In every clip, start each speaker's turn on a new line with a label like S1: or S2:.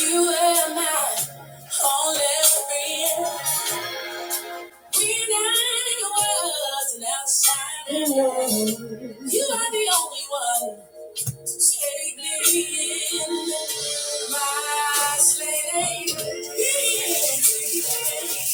S1: You were my only friend. When I was an outsider, you are the only one to take me in. My slave. yeah, yeah.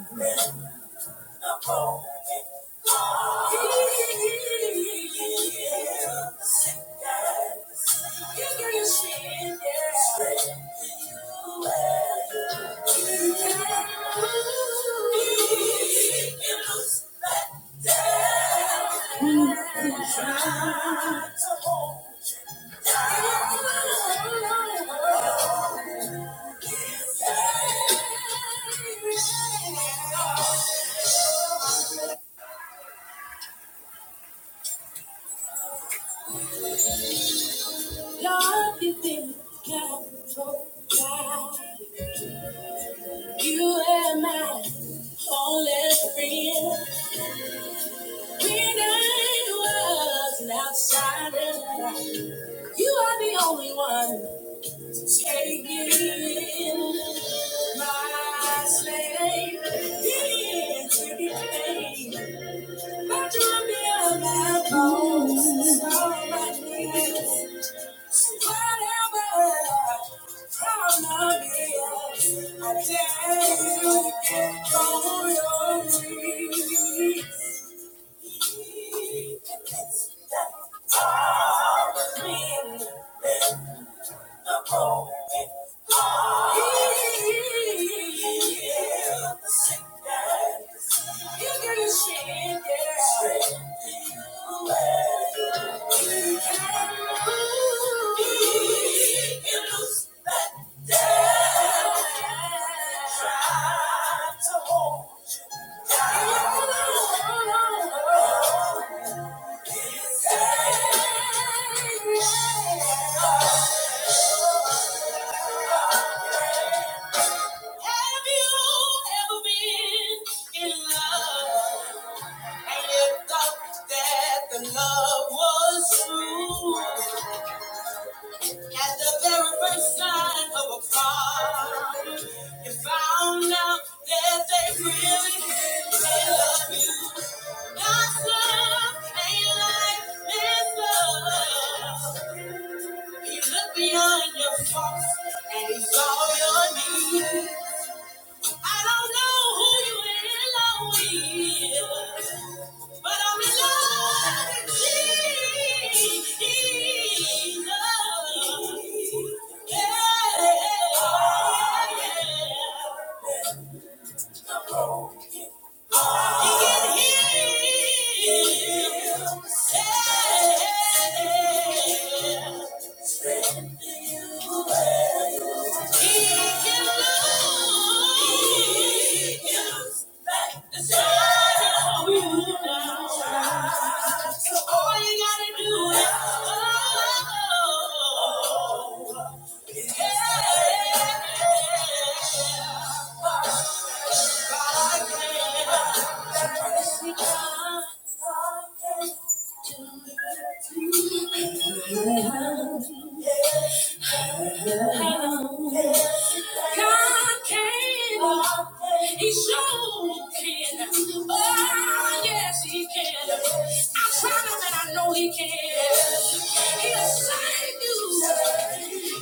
S1: Thank you. Yeah. Lord, you think I broke down. You and my only friend. When I was an outsider, you are the only one. Take me in, my slave, yeah, to be paid. But you'll on my bones, all my knees. So whatever problem is, I dare you to get on your knees. Try to hold. Have you ever been in love and you thought that the love was true? At the very first sign of a fall, you found out that they really did they love you. God's love ain't like this love. He looked beyond your faults and he saw your needs. I don't know who you in love with, but I'm in love with Jesus. Yeah. He can heal. Yeah. Yeah. God can. He sure can. Oh, yes, he can. I tried him and I know he can. He'll save you.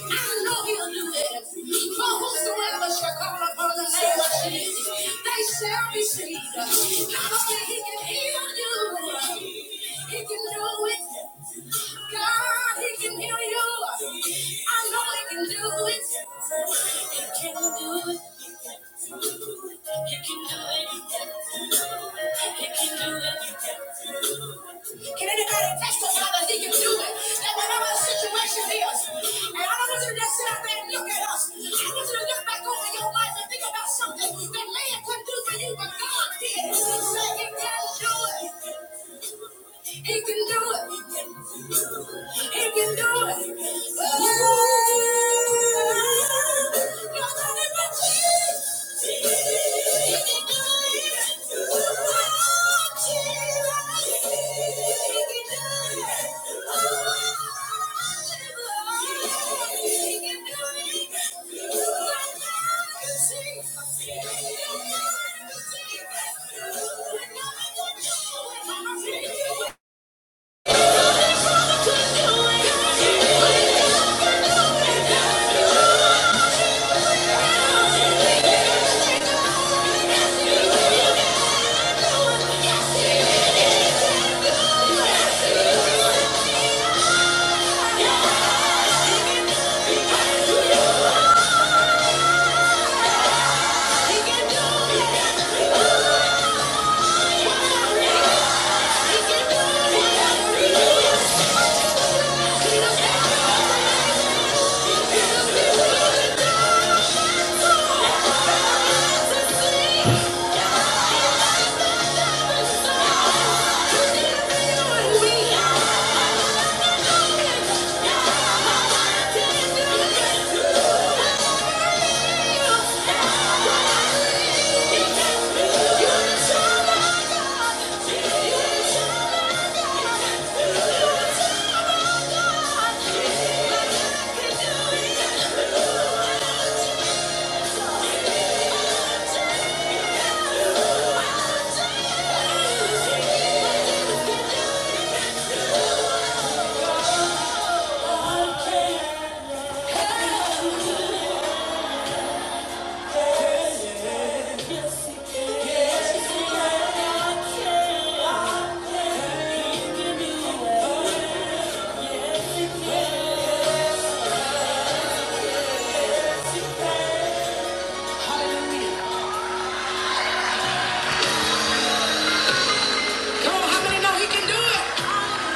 S1: I know he'll do it. For whosoever shall call upon the name of Jesus, they shall be saved. Not only he can heal you, he can do it. God he can heal you. I know He can do it. He can do it. He can do it. He can do it. Can anybody testify that He can do it? That whatever the situation is, and I don't want you to just sit out there and look at us. I want you to look back over your life and think about something that man couldn't do for you, but God did. Say He can do it. He can do it. He can do it. Oh, nobody but Jesus. He can do it. Oh, Jesus. He can do it. Oh, Jesus. He can do it. Oh, Jesus.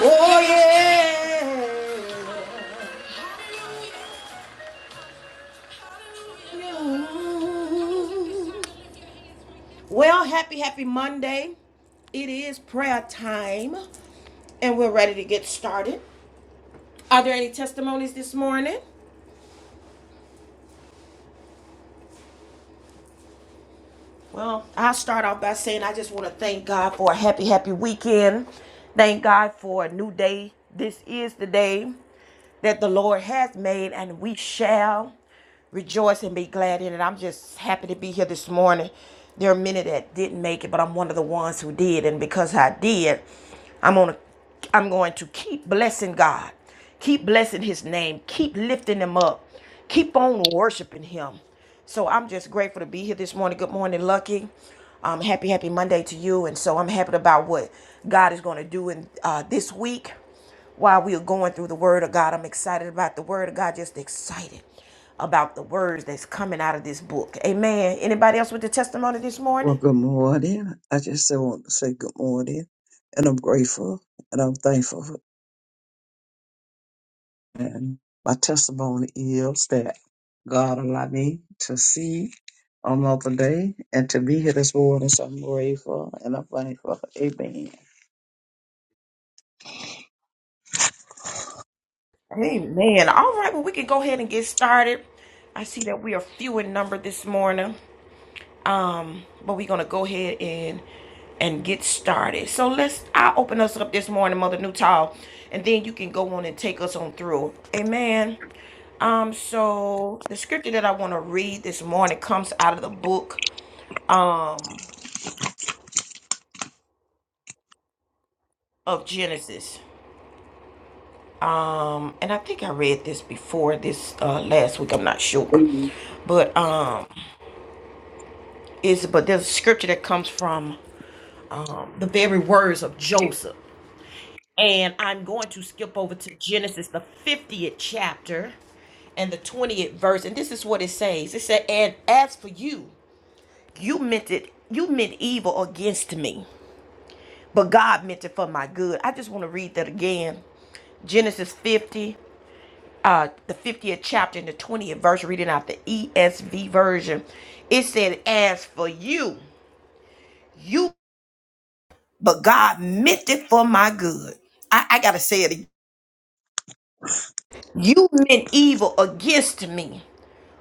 S1: Oh yeah. yeah! Well, happy happy Monday. It is prayer time and we're ready to get started. Are there any testimonies this morning? Well, I'll start off by saying I just want to thank God for a happy, happy weekend. Thank God for a new day. This is the day that the Lord has made, and we shall rejoice and be glad in it. I'm just happy to be here this morning. There are many that didn't make it, but I'm one of the ones who did, and because I did, I'm on. A, I'm going to keep blessing God, keep blessing His name, keep lifting Him up. keep on worshiping him. So I'm just grateful to be here this morning. Good morning, Lucky. Um, happy, happy Monday to you. And so I'm happy about what God is going to do in uh, this week while we are going through the Word of God. I'm excited about the Word of God. Just excited about the words that's coming out of this book. Amen. Anybody else with the testimony this
S2: Well,
S1: morning?
S2: good morning. I just so want to say good morning, and I'm grateful and I'm thankful. for- And my testimony is that God allowed me to see another day and to be here this morning. So I'm grateful and I'm thankful. Amen.
S1: Amen. All right. Well, we can go ahead and get started. I see that we are few in number this morning. um but we're gonna go ahead and and get started so let's i'll open us up this morning mother Nutall, and then you can go on and take us on through amen um so the scripture that i want to read this morning comes out of the book um of genesis um and i think i read this before this uh last week i'm not sure but um is but there's a scripture that comes from um the very words of joseph And I'm going to skip over to Genesis, the 50th chapter and the 20th verse. And this is what it says it said, And as for you, you meant it, you meant evil against me, but God meant it for my good. I just want to read that again. Genesis 50, uh, the 50th chapter and the 20th verse, reading out the ESV version. It said, As for you, you, but God meant it for my good. I, I got to say it again You meant evil against me,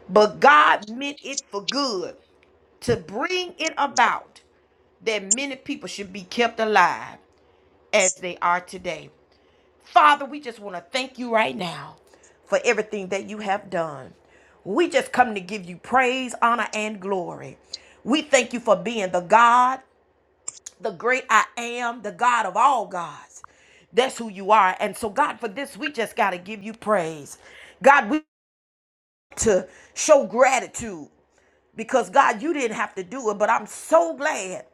S1: but God meant it for good to bring it about that many people should be kept alive as they are today. Father, we just want to thank you right now for everything that you have done. We just come to give you praise, honor, and glory. We thank you for being the God, the great I am, the God of all gods. That's who you are. And so, God, for this, we just got to give you praise. God, we to show gratitude because God, you didn't have to do it, but I'm so glad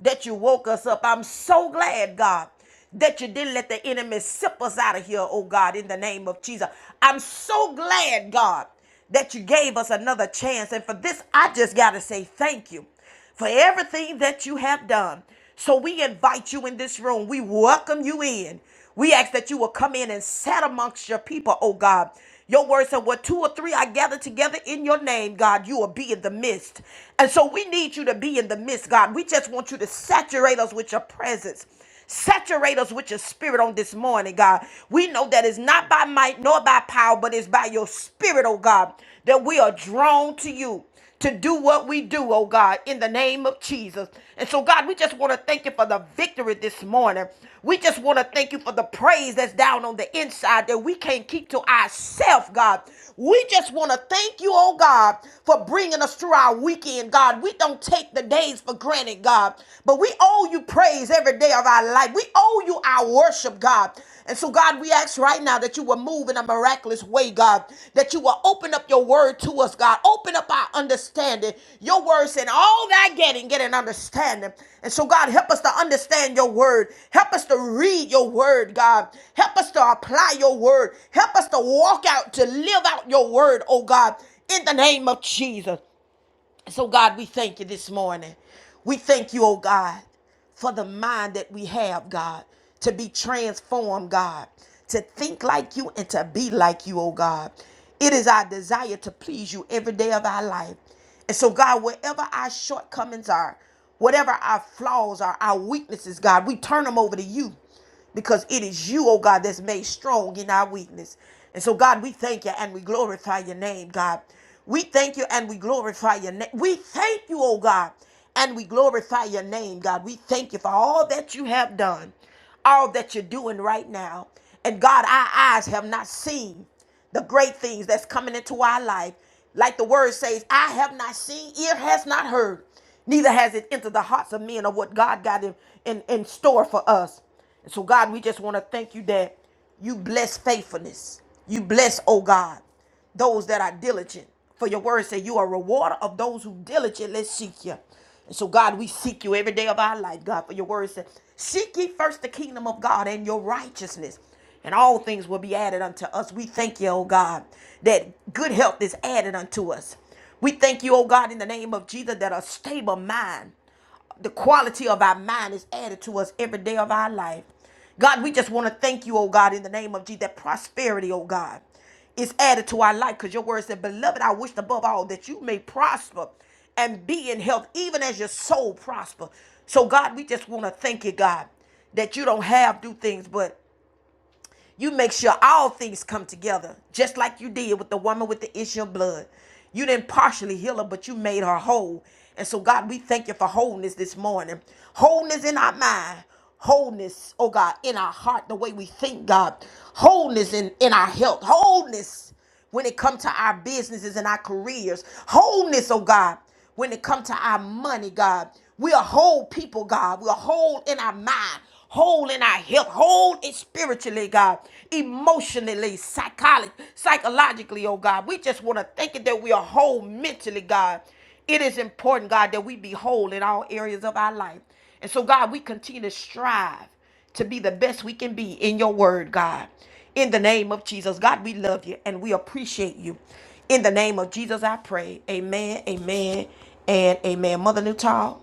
S1: that you woke us up. I'm so glad, God, that you didn't let the enemy sip us out of here, oh God, in the name of Jesus. I'm so glad, God, that you gave us another chance. And for this, I just got to say thank you for everything that you have done. So we invite you in this room. We welcome you in. We ask that you will come in and sat amongst your people, oh God. Your word said, What two or three are gathered together in your name, God, you will be in the midst. And so we need you to be in the midst, God. We just want you to saturate us with your presence. Saturate us with your spirit on this morning, God. We know that it's not by might nor by power, but it's by your spirit, oh God, that we are drawn to you to do what we do, oh God, in the name of Jesus. And so, God, we just want to thank you for the victory this morning. We just want to thank you for the praise that's down on the inside that we can't keep to ourselves, God. We just want to thank you, oh God, for bringing us through our weekend, God. We don't take the days for granted, God, but we owe you praise every day of our life. We owe you our worship worship, God. And so, God, we ask right now that you will move in a miraculous way, God, that you will open up your word to us, God. Open up our understanding. Your word said, All that getting, get an understanding. And so, God, help us to understand your word. Help us to read your word, God. Help us to apply your word. Help us to walk out, to live out your word, oh God, in the name of Jesus. So, God, we thank you this morning. We thank you, oh God, for the mind that we have, God, to be transformed, God, to think like you and to be like you, oh God. It is our desire to please you every day of our life. And so, God, wherever our shortcomings are, whatever our flaws are, our weaknesses, God, we turn them over to you because it is you, oh God, that's made strong in our weakness. And so, God, we thank you and we glorify your name, God. We thank you and we glorify your name. We thank you, oh God, and we glorify your name, God. We thank you for all that you have done, all that you're doing right now. And God, our eyes have not seen the great things that's coming into our life. Like the word says, I have not seen, ear has not heard, neither has it entered the hearts of men of what God got in, in, in store for us. And so, God, we just want to thank you that you bless faithfulness. You bless, oh God, those that are diligent. For your word say you are a rewarder of those who diligently seek you. And so, God, we seek you every day of our life, God, for your word said, Seek ye first the kingdom of God and your righteousness, and all things will be added unto us. We thank you, oh God, that good health is added unto us. We thank you, oh God, in the name of Jesus, that a stable mind the quality of our mind is added to us every day of our life. God, we just want to thank you, oh God, in the name of Jesus, that prosperity, oh God, is added to our life because your word said, Beloved, I wished above all that you may prosper and be in health, even as your soul prosper. So, God, we just want to thank you, God, that you don't have do things, but you make sure all things come together, just like you did with the woman with the issue of blood. You didn't partially heal her, but you made her whole. And so, God, we thank you for wholeness this morning. Wholeness in our mind, wholeness, oh God, in our heart, the way we think, God. Wholeness in, in our health, wholeness when it comes to our businesses and our careers. Wholeness, oh God, when it comes to our money, God. We are whole people, God. We are whole in our mind, whole in our health, whole in spiritually, God, emotionally, psychology, psychologically, oh God. We just want to thank you that we are whole mentally, God. It is important, God, that we be whole in all areas of our life. And so, God, we continue to strive to be the best we can be in your word, God. In the name of Jesus, God, we love you and we appreciate you. In the name of Jesus, I pray. Amen, amen, and amen. Mother Newtall.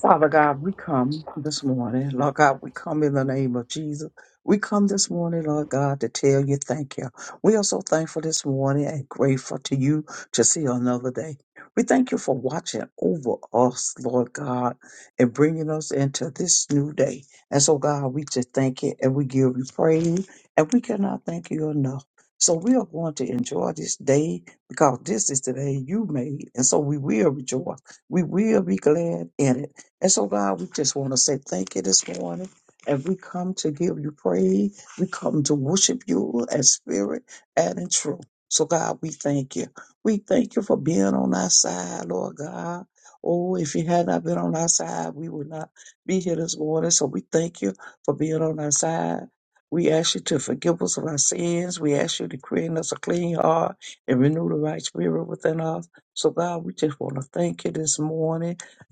S2: Father God, we come this morning. Lord God, we come in the name of Jesus. We come this morning, Lord God, to tell you thank you. We are so thankful this morning and grateful to you to see another day. We thank you for watching over us, Lord God, and bringing us into this new day. And so, God, we just thank you and we give you praise, and we cannot thank you enough. So, we are going to enjoy this day because this is the day you made. And so, we will rejoice. We will be glad in it. And so, God, we just want to say thank you this morning. And we come to give you praise. We come to worship you in spirit and in truth. So, God, we thank you. We thank you for being on our side, Lord God. Oh, if you had not been on our side, we would not be here this morning. So, we thank you for being on our side. We ask you to forgive us of our sins. We ask you to create in us a clean heart and renew the right spirit within us. So, God, we just want to thank you this morning.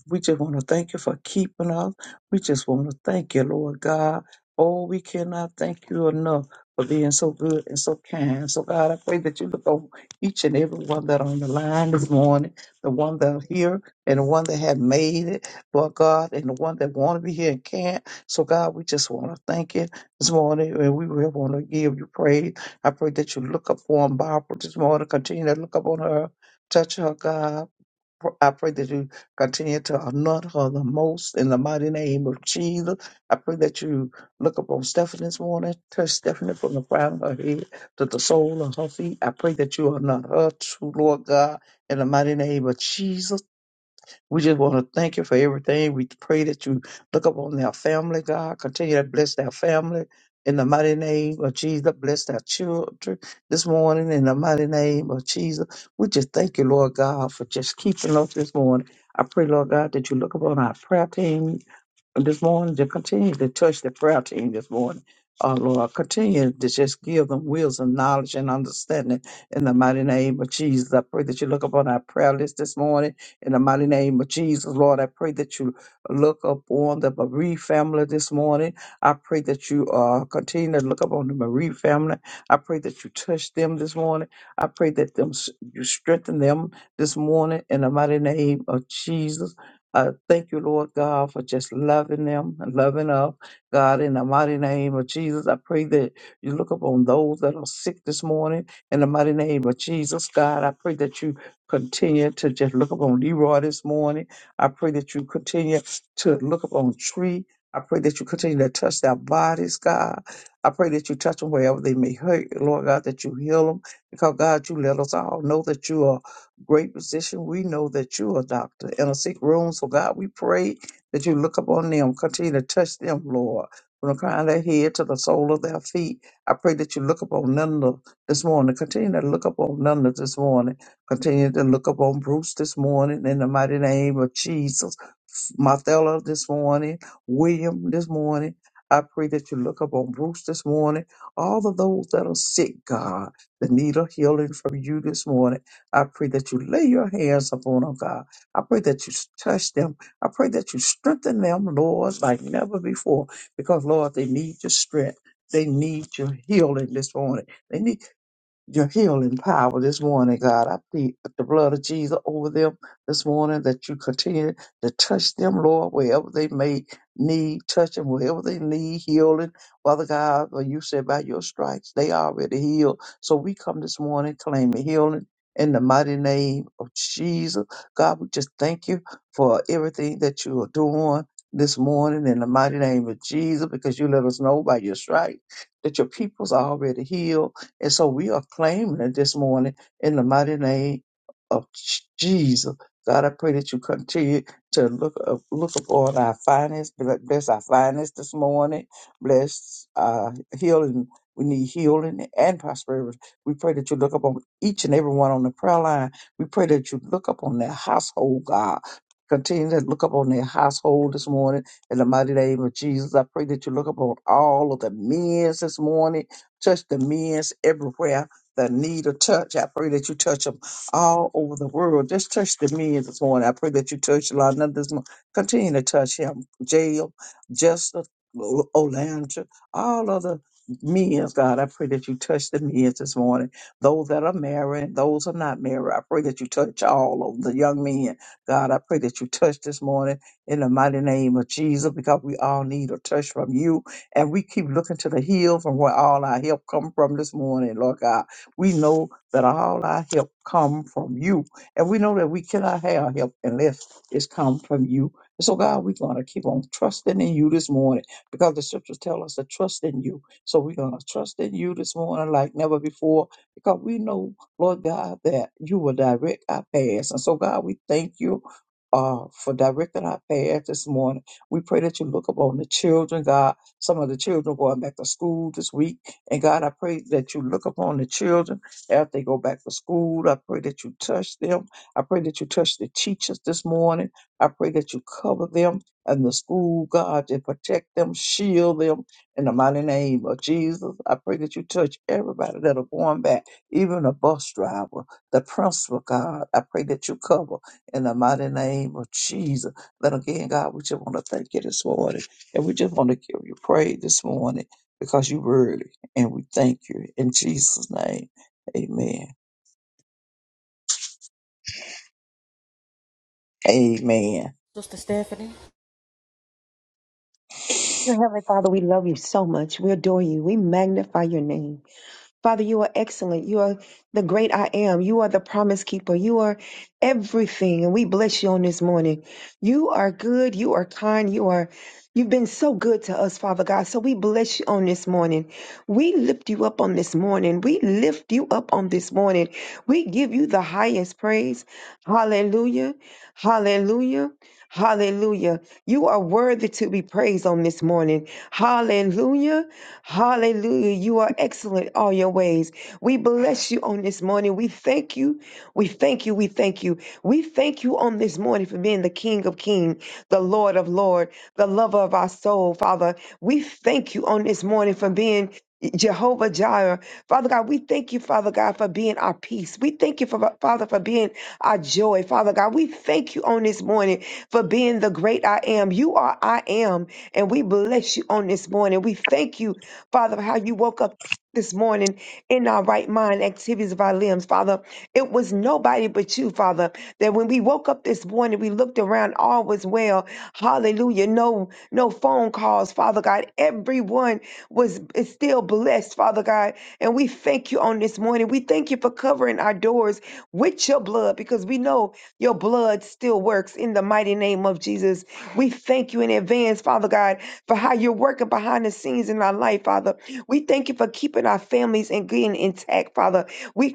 S2: We just want to thank you for keeping us. We just want to thank you, Lord God. Oh, we cannot thank you enough for being so good and so kind. So, God, I pray that you look over each and every one that are on the line this morning, the one that are here and the one that have made it, Lord God, and the one that want to be here and can't. So, God, we just want to thank you this morning, and we really want to give you praise. I pray that you look upon Barbara this morning, continue to look upon her, touch her, God. I pray that you continue to anoint her the most in the mighty name of Jesus. I pray that you look upon Stephanie this morning, touch Stephanie from the crown of her head to the sole of her feet. I pray that you anoint her, true Lord God, in the mighty name of Jesus. We just want to thank you for everything. We pray that you look upon their family, God. Continue to bless their family in the mighty name of Jesus. Bless their children this morning in the mighty name of Jesus. We just thank you, Lord God, for just keeping us this morning. I pray, Lord God, that you look upon our prayer team this morning to continue to touch the prayer team this morning. Uh, Lord, continue to just give them wills and knowledge and understanding in the mighty name of Jesus. I pray that you look upon our prayer list this morning in the mighty name of Jesus. Lord, I pray that you look upon the Marie family this morning. I pray that you uh, continue to look upon the Marie family. I pray that you touch them this morning. I pray that them, you strengthen them this morning in the mighty name of Jesus. I thank you, Lord God, for just loving them and loving up. God, in the mighty name of Jesus, I pray that you look upon those that are sick this morning. In the mighty name of Jesus, God, I pray that you continue to just look upon Leroy this morning. I pray that you continue to look upon Tree. I pray that you continue to touch their bodies, God. I pray that you touch them wherever they may hurt, Lord God, that you heal them. Because, God, you let us all know that you are great position. We know that you're a doctor in a sick room. So, God, we pray that you look upon them, continue to touch them, Lord, from the crown of their head to the sole of their feet. I pray that you look upon Nanda this morning. Continue to look upon Nanda this morning. Continue to look upon Bruce this morning in the mighty name of Jesus. Marthella this morning, William this morning. I pray that you look upon Bruce this morning. All of those that are sick, God, that need a healing from you this morning. I pray that you lay your hands upon them, God. I pray that you touch them. I pray that you strengthen them, Lord, like never before, because, Lord, they need your strength. They need your healing this morning. They need your healing power this morning, God. I plead the blood of Jesus over them this morning that you continue to touch them, Lord, wherever they may need touching, wherever they need healing. Father God, for you said by your stripes, they already healed. So we come this morning claiming healing. In the mighty name of Jesus, God, we just thank you for everything that you are doing this morning in the mighty name of Jesus, because you let us know by your stripes that your people's already healed. And so we are claiming it this morning in the mighty name of Jesus. God, I pray that you continue to look up, look upon our finance, bless our finance this morning, bless uh, healing. We need healing and prosperity. We pray that you look upon each and every one on the prayer line. We pray that you look upon their household, God. Continue to look upon their household this morning in the mighty name of Jesus. I pray that you look upon all of the men this morning touch the men's everywhere that need a touch. I pray that you touch them all over the world. Just touch the men this morning. I pray that you touch Londa this morning. Continue to touch him. Jail, Justice, O- Olandra, all other men, God. I pray that you touch the men this morning. Those that are married, and those are not married. I pray that you touch all of the young men. God, I pray that you touch this morning in the mighty name of Jesus because we all need a touch from you and we keep looking to the hill from where all our help come from this morning, Lord God. We know that all our help come from you. And we know that we cannot have help unless it's come from you. And so, God, we're going to keep on trusting in you this morning because the scriptures tell us to trust in you. So we're going to trust in you this morning like never before because we know, Lord God, that you will direct our paths. And so, God, we thank you uh, for directing our path this morning. We pray that you look upon the children, God. Some of the children going back to school this week. And God, I pray that you look upon the children as they go back to school. I pray that you touch them. I pray that you touch the teachers this morning. I pray that you cover them and the school, God, and protect them, shield them in the mighty name of Jesus. I pray that you touch everybody that are going back, even the bus driver, the principal, God. I pray that you cover in the mighty name of Jesus. But again, God, we just want to thank you this morning. And we just want to give you praise this morning because you worthy. And we thank you in Jesus' name. Amen. Amen.
S1: Sister Stephanie.
S3: Dear Heavenly Father, we love you so much. We adore you. We magnify your name. Father, you are excellent. You are the great I am. You are the promise keeper. You are everything. And we bless you on this morning. You are good. You are kind. You are, you've been so good to us, Father God. So we bless you on this morning. We lift you up on this morning. We lift you up on this morning. We give you the highest praise. Hallelujah. Hallelujah. Hallelujah. You are worthy to be praised on this morning. Hallelujah. Hallelujah. You are excellent all your ways. We bless you on this morning. We thank you. We thank you. We thank you. We thank you on this morning for being the King of Kings, the Lord of Lord, the lover of our soul, Father. We thank you on this morning for being Jehovah Jireh. Father God, we thank you, Father God, for being our peace. We thank you, for, Father, for being our joy. Father God, we thank you on this morning for being the great I am. You are I am, and we bless you on this morning. We thank you Father, how you woke up this morning in our right mind, activities of our limbs, Father. It was nobody but you, Father, that when we woke up this morning, we looked around, all was well. Hallelujah. No, no phone calls, Father God. Everyone was is still blessed, Father God. And we thank you on this morning. We thank you for covering our doors with your blood because we know your blood still works in the mighty name of Jesus. We thank you in advance, Father God for how you're working behind the scenes in our life, Father. We thank you for keeping our families and getting intact, Father. We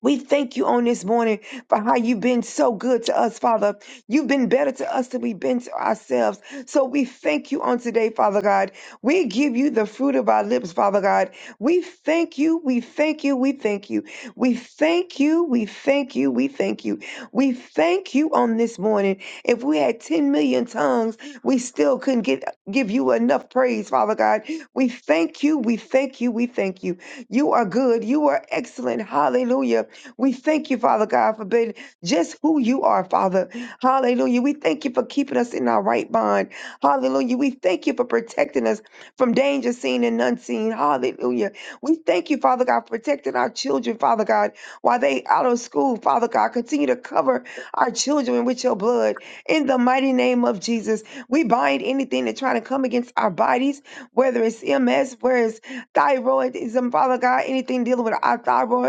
S3: we thank you on this morning for how you've been so good to us, Father. You've been better to us than we've been to ourselves. So we thank you on today, Father God. We give you the fruit of our lips, Father God. We thank you. We thank you. We thank you. We thank you. We thank you. We thank you. We thank you on this morning. If we had 10 million tongues, we still couldn't get, give you enough praise, Father God. We thank you. We thank you. We thank you. You are good. You are excellent. Hallelujah. We thank you, Father God, for being just who you are, Father. Hallelujah. We thank you for keeping us in our right mind. Hallelujah. We thank you for protecting us from danger seen and unseen. Hallelujah. We thank you, Father God, for protecting our children, Father God, while they out of school, Father God. Continue to cover our children with your blood. In the mighty name of Jesus, we bind anything that trying to come against our bodies, whether it's MS, whether it's thyroidism, Father God, anything dealing with our thyroids.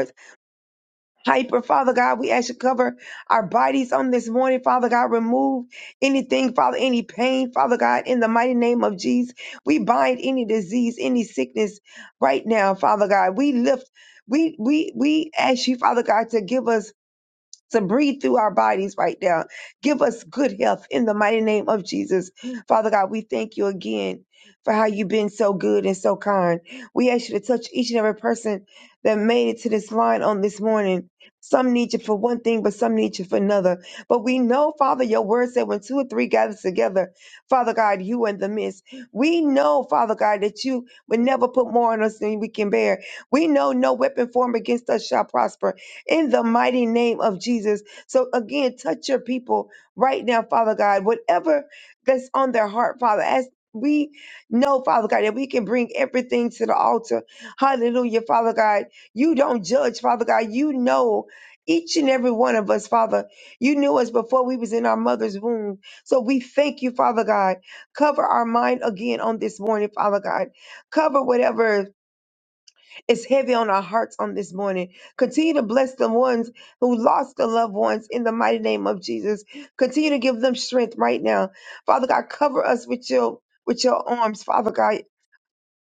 S3: Hyper, Father God, we ask you to cover our bodies on this morning, Father God. Remove anything, Father, any pain, Father God, in the mighty name of Jesus. We bind any disease, any sickness right now, Father God. We lift, we we we ask you, Father God, to give us to breathe through our bodies right now. Give us good health in the mighty name of Jesus. Father God, we thank you again for how you've been so good and so kind. We ask you to touch each and every person that made it to this line on this morning. Some need you for one thing, but some need you for another. But we know, Father, your word said when two or three gather together, Father God, you are in the midst. We know, Father God, that you would never put more on us than we can bear. We know no weapon formed against us shall prosper in the mighty name of Jesus. So again, touch your people right now, Father God, whatever that's on their heart, Father, as we know, Father God, that we can bring everything to the altar. Hallelujah, Father God. You don't judge, Father God. You know each and every one of us, Father. You knew us before we was in our mother's womb. So we thank you, Father God. Cover our mind again on this morning, Father God. Cover whatever it's heavy on our hearts on this morning. Continue to bless the ones who lost their loved ones in the mighty name of Jesus. Continue to give them strength right now. Father God, cover us with your with your arms, Father God.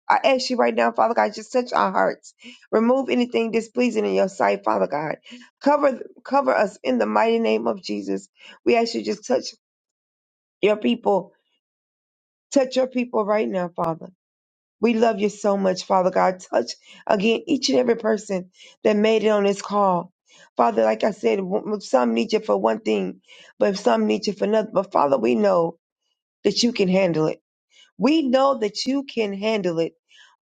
S3: I ask you right now, Father God, just touch our hearts. Remove anything displeasing in your sight, Father God. Cover cover us in the mighty name of Jesus. We ask you just touch your people. Touch your people right now, Father. We love you so much, Father God. Touch again each and every person that made it on this call. Father, like I said, w- some need you for one thing, but some need you for another. But Father, we know that you can handle it. We know that you can handle it.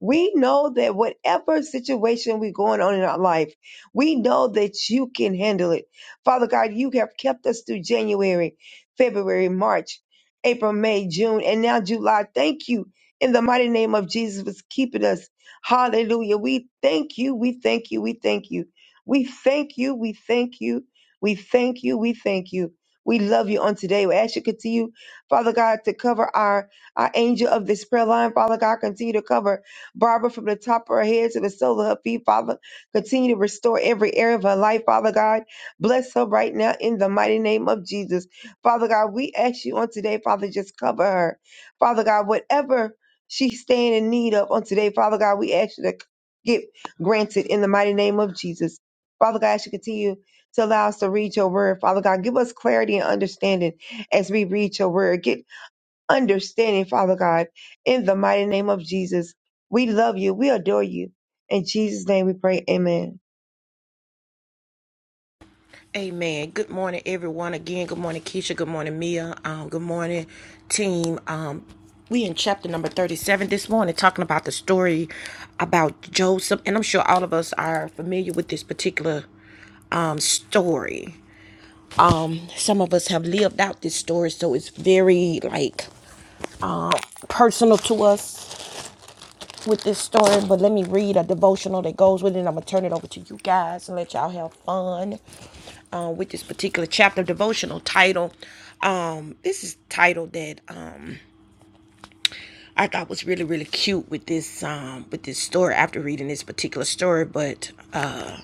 S3: We know that whatever situation we're going on in our life, we know that you can handle it. Father God, you have kept us through January, February, March, April, May, June, and now July. Thank you in the mighty name of Jesus for keeping us. Hallelujah. We thank you. We thank you. We thank you. We thank you. We thank you. We thank you. We thank you. We love you on today. We ask you to continue, Father God, to cover our our angel of this prayer line, Father God, continue to cover Barbara from the top of her head to the sole of her feet, Father. Continue to restore every area of her life, Father God. Bless her right now in the mighty name of Jesus. Father God, we ask you on today, Father, just cover her. Father God, whatever she's staying in need of on today, Father God, we ask you to get granted in the mighty name of Jesus. Father God, as you to continue to allow us to read your word, Father God, give us clarity and understanding as we read your word understanding, Father God, in the mighty name of Jesus. We love you. We adore you. In Jesus' name we pray. Amen.
S1: Amen. Good morning, everyone. Again, good morning, Keisha. Good morning, Mia. Um, good morning, team. Um, we in chapter number 37 this morning talking about the story about Joseph. And I'm sure all of us are familiar with this particular um, story. Um, some of us have lived out this story, so it's very like uh, personal to us with this story. But let me read a devotional that goes with it. I'm going to turn it over to you guys and let y'all have fun uh, with this particular chapter devotional title. Um, this is title that um, I thought was really really cute with this um, with this story after reading this particular story. But uh,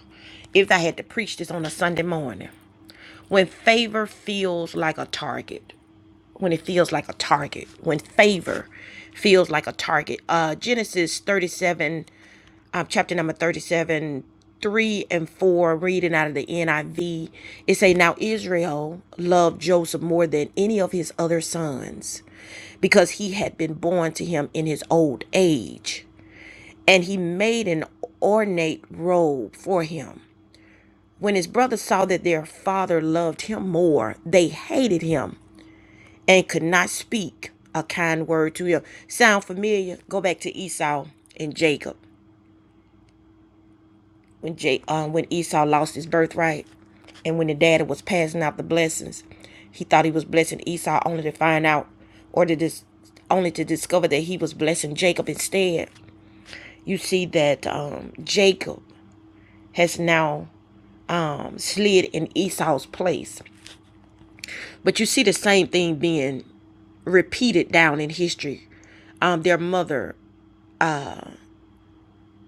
S1: if I had to preach this on a Sunday morning, when favor feels like a target, when it feels like a target, when favor feels like a target. Uh, Genesis 37, uh, chapter number 37, 3 and 4, reading out of the NIV, it say, Now Israel loved Joseph more than any of his other sons because he had been born to him in his old age. And he made an ornate robe for him. When his brothers saw that their father loved him more, they hated him and could not speak a kind word to him. Sound familiar? Go back to Esau and Jacob when J, um, when Esau lost his birthright, and when the daddy was passing out the blessings, he thought he was blessing Esau only to find out, or to dis- only to discover that he was blessing Jacob instead. You see that um, Jacob has now um, slid in Esau's place, but you see the same thing being repeated down in history um, their mother.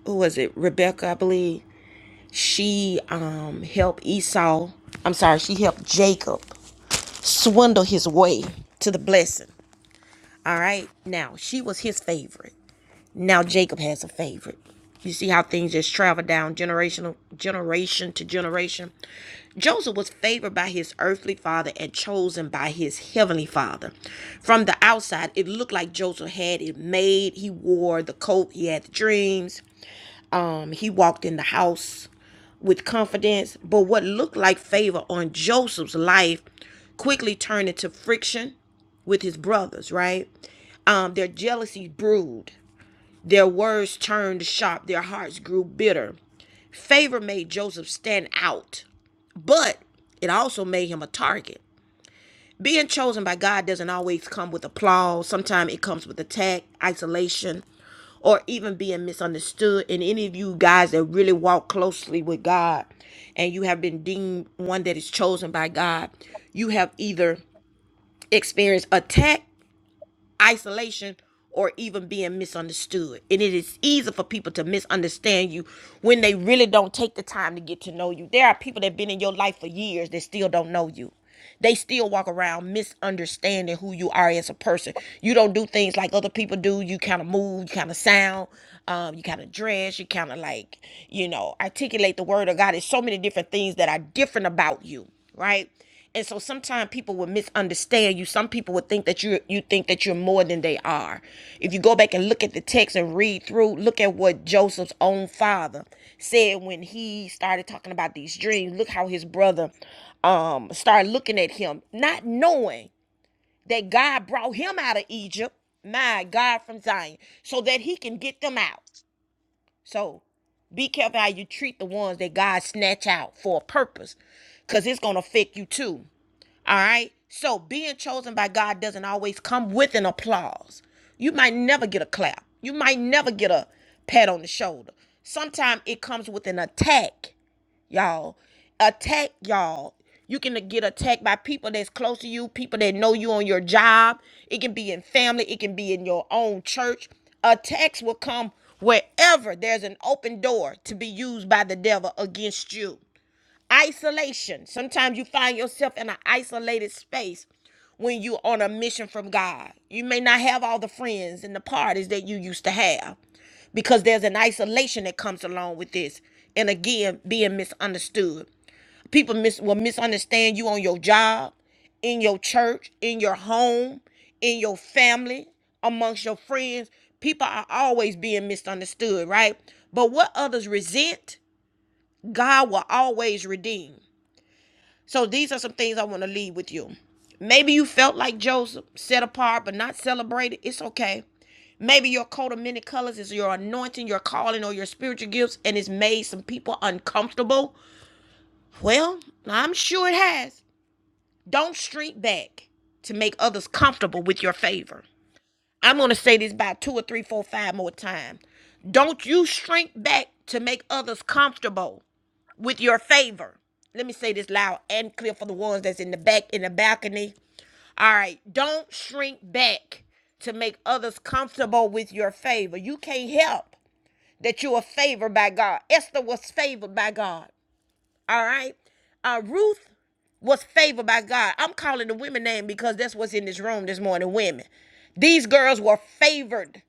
S1: who was it? Rebecca, I believe. She um helped Esau. I'm sorry, she helped Jacob swindle his way to the blessing. All right. Now she was his favorite. Now Jacob has a favorite. You see how things just travel down generational generation to generation. Joseph was favored by his earthly father and chosen by his heavenly father. From the outside, it looked like Joseph had it made. He wore the coat, he had the dreams. Um, he walked in the house with confidence, but what looked like favor on Joseph's life quickly turned into friction with his brothers, right? Um, their jealousy brewed, their words turned sharp, their hearts grew bitter. Favor made Joseph stand out, but it also made him a target. Being chosen by God doesn't always come with applause. Sometimes it comes with attack, isolation, or even being misunderstood. And any of you guys that really walk closely with God and you have been deemed one that is chosen by God, you have either experienced attack isolation or even being misunderstood. And it is easy for people to misunderstand you when they really don't take the time to get to know you. There are people that have been in your life for years that still don't know you. They still walk around misunderstanding who you are as a person. You don't do things like other people do. You kind of move, you kind of sound, um, you kind of dress, you kind of like, you know, articulate the word of God. There's so many different things that are different about you, right? And so sometimes people will misunderstand you. Some people would think that you you think that you're more than they are. If you go back and look at the text and read through, look at what Joseph's own father said when he started talking about these dreams. Look how his brother um started looking at him, not knowing that God brought him out of Egypt, my God from Zion, so that he can get them out. So be careful how you treat the ones that God snatch out for a purpose, because it's gonna affect you too. All right. So being chosen by God doesn't always come with an applause. You might never get a clap. You might never get a pat on the shoulder. Sometimes it comes with an attack, y'all. Attack, y'all. You can get attacked by people that's close to you, people that know you on your job. It can be in family, it can be in your own church. Attacks will come wherever there's an open door to be used by the devil against you. Isolation. Sometimes you find yourself in an isolated space when you're on a mission from God. You may not have all the friends and the parties that you used to have because there's an isolation that comes along with this. And again, being misunderstood. People mis- will misunderstand you on your job, in your church, in your home, in your family, amongst your friends. People are always being misunderstood, right? But what others resent, God will always redeem. So these are some things I want to leave with you. Maybe you felt like Joseph, set apart but not celebrated. It's okay. Maybe your coat of many colors is your anointing, your calling, or your spiritual gifts, and it's made some people uncomfortable. Well, I'm sure it has. Don't shrink back to make others comfortable with your favor. I'm going to say this about two or three, four, five more times. Don't you shrink back to make others comfortable with your favor. Let me say this loud and clear for the ones that's in the back, in the balcony, all right, don't shrink back to make others comfortable with your favor. You can't help that you are favored by God. Esther was favored by God. All right, uh, Ruth was favored by God. I'm calling the women name because that's what's in this room this morning. Women, these girls were favored.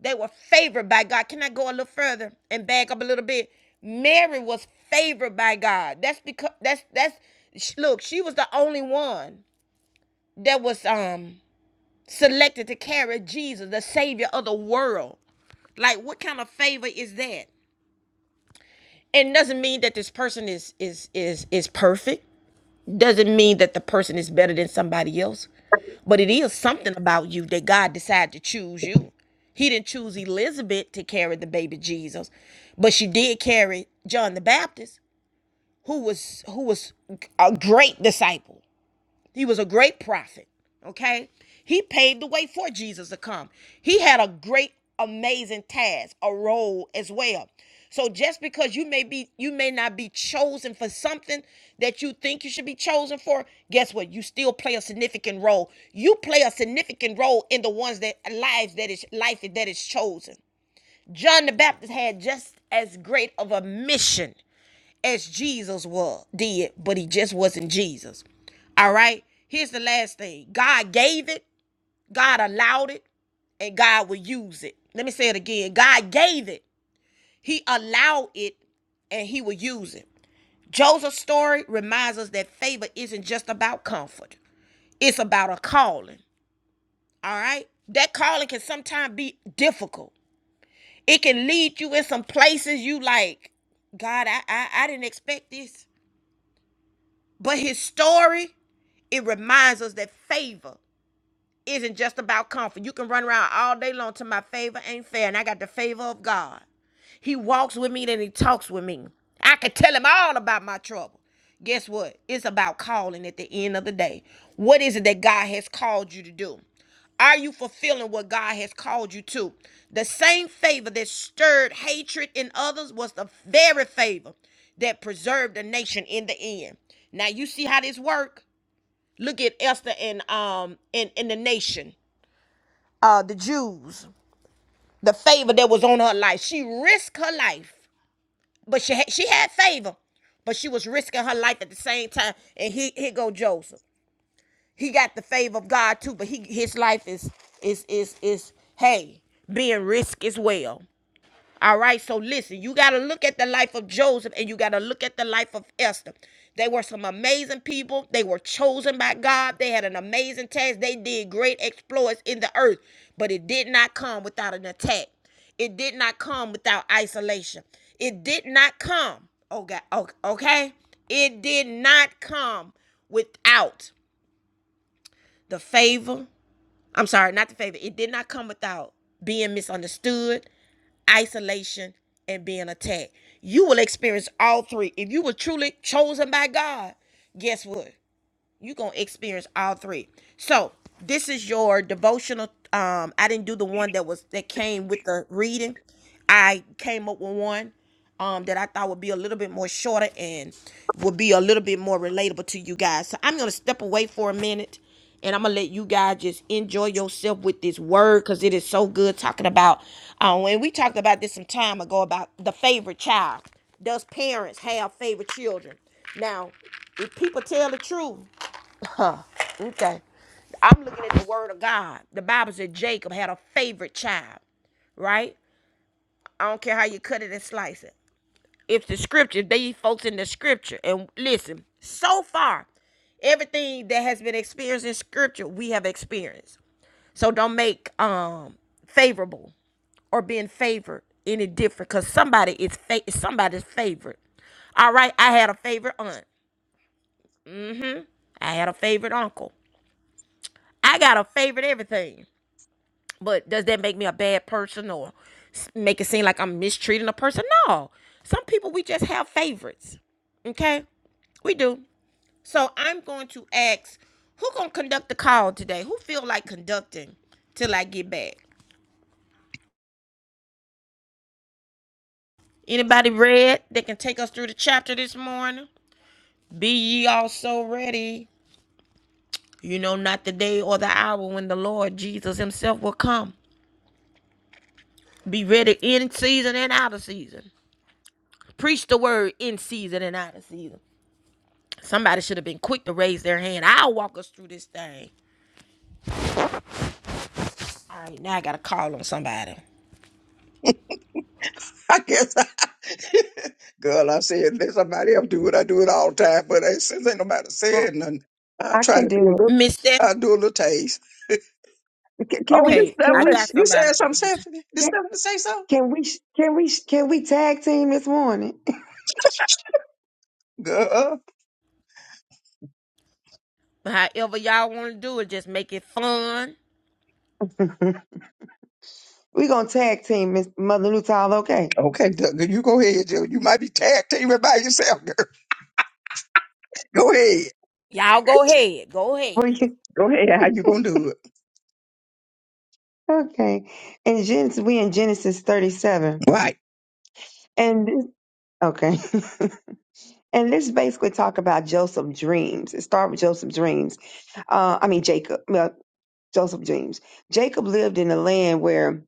S1: They were favored by God. Can I go a little further and back up a little bit? Mary was favored by God. That's because that's that's look. She was the only one that was um selected to carry Jesus, the Savior of the world. Like, what kind of favor is that? And doesn't mean that this person is is is is perfect. Doesn't mean that the person is better than somebody else. But it is something about you that God decided to choose you. He didn't choose Elizabeth to carry the baby Jesus, but she did carry John the Baptist, who was who was a great disciple He was a great prophet, okay? He paved the way for Jesus to come. He had a great amazing task, a role as well. So just because you may be you may not be chosen for something that you think you should be chosen for, guess what? You still play a significant role. You play a significant role in the ones that lives that is life that is chosen. John the Baptist had just as great of a mission as Jesus was did, but he just wasn't Jesus. All right. Here's the last thing. God gave it, God allowed it, and God will use it. Let me say it again. God gave it. He allowed it and he will use it. Joseph's story reminds us that favor isn't just about comfort. It's about a calling. All right? That calling can sometimes be difficult. It can lead you in some places you like, God, I I, I didn't expect this. But his story, it reminds us that favor isn't just about comfort. You can run around all day long to my favor ain't fair, and I got the favor of God. He walks with me, then he talks with me. I can tell him all about my trouble. Guess what? It's about calling at the end of the day. What is it that God has called you to do? Are you fulfilling what God has called you to? The same favor that stirred hatred in others was the very favor that preserved the nation in the end. Now you see how this work? Look at Esther and um and, and the nation, uh the Jews, the favor that was on her life. She risked her life but she had, she had favor, but she was risking her life at the same time. And he here go Joseph. He got the favor of God too, but he his life is is is is hey being risked as well. All right, so listen, you got to look at the life of Joseph and you got to look at the life of Esther. They were some amazing people. They were chosen by God. They had an amazing task. They did great exploits in the earth, but it did not come without an attack. It did not come without isolation. It did not come. Oh God, okay. okay? It did not come without the favor I'm sorry, not the fact that it did not come without being misunderstood, isolation, and being attacked. You will experience all three. If you were truly chosen by God, guess what? you gonna experience all three. So this is your devotional. Um, I didn't do the one that was that came with the reading. I came up with one um that I thought would be a little bit more shorter and would be a little bit more relatable to you guys. So I'm gonna step away for a minute and I'm gonna let you guys just enjoy yourself with this word because it is so good talking about um and we talked about this some time ago about the favorite child. Does parents have favorite children? Now, if people tell the truth, Huh. Okay. I'm looking at the word of God. The Bible said Jacob had a favorite child, right? I don't care how you cut it and slice it. If the scripture, they folks in the scripture, and listen, so far, everything that has been experienced in scripture, we have experienced. So don't make um favorable or being favored any different because somebody is fa- somebody's favorite. All right, I had a favorite aunt. I had a favorite uncle. I got a favorite everything. But does that make me a bad person or make it seem like I'm mistreating a person? No. Some people we just have favorites. Okay? We do. So I'm going to ask who gonna conduct the call today? Who feel like conducting till I get back? Anybody read that can take us through the chapter this morning? Be ye also ready. You know not the day or the hour when the Lord Jesus himself will come. Be ready in season and out of season. Preach the word in season and out of season. Somebody should have been quick to raise their hand. I'll walk us through this thing. All right, now I got to call on somebody.
S2: I guess, girl, I said, let somebody else do it. I do it all the time, but ain't, since ain't nobody
S3: I,
S2: said nothing, I
S3: I
S2: try
S3: can
S2: to do a
S3: do
S2: little,
S1: Miss Steph.
S2: I do a little taste.
S3: it. Can, can
S2: Oh,
S3: we,
S2: this
S1: Okay,
S3: can
S1: I
S3: we,
S2: Stephanie,
S1: got
S3: sh-
S2: you
S1: somebody,
S2: said something,
S1: Mother Newton.
S2: Stephanie? Did
S3: can,
S2: Stephanie say something?
S3: can we, sh- can we, sh- can we tag team this morning?
S2: Girl.
S1: However y'all want to do it, just make it fun.
S3: We're going to tag team Miss Mother Nutal. Okay.
S2: Okay, Doug, you go ahead, Joe. You might be tag teaming by yourself, girl. Go ahead.
S1: Y'all go ahead. Go ahead.
S3: What do
S2: Go ahead.
S3: you-
S2: How you gonna do it?
S3: okay. And Genesis, we in Genesis 37.
S2: Right.
S3: And this, okay. and this basically talk about Joseph's dreams. It start with Joseph's dreams uh, I mean Jacob. well, Joseph dreams. Jacob lived in the land where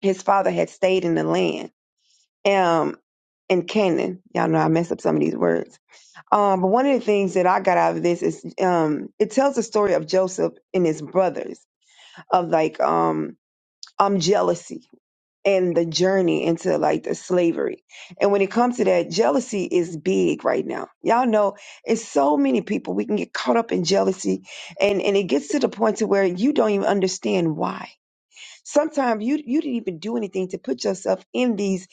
S3: his father had stayed in the land, um, in Canaan. Y'all know I mess up some of these words. Um, but one of the things that I got out of this is um, it tells the story of Joseph and his brothers of like um, um jealousy and the journey into like the slavery. And when it comes to that, jealousy is big right now. Y'all know it's so many people we can get caught up in jealousy, and and it gets to the point to where you don't even understand why Sometimes you you didn't even do anything to put yourself in these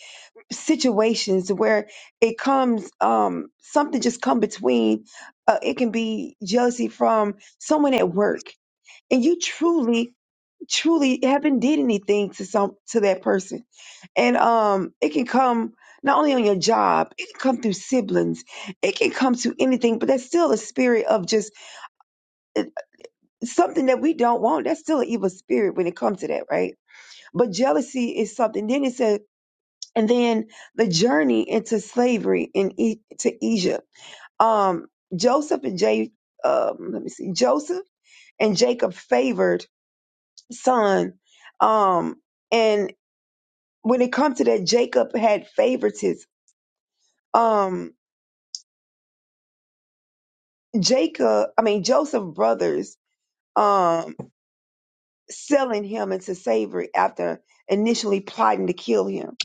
S3: situations where it comes um something just come between. Uh, it can be jealousy from someone at work, and you truly truly haven't did anything to some to that person, and um it can come not only on your job, it can come through siblings, it can come to anything, but that's still a spirit of just uh, something that we don't want. That's still an evil spirit when it comes to that, right? But jealousy is something. Then it said, and then the journey into slavery in e- to Egypt. Um, Joseph and J, um, let me see, Joseph and Jacob favored son. Um, and when it comes to that, Jacob had favoritism. Um, Jacob, I mean Joseph brothers, um, selling him into slavery after initially plotting to kill him.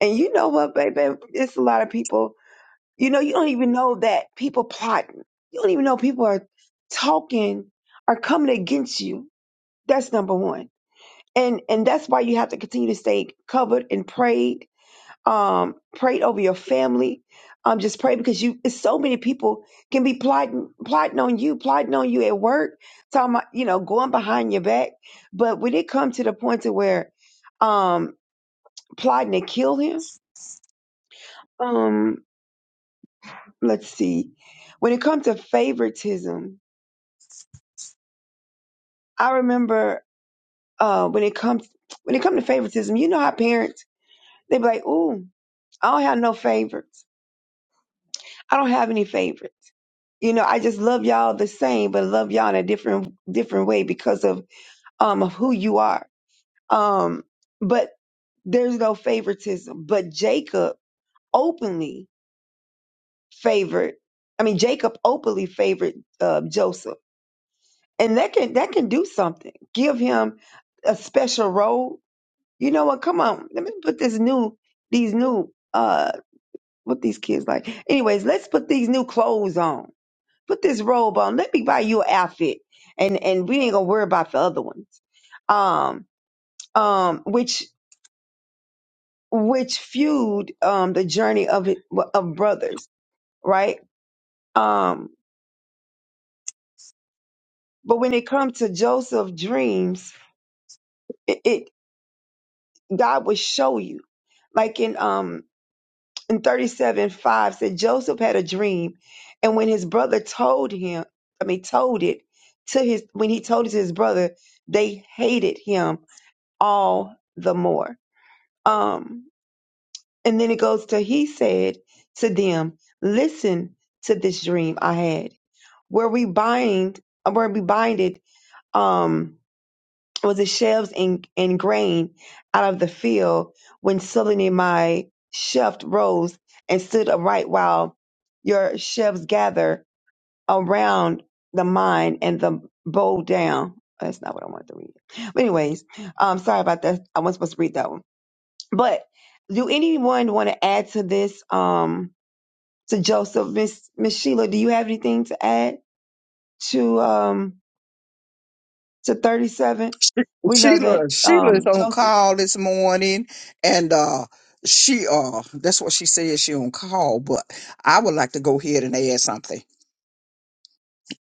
S3: And you know what, baby, it's a lot of people You know, you don't even know that people plotting. You don't even know people are talking, are coming against you. That's number one. And and that's why you have to continue to stay covered and prayed. Um, prayed over your family. Um, just pray because you it's so many people can be plotting plotting on you, plotting on you at work, talking about, you know, going behind your back. But when it comes to the point to where um plotting to kill him, um, let's see. When it comes to favoritism, I remember uh, when it comes when it comes to favoritism, you know how parents they be like, "Ooh, I don't have no favorites. I don't have any favorites. You know, I just love y'all the same, but love y'all in a different different way because of um of who you are. Um, but there's no favoritism. But Jacob openly favored. I mean, Jacob openly favored uh, Joseph, and that can that can do something. Give him a special role You know what? Come on. Let me put this new, these new, uh, what these kids like. Anyways, let's put these new clothes on. Put this robe on. Let me buy you an outfit. And, and we ain't gonna worry about the other ones. Um, um, which, which fueled, um, the journey of, it- of brothers, right? Um, but when it comes to Joseph dreams, it, it, God will show you. Like in, um, and 37 5 said Joseph had a dream, and when his brother told him, I mean, told it to his, when he told it to his brother, they hated him all the more. Um, and then it goes to, he said to them, Listen to this dream I had. Were we bind, were we binded, Um, was the sheaves and, and grain out of the field when suddenly my sheaf rose and stood upright while your sheaves gather around the mine and the bow down. That's not what I wanted to read. But anyways, um sorry about that. I wasn't supposed to read that one. But do anyone want to add to this? Um to Joseph, Miss Miss Sheila, do you have anything to add to um to thirty seven?
S2: She-
S3: We know that
S2: Sheila Sheila
S3: um
S2: is on
S3: Joseph
S2: call this morning and uh she uh that's what she said she on call, but I would like to go ahead and add something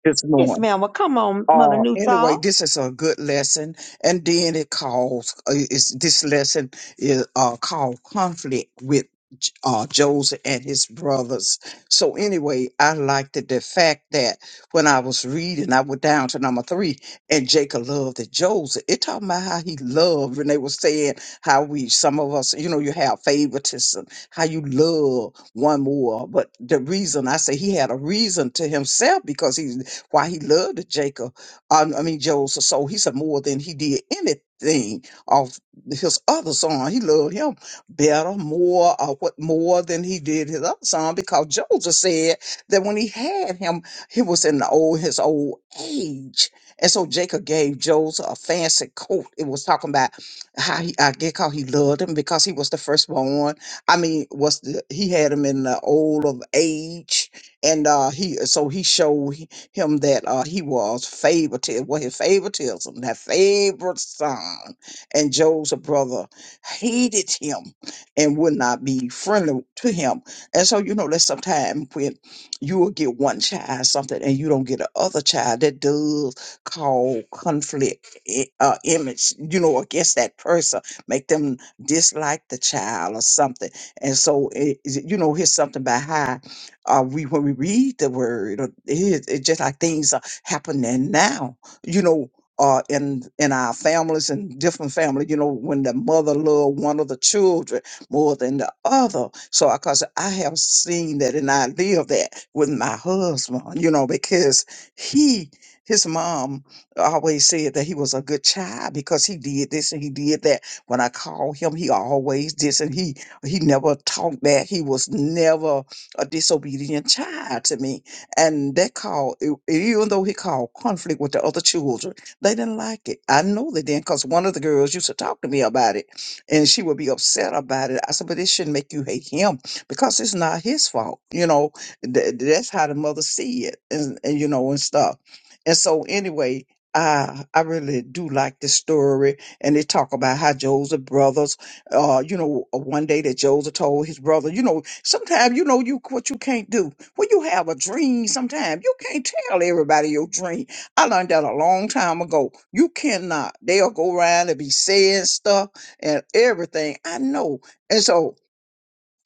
S2: this
S3: Yes,
S2: morning.
S3: ma'am. Well, come on, Mother
S2: Uh, anyway,
S3: Newtall.
S2: this is a good lesson, and then it calls uh, is this lesson is uh called conflict with J- uh Joseph and his brothers. So anyway, I liked it, the fact that when I was reading, I went down to number three, and Jacob loved it. Joseph. It talking about how he loved, and they were saying how we some of us, you know, you have favoritism, how you love one more. But the reason I say he had a reason to himself because he why he loved Jacob um, I mean, Joseph. So He said more than he did anything of his other son. He loved him better, more, uh, what more than he did his other son. because Joseph said that when he had him, he was in the old his old age. And so Jacob gave Joseph a fancy coat. It was talking about how he, I get how he loved him because he was the firstborn. I mean, was the, he had him in the old of age, and uh, he so he showed him that uh, he was favored to well his favoritism, that favorite son, and Joseph's brother hated him and would not be friendly to him. And so you know that sometimes when you will get one child something and you don't get the other child, that does cause conflict i- uh, image, you know, against that person, make them dislike the child or something. And so it, you know, here's something behind uh, we when we read the word, uh, it, it's just like things are happening now. You know, uh, in in our families and different family, you know, when the mother loved one of the children more than the other. So, because I have seen that and I live that with my husband, you know, because he his mom always said that he was a good child because he did this and he did that. When I called him, he always this and he he never talked back. He was never a disobedient child to me. And that called, e- even though he called conflict with the other children, they didn't like it. I know they didn't because one of the girls used to talk to me about it and she would be upset about it. I said, but it shouldn't make you hate him because it's not his fault. You know, Th- that's how the mother see it and, and you know, and stuff. And so anyway, I, I really do like this story. And they talk about how Joseph brothers uh, you know, uh, one day that Joseph told his brother, you know, sometimes you know you what you can't do. When you have a dream, sometimes you can't tell everybody your dream. I learned that a long time ago. You cannot. They'll go around and be saying stuff and everything. I know. And so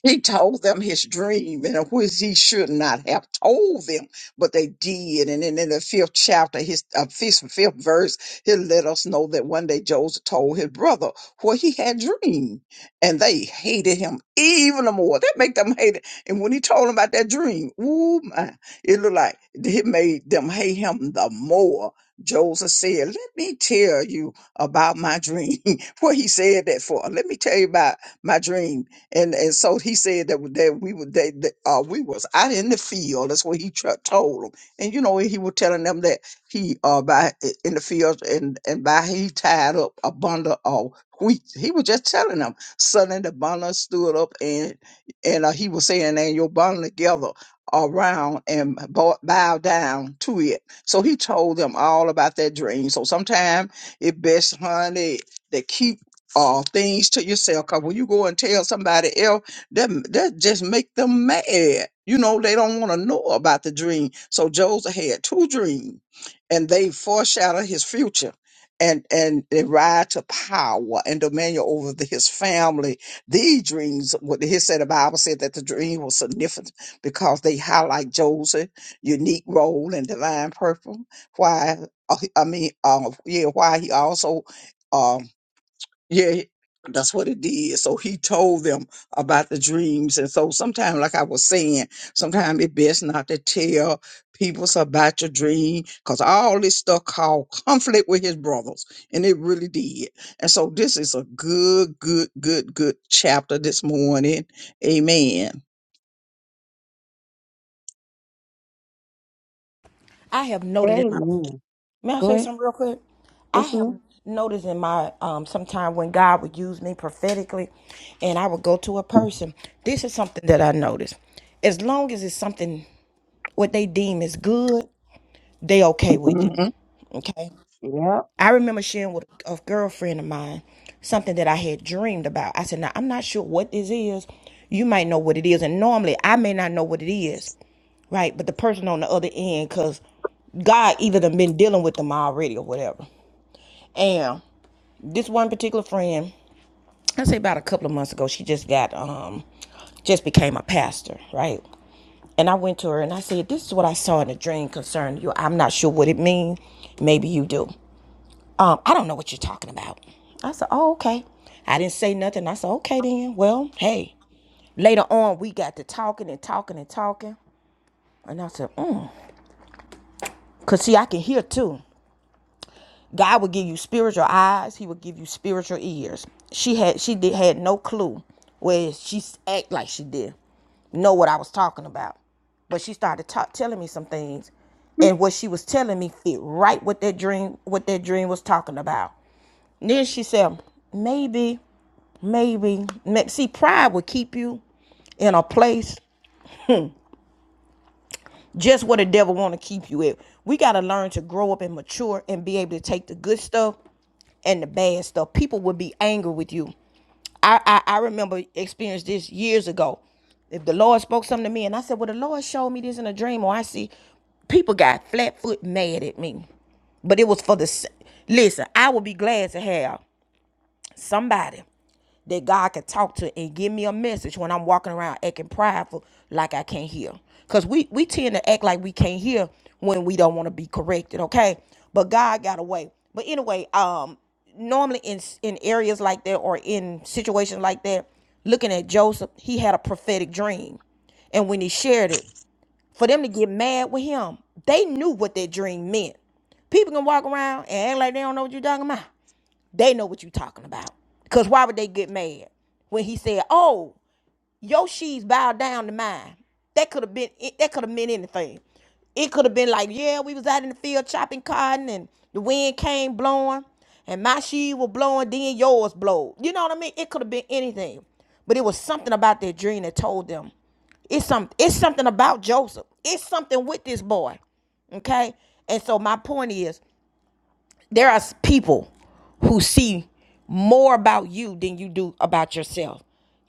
S2: he told them his dream and which he should not have told them, but they did. And then in the fifth chapter, his uh, fifth, fifth verse, he let us know that one day Joseph told his brother what he had dreamed, and they hated him even more. That make them hate it. And when he told them about that dream, ooh my, it looked like it made them hate him the more. Joseph said, "Let me tell you about my dream." what he said that for? Let me tell you about my dream and and so he said that that we were they, that uh, we was out in the field. That's what he tra- told them. And you know he was telling them that he uh by in the field and and by he tied up a bundle of wheat. He was just telling them. Suddenly the bundle stood up and and uh, he was saying, "And your bundle together." around and bow, bow down to it. So he told them all about that dream. So sometimes it best, honey, to keep uh, things to yourself. Cause when you go and tell somebody else, that that just make them mad. You know, they don't want to know about the dream. So Joseph had two dreams, and they foreshadow his future. And and they ride to power and dominion over the, his family. These dreams, what he said, the Bible said that the dream was significant because they highlight Joseph' unique role and divine purpose. Why? uh, I mean, uh, yeah, why he also um, yeah, that's what it did. So he told them about the dreams. And so sometimes, like I was saying, sometimes it's best not to tell people so about your dream because all this stuff called conflict with his brothers. And it really did. And so this is a good, good, good, good chapter this morning. Amen.
S1: I have noted in my...
S3: Amen.
S1: May I
S3: Go
S1: say
S3: ahead.
S1: something real quick? I
S3: Yes,
S1: have
S3: ma'am.
S1: noticed in my um sometime when God would use me prophetically and I would go to a person. This is something that I noticed. As long as it's something what they deem is good, they okay with it.
S2: hmm
S1: Okay.
S3: Yep.
S1: I remember sharing with a girlfriend of mine something that I had dreamed about. I said, Now, I'm not sure what this is. You might know what it is. And normally I may not know what it is, right? But the person on the other end, because God either done been dealing with them already or whatever. And this one particular friend, I say about a couple of months ago, she just got, um, just became a pastor, right? And I went to her and I said, This is what I saw in a dream concerning you. I'm not sure what it means. Maybe you do. Um, I don't know what you're talking about. I said, Oh, okay. I didn't say nothing. I said, Okay, then. Well, hey. Later on, we got to talking and talking and talking. And I said, Mm. Because, see, I can hear too. God will give you spiritual eyes, He will give you spiritual ears. She had she did had no clue where she act like she did know what I was talking about. But she started ta- telling me some things, and what she was telling me fit right what that dream, what that dream was talking about. And Then she said, maybe. Maybe. See, pride will keep you in a place just where the devil want to keep you at. We got to learn to grow up and mature and be able to take the good stuff and the bad stuff. People will be angry with you. I, I, I remember experienced this years ago. If the Lord spoke something to me and I said, Well, the Lord showed me this in a dream, or I see people got flat foot mad at me. But it was for the listen, I would be glad to have somebody that God can talk to and give me a message when I'm walking around acting prideful like I can't hear. Cause we we tend to act like we can't hear when we don't want to be corrected, okay? But God got a way. But anyway, um, normally in in areas like that or in situations like that, looking at Joseph, he had a prophetic dream, and when he shared it, for them to get mad with him, they knew what that dream meant. People can walk around and act like they don't know what you're talking about. They know what you are talking about. Cause why would they get mad when he said, "Oh, your she's bowed down to mine"? That could have been. That could have meant anything. It could have been like, "Yeah, we was out in the field chopping cotton, and the wind came blowing, and my sheaves were blowing, then yours blowed." You know what I mean? It could have been anything, but it was something about that dream that told them it's something. It's something about Joseph. It's something with this boy. Okay. And so my point is, there are people who see more about you than you do about yourself.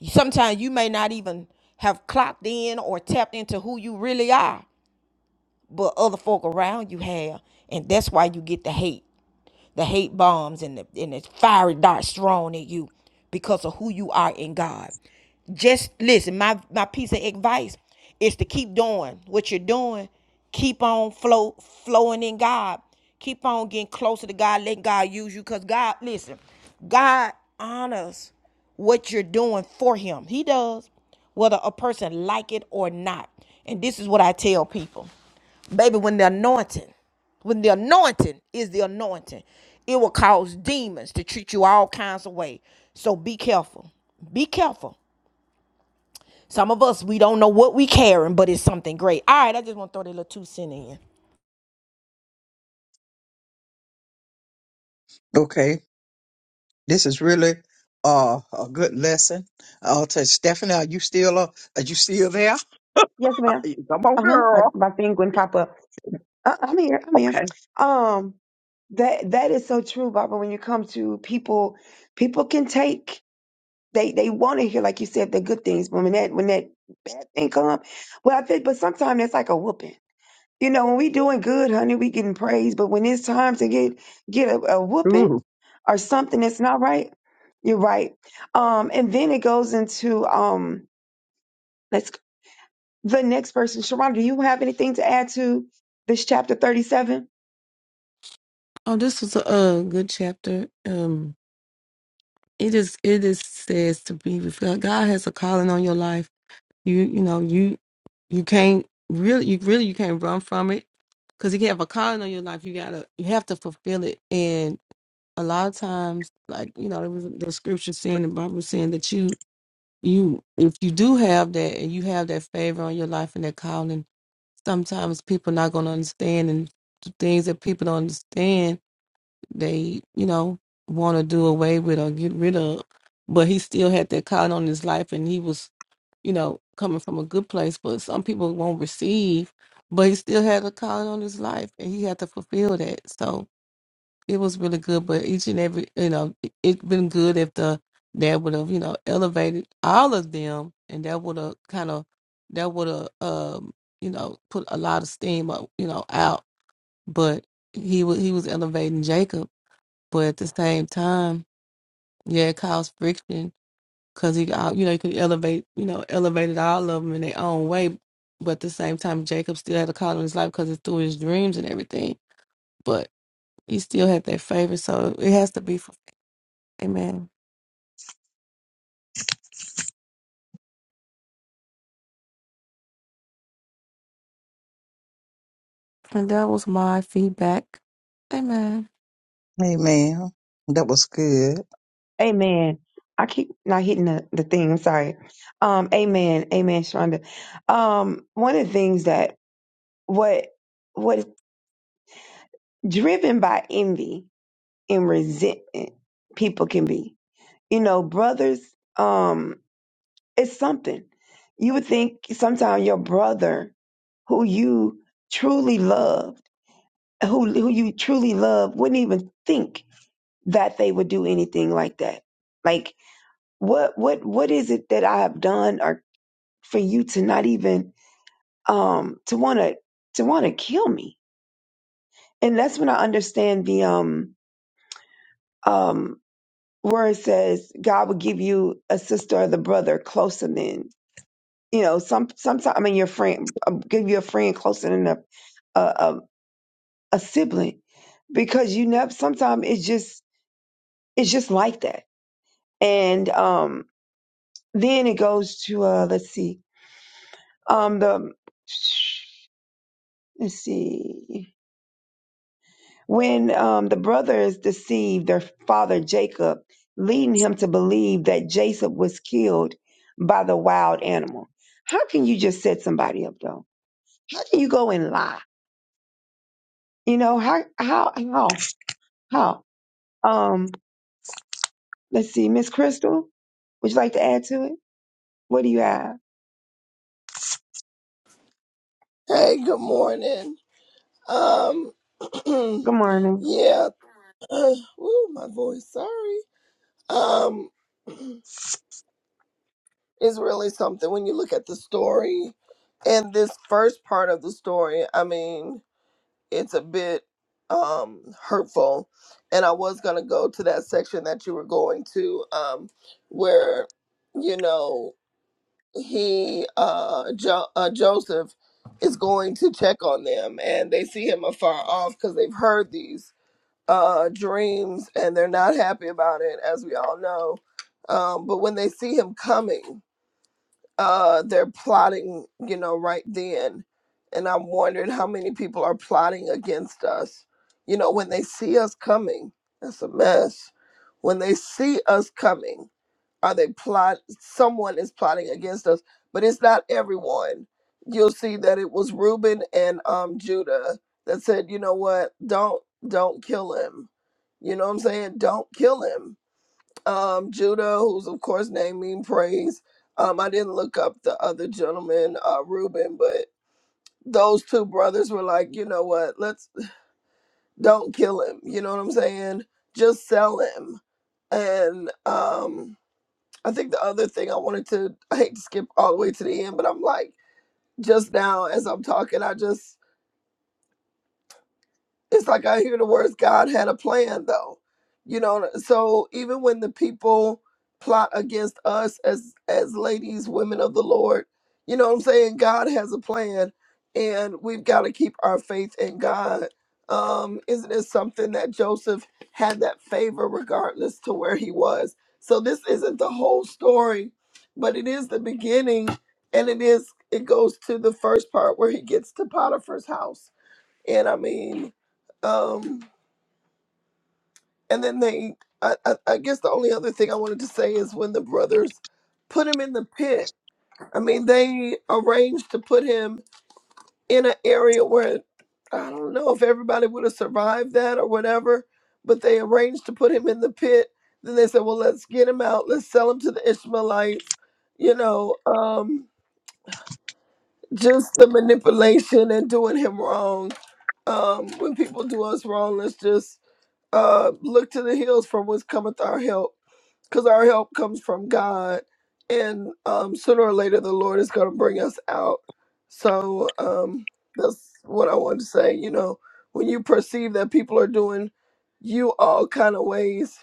S1: Sometimes you may not even have clocked in or tapped into who you really are, but other folk around you have, and that's why you get the hate the hate bombs and the, and the fiery darts thrown at you because of who you are in God. Just listen, my, my piece of advice is to keep doing what you're doing. Keep on flow, flowing in God. Keep on getting closer to God, Let God use you. Because God, listen, God honors what you're doing for him. He does, whether a person like it or not. And this is what I tell people. Baby, when the anointing, when the anointing is the anointing, it will cause demons to treat you all kinds of way. So be careful. Be careful. Some of us, we don't know what we carrying, but it's something great. All right, I just want to throw that little two cent in.
S2: Okay, this is really uh, a good lesson. Uh, to Stephanie, are you still uh, are you still there?
S3: Yes, ma'am.
S2: Come on,
S3: Uh huh. I,
S2: girl.
S3: My thing wouldn't pop up. Uh, I'm here. I'm here. Um, that that is so true, Barbara. When you come to people, people can take. They they want to hear, like you said, the good things. But when that when that bad thing come, well, I think. But sometimes that's like a whooping. You know, when we doing good, honey, we getting praise. But when it's time to get get a, a whooping,
S2: Ooh,
S3: or something that's not right. You're right. Um, and then it goes into um, let's the next person. Sharon, do you have anything to add to this chapter 37?
S4: Oh, this was a uh, good chapter. Um, it is it is says to be with God. God has a calling on your life. You you know you you can't really you really you can't run from it because you have a calling on your life. You gotta you have to fulfill it. And a lot of times, like you know, there was the scripture saying the Bible saying that you you if you do have that and you have that favor on your life and that calling, sometimes people not gonna understand and things that people don't understand they, you know, want to do away with or get rid of. But he still had that calling on his life and he was, you know, coming from a good place. But some people won't receive, but he still had a calling on his life and he had to fulfill that. So it was really good. But each and every, you know, it- it's been good if the dad would have, you know, elevated all of them and that would have kind of, that would have, um, you know, put a lot of steam up, you know, out. But he was he was elevating Jacob but at the same time, yeah, it caused friction because he, out- you know, you could elevate, you know, elevated all of them in their own way. But at the same time, Jacob still had a call in his life because it's through his dreams and everything. But he still had that favor, so it has to be for Amen. And that was my feedback. Amen.
S2: amen. That was good.
S3: Amen. I keep not hitting the, the thing. I'm sorry. Um, amen. Amen, Sharonda. Um, one of the things that what what is driven by envy and resentment people can be. You know, brothers. Um, It's something. You would think sometimes your brother, who you truly loved, who who you truly love, wouldn't even think that they would do anything like that. Like what what what is it that I have done or for you to not even um to wanna to wanna kill me? And that's when I understand the um um where it says God will give you a sister or the brother closer than you know some sometimes I mean your friend um, give you a friend closer than a a, a, a sibling because you never sometimes it's just it's just like that and um then it goes to uh let's see um the let's see when um the brothers deceived their father jacob leading him to believe that jacob was killed by the wild animal how can you just set somebody up though how can you go and lie you know how how how how um Let's see, Miss Crystal, would you like to add to it? What do you have?
S5: Hey, good morning. Um,
S3: Good morning.
S5: yeah, ooh, my voice, sorry. Um, it's really something when you look at the story and this first part of the story, I mean, it's a bit um hurtful. And I was gonna go to that section that you were going to, um, where, you know, he uh, jo- uh joseph is going to check on them and they see him afar off because they've heard these uh dreams and they're not happy about it as we all know um but when they see him coming uh they're plotting you know right then and i'm wondering how many people are plotting against us you know when they see us coming that's a mess when they see us coming are they plot? Someone is plotting against us, but it's not everyone. You'll see that it was Reuben and um, Judah that said, "You know what? Don't don't kill him." You know what I'm saying? Don't kill him. Um, Judah, who's of course named mean praise. Um, I didn't look up the other gentleman, uh, Reuben, but those two brothers were like, you know what? Let's don't kill him. You know what I'm saying? Just sell him. And um, I think the other thing I wanted to, I hate to skip all the way to the end, but I'm like, just now as I'm talking, I just it's like I hear the words God had a plan though. You know, so even when the people plot against us as as ladies, women of the Lord, you know what I'm saying? God has a plan and we've got to keep our faith in God. Um, isn't it something that Joseph had that favor regardless to where he was? So this isn't the whole story, but it is the beginning and it is it goes to the first part where he gets to Potiphar's house and I mean, um, and then they, I, I, I guess the only other thing I wanted to say is when the brothers put him in the pit, I mean, they arranged to put him in an area where I don't know if everybody would have survived that or whatever, but they arranged to put him in the pit. Then they said, well, let's get him out, let's sell him to the Ishmaelites, you know, um, just the manipulation and doing him wrong. Um, when people do us wrong, let's just uh, look to the hills from whence cometh our help, because our help comes from God, and um, sooner or later the Lord is going to bring us out. So um, that's what I want to say. You know, when you perceive that people are doing you all kind of ways,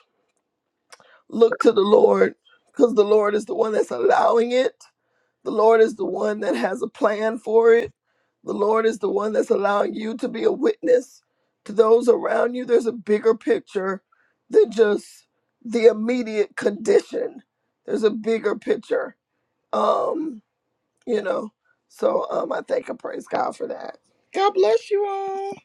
S5: look to the Lord, because the Lord is the one that's allowing it. The Lord is the one that has a plan for it. The Lord is the one that's allowing you to be a witness to those around you. There's a bigger picture than just the immediate condition. There's a bigger picture. Um, you know. So um I thank and praise God for that. God bless you all.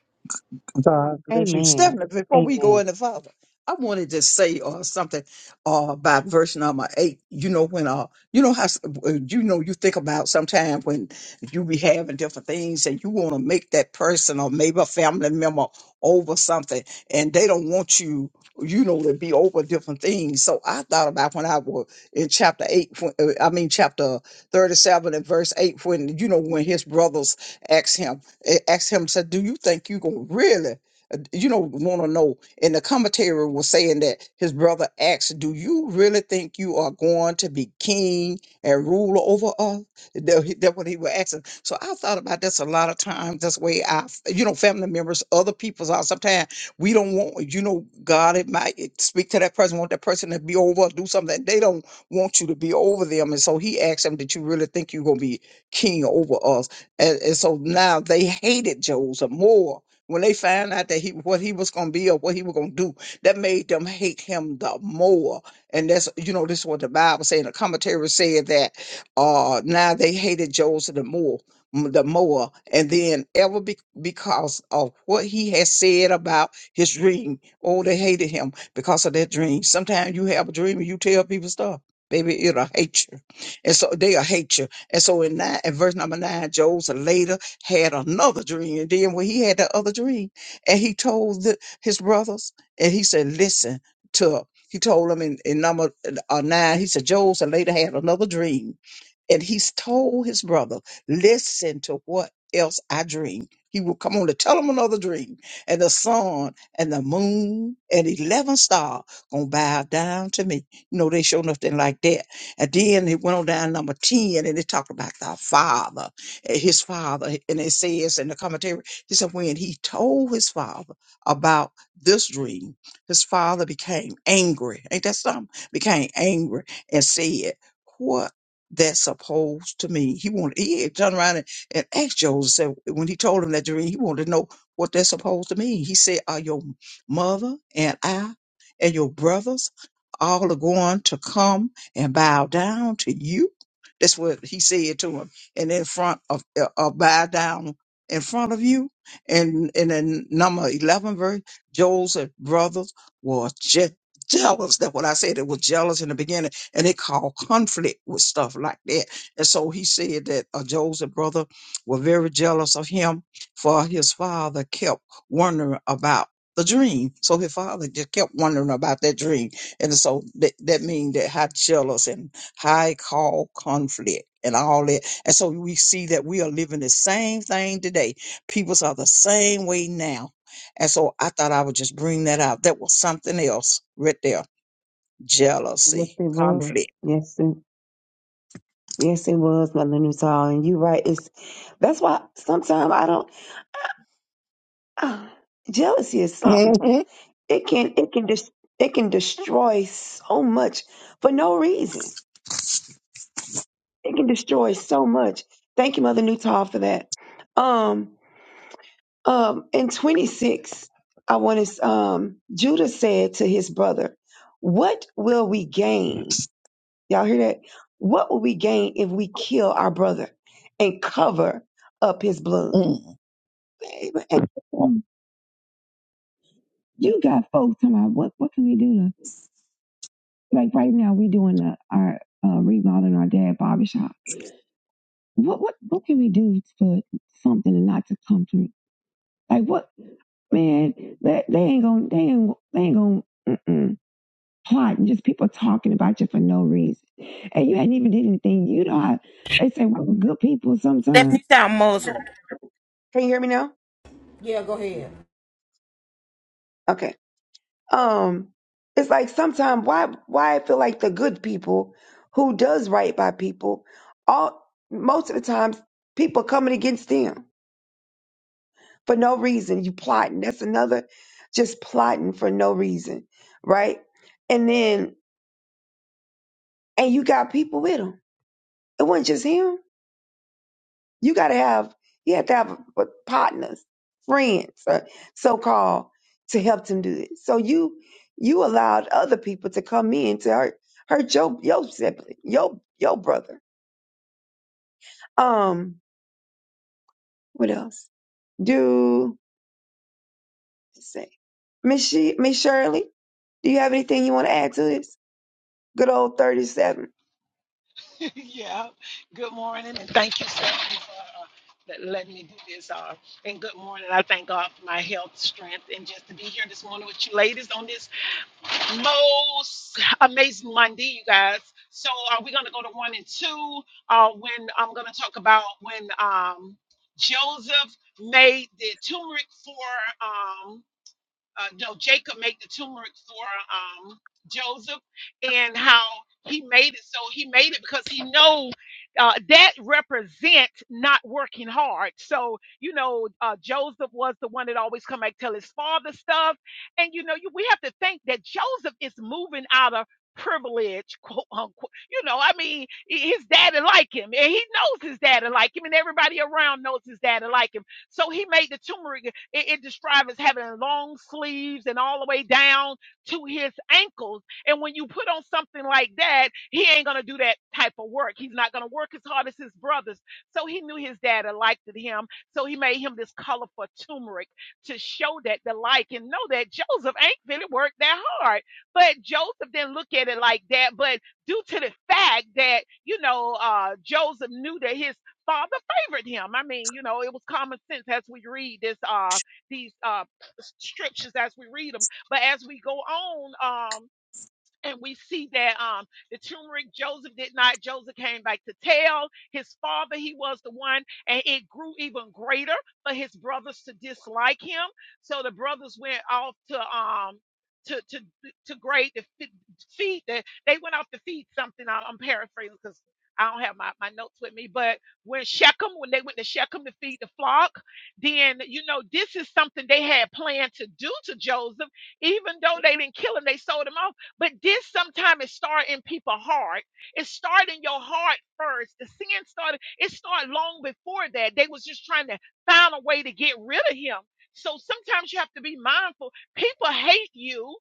S2: God bless you.
S3: Amen.
S2: Stephanie, before we go
S3: Amen.
S2: into Father, I wanted to say uh, something uh, about verse number eight. You know, when, uh, you know how, s- uh, you know, you think about sometimes when you be having different things and you want to make that person or maybe a family member over something and they don't want you, you know, to be over different things. So I thought about when I was in chapter eight, when, uh, I mean, chapter 37 and verse eight, when, you know, when his brothers asked him, a- Asked him, said, "Do you think you gonna really, uh, you know, want to know?" And the commentary was saying that his brother asked, "Do you really think you are going to be king and ruler over us?" That he- That's what he was asking. So I thought about this a lot of times. This way, I, you know, family members, other people's are sometimes we don't want, you know, God, it might it speak to that person, want that person to be over, do something. They don't want you to be over them. And so he asked him, Did you really think you're going to be king over us? And, and so now they hated Joseph more when they found out that he what he was going to be or what he was going to do. That made them hate him the more. And that's you know this is what the Bible saying. The commentary said that uh now they hated Joseph the more, m- the more, and then ever be, because of what he had said about his dream. Oh, they hated him because of that dream. Sometimes you have a dream and you tell people stuff, baby, it'll hate you, and so they'll hate you and so in nine, in verse number nine, Joseph later had another dream. And then when he had that other dream, and he told the, his brothers, and he said, "Listen to." He told them in, in number uh, nine. He said, Joseph later had another dream, and he's told his brother, listen to what else I dream. He will come on to tell him another dream. And the sun and the moon and 11 star gonna bow down to me. You know, they show nothing like that. And then it went on down number 10 and they talked about the father, and his father. And it says in the commentary, he said, when he told his father about this dream, his father became angry. Ain't that something? Became angry and said, what? that's opposed to me. He wanted he had turned around and, and asked Joseph when he told him that dream, he wanted to know what that's supposed to mean. He said, Are your mother and I and your brothers all are going to come and bow down to you? That's what he said to him. And in front of uh, uh, bow down in front of you. And and in number eleven verse, Joseph's brothers were just jealous. That's what I said. It was jealous in the beginning and it called conflict with stuff like that. And so he said that uh, Joseph's brother were very jealous of him, for his father kept wondering about the dream. So his father just kept wondering about that dream, and so that that means that how jealous and high call conflict. And all that. And so we see that we are living the same thing today. Peoples are the same way now. And so I thought I would just bring that out. That was something else right there
S3: Yes,
S2: jealousy,
S3: it was.
S2: conflict.
S3: Yes, it, yes, it was, Mother Newtall. And you're right. It's that's why sometimes I don't. ah, jealousy is something.
S2: Mm-hmm.
S3: It can it can dis, it can destroy so much for no reason. It can destroy so much. Thank you, Mother Newtall, for that. Um, Um, in 26, I want to, um, Judah said to his brother, What will we gain? Y'all hear that? What will we gain if we kill our brother and cover up his blood? Babe, and- You got folks talking about what, what can we do? To, like right now, we doing the, our uh, remodeling our dad barbershop. What what what can we do for something and not to come through? Like what man? That they ain't gonna they ain't they ain't gonna. Mm-mm. Plotting just people talking about you for no reason. And you hadn't even did anything. You know how they say well, good people sometimes.
S1: Stephanie sound muzzled.
S3: Can you hear me now?
S1: Yeah, go ahead.
S3: Okay. Um, it's like sometimes why why I feel like the good people who does right by people, all most of the times people coming against them for no reason. You plotting. That's another just plotting for no reason, right? And then and you got people with them. It wasn't just him. You got to have you have to have uh, partners, friends, uh, so called, to help them do this. So you you allowed other people to come in to hurt hurt your your sibling, your your brother. Um, what else? Do let's see, Miss she, Miss Shirley, do you have anything you want to add to this? Good old thirty seven.
S6: yeah. Good morning, and thank you, so much for uh, that letting me do this. Uh, and good morning. I thank God for my health, strength, and just to be here this morning with you ladies on this most amazing Monday, you guys. So uh, we're gonna go to one and two. Uh, when I'm gonna talk about when um, Joseph made the turmeric for. Um, uh, no, Jacob made the turmeric for um, Joseph, and how he made it. So he made it because he know uh, that represents not working hard. So you know, uh, Joseph was the one that always come back tell his father stuff, and you know, you, we have to think that Joseph is moving out of privilege quote unquote you know i mean i- his daddy like him and he knows his daddy like him and everybody around knows his daddy like him so he made the turmeric it, it describes as having long sleeves and all the way down to his ankles. And when you put on something like that, he ain't gonna do that type of work. He's not gonna work as hard as his brothers. So he knew his dad had liked him. So he made him this colorful turmeric to show that the like and know that Joseph ain't really worked that hard. But Joseph didn't look at it like that. But due to the fact that, you know, uh, Joseph knew that his father favored him. I mean, you know, it was common sense as we read this. Uh, these uh, scriptures as we read them. But as we go on, um, and we see that um the turmeric Joseph did not. Joseph came back to tell his father he was the one, and it grew even greater for his brothers to dislike him. So the brothers went off to um to to to grade the feed that they went off to feed something. I- I'm paraphrasing because. I don't have my, my notes with me, but when Shechem, when they went to Shechem to feed the flock, then, you know, this is something they had planned to do to Joseph even though they didn't kill him, they sold him but this sometimes it start in people's heart. It start in your heart first. The sin started, it started long before that. They was just trying to find a way to get rid of him. So sometimes you have to be mindful. People hate you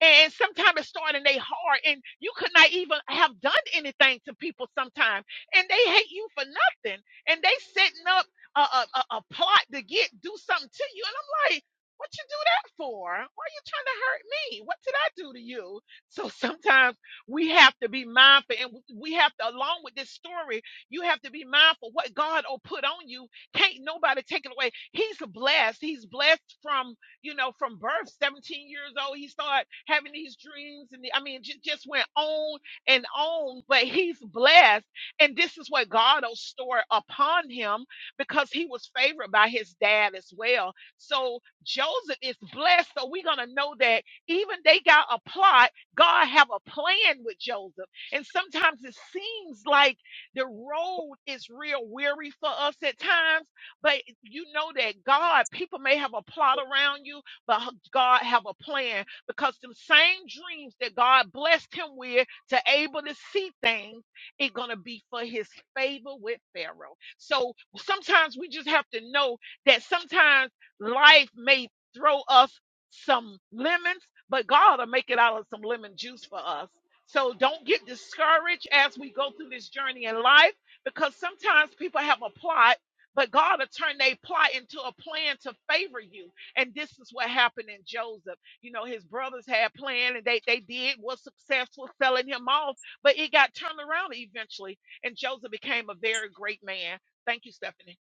S6: and sometimes it started in their heart, and you could not even have done anything to people sometimes, and they hate you for nothing, and they setting up a, a, a, a plot to get do something to you, and I'm like, what you do that for? Why are you trying to hurt me? What did I do to you? So sometimes we have to be mindful, and we we have to, along with this story, you have to be mindful what God will put on you. Can't nobody take it away. He's blessed. He's blessed from you know, from birth, 17 years old, he started having these dreams. And the, I mean, just, just went on and on, but he's blessed. And this is what God will store upon him because he was favored by his dad as well. So Joseph is blessed. So we're going to know that even they got a plot, God have a plan with Joseph. And sometimes it seems like the road is real weary for us at times but you know that God, people may have a plot around you, but God have a plan because them same dreams that God blessed him with to able to see things, it's gonna be for his favor with Pharaoh. So sometimes we just have to know that sometimes life may throw us some lemons, but God will make it out of some lemon juice for us. So don't get discouraged as we go through this journey in life because sometimes people have a plot but God will turn their plot into a plan to favor you. And this is what happened in Joseph. You know, his brothers had planned and they, they did, was successful selling him off, but it got turned around eventually. And Joseph became a very great man. Thank you, Stephanie.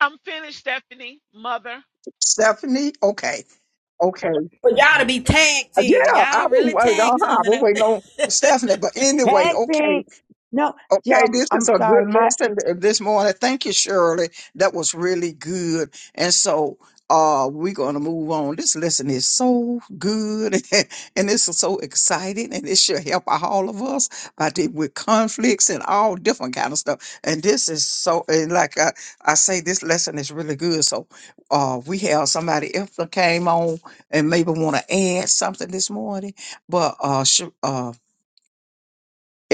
S6: I'm finished, Stephanie, mother.
S2: Stephanie, okay, okay,
S1: But y'all to be tag teaming.
S2: yeah, I
S1: Y'all really
S2: was,
S1: tag
S2: uh-huh, I
S1: teaming,
S2: was
S1: ain't
S2: waiting
S1: it?
S2: on Stephanie, but anyway, okay,
S3: Hectic. No,
S2: Okay,
S3: y'all.
S2: this
S3: I'm
S2: is a
S3: sorry,
S2: good
S3: my
S2: lesson this morning. Thank you, Shirley. That was really good. And so uh we're gonna move on. This lesson is so good and this is so exciting and it should help all of us by dealing with conflicts and all different kind of stuff. And this is so and like I, I say this lesson is really good. So uh we have somebody else that came on and maybe want to add something this morning. But uh Sh- uh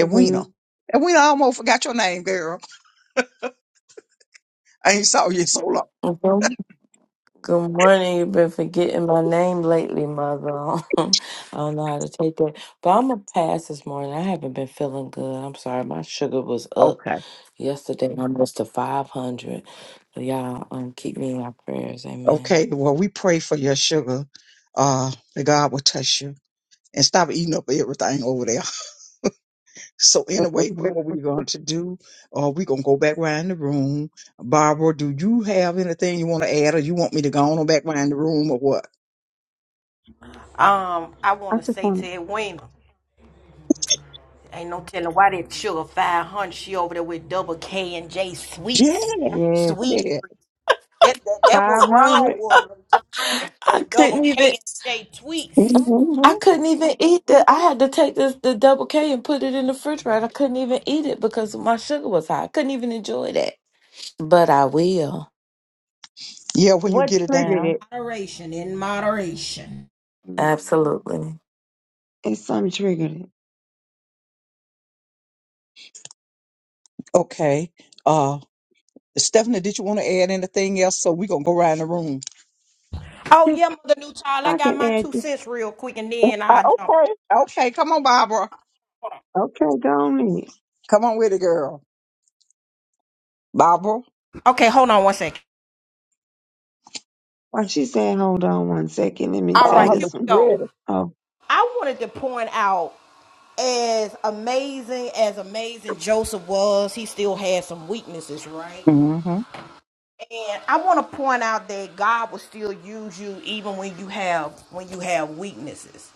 S3: Wina.
S2: And we almost forgot your name, girl. I ain't saw you in so long.
S7: Good good morning. You've been forgetting my name lately, mother. I don't know how to take that. But I'm going to pass this morning. I haven't been feeling good. I'm sorry. My sugar was up
S2: Okay.
S7: yesterday almost to 500. So y'all um, keep me in your prayers. Amen.
S2: Okay. Well, we pray for your sugar. Uh, that God will touch you and stop eating up everything over there. So anyway, we-
S3: I
S2: what we're going to do, uh, we're going to go back around the room. Barbara, do you have anything you want to add or you want me to go on back around the room or what?
S1: Um, I want to
S3: just
S1: say
S3: want
S1: to Edwina, ain't no telling why that sugar 500, she over there with double K and J
S2: Yeah,
S1: sweets.
S3: to.
S2: I
S3: yes,
S1: Sweet
S2: did.
S1: That that, that
S3: five
S1: was wrong
S3: hundred.
S1: with them, them
S7: I
S1: double
S7: couldn't even.
S1: K and J tweets.
S7: Mm-mm,
S2: Mm-hmm.
S7: I couldn't even eat the. I had to take this the double K and put it in the refrigerator. I couldn't even eat it because my sugar was high. I couldn't even enjoy that. But I will.
S2: Yeah, when you
S3: What
S2: get it
S1: In
S3: triggered
S2: down.
S3: it?
S1: moderation, in moderation.
S3: Mm,
S7: Absolutely.
S3: It's something triggered it.
S2: Okay. Uh, Stephanie, did you want to add anything else? So we're going to go around the room.
S1: Oh
S3: Just
S1: yeah, mother new child. I
S3: I
S1: got
S3: can
S1: my
S3: add
S1: two
S3: just
S1: cents real quick, and then
S2: Uh,
S1: I jump.
S2: okay. Okay. Come on, Barbara.
S3: okay, go on in.
S2: Come on with it, girl. Bible.
S1: Okay, hold on one second.
S3: While she said, hold on one second, let me
S1: All
S2: Oh,
S3: say
S1: right,
S2: how
S1: here
S2: much
S3: this
S2: you
S3: one.
S1: we go.
S2: read it?
S3: Oh,
S1: I wanted to point out as amazing as amazing Joseph was, he still had some weaknesses, right?
S2: Mm-hmm.
S1: And I want to point out that God will still use you even when you have when you have weaknesses.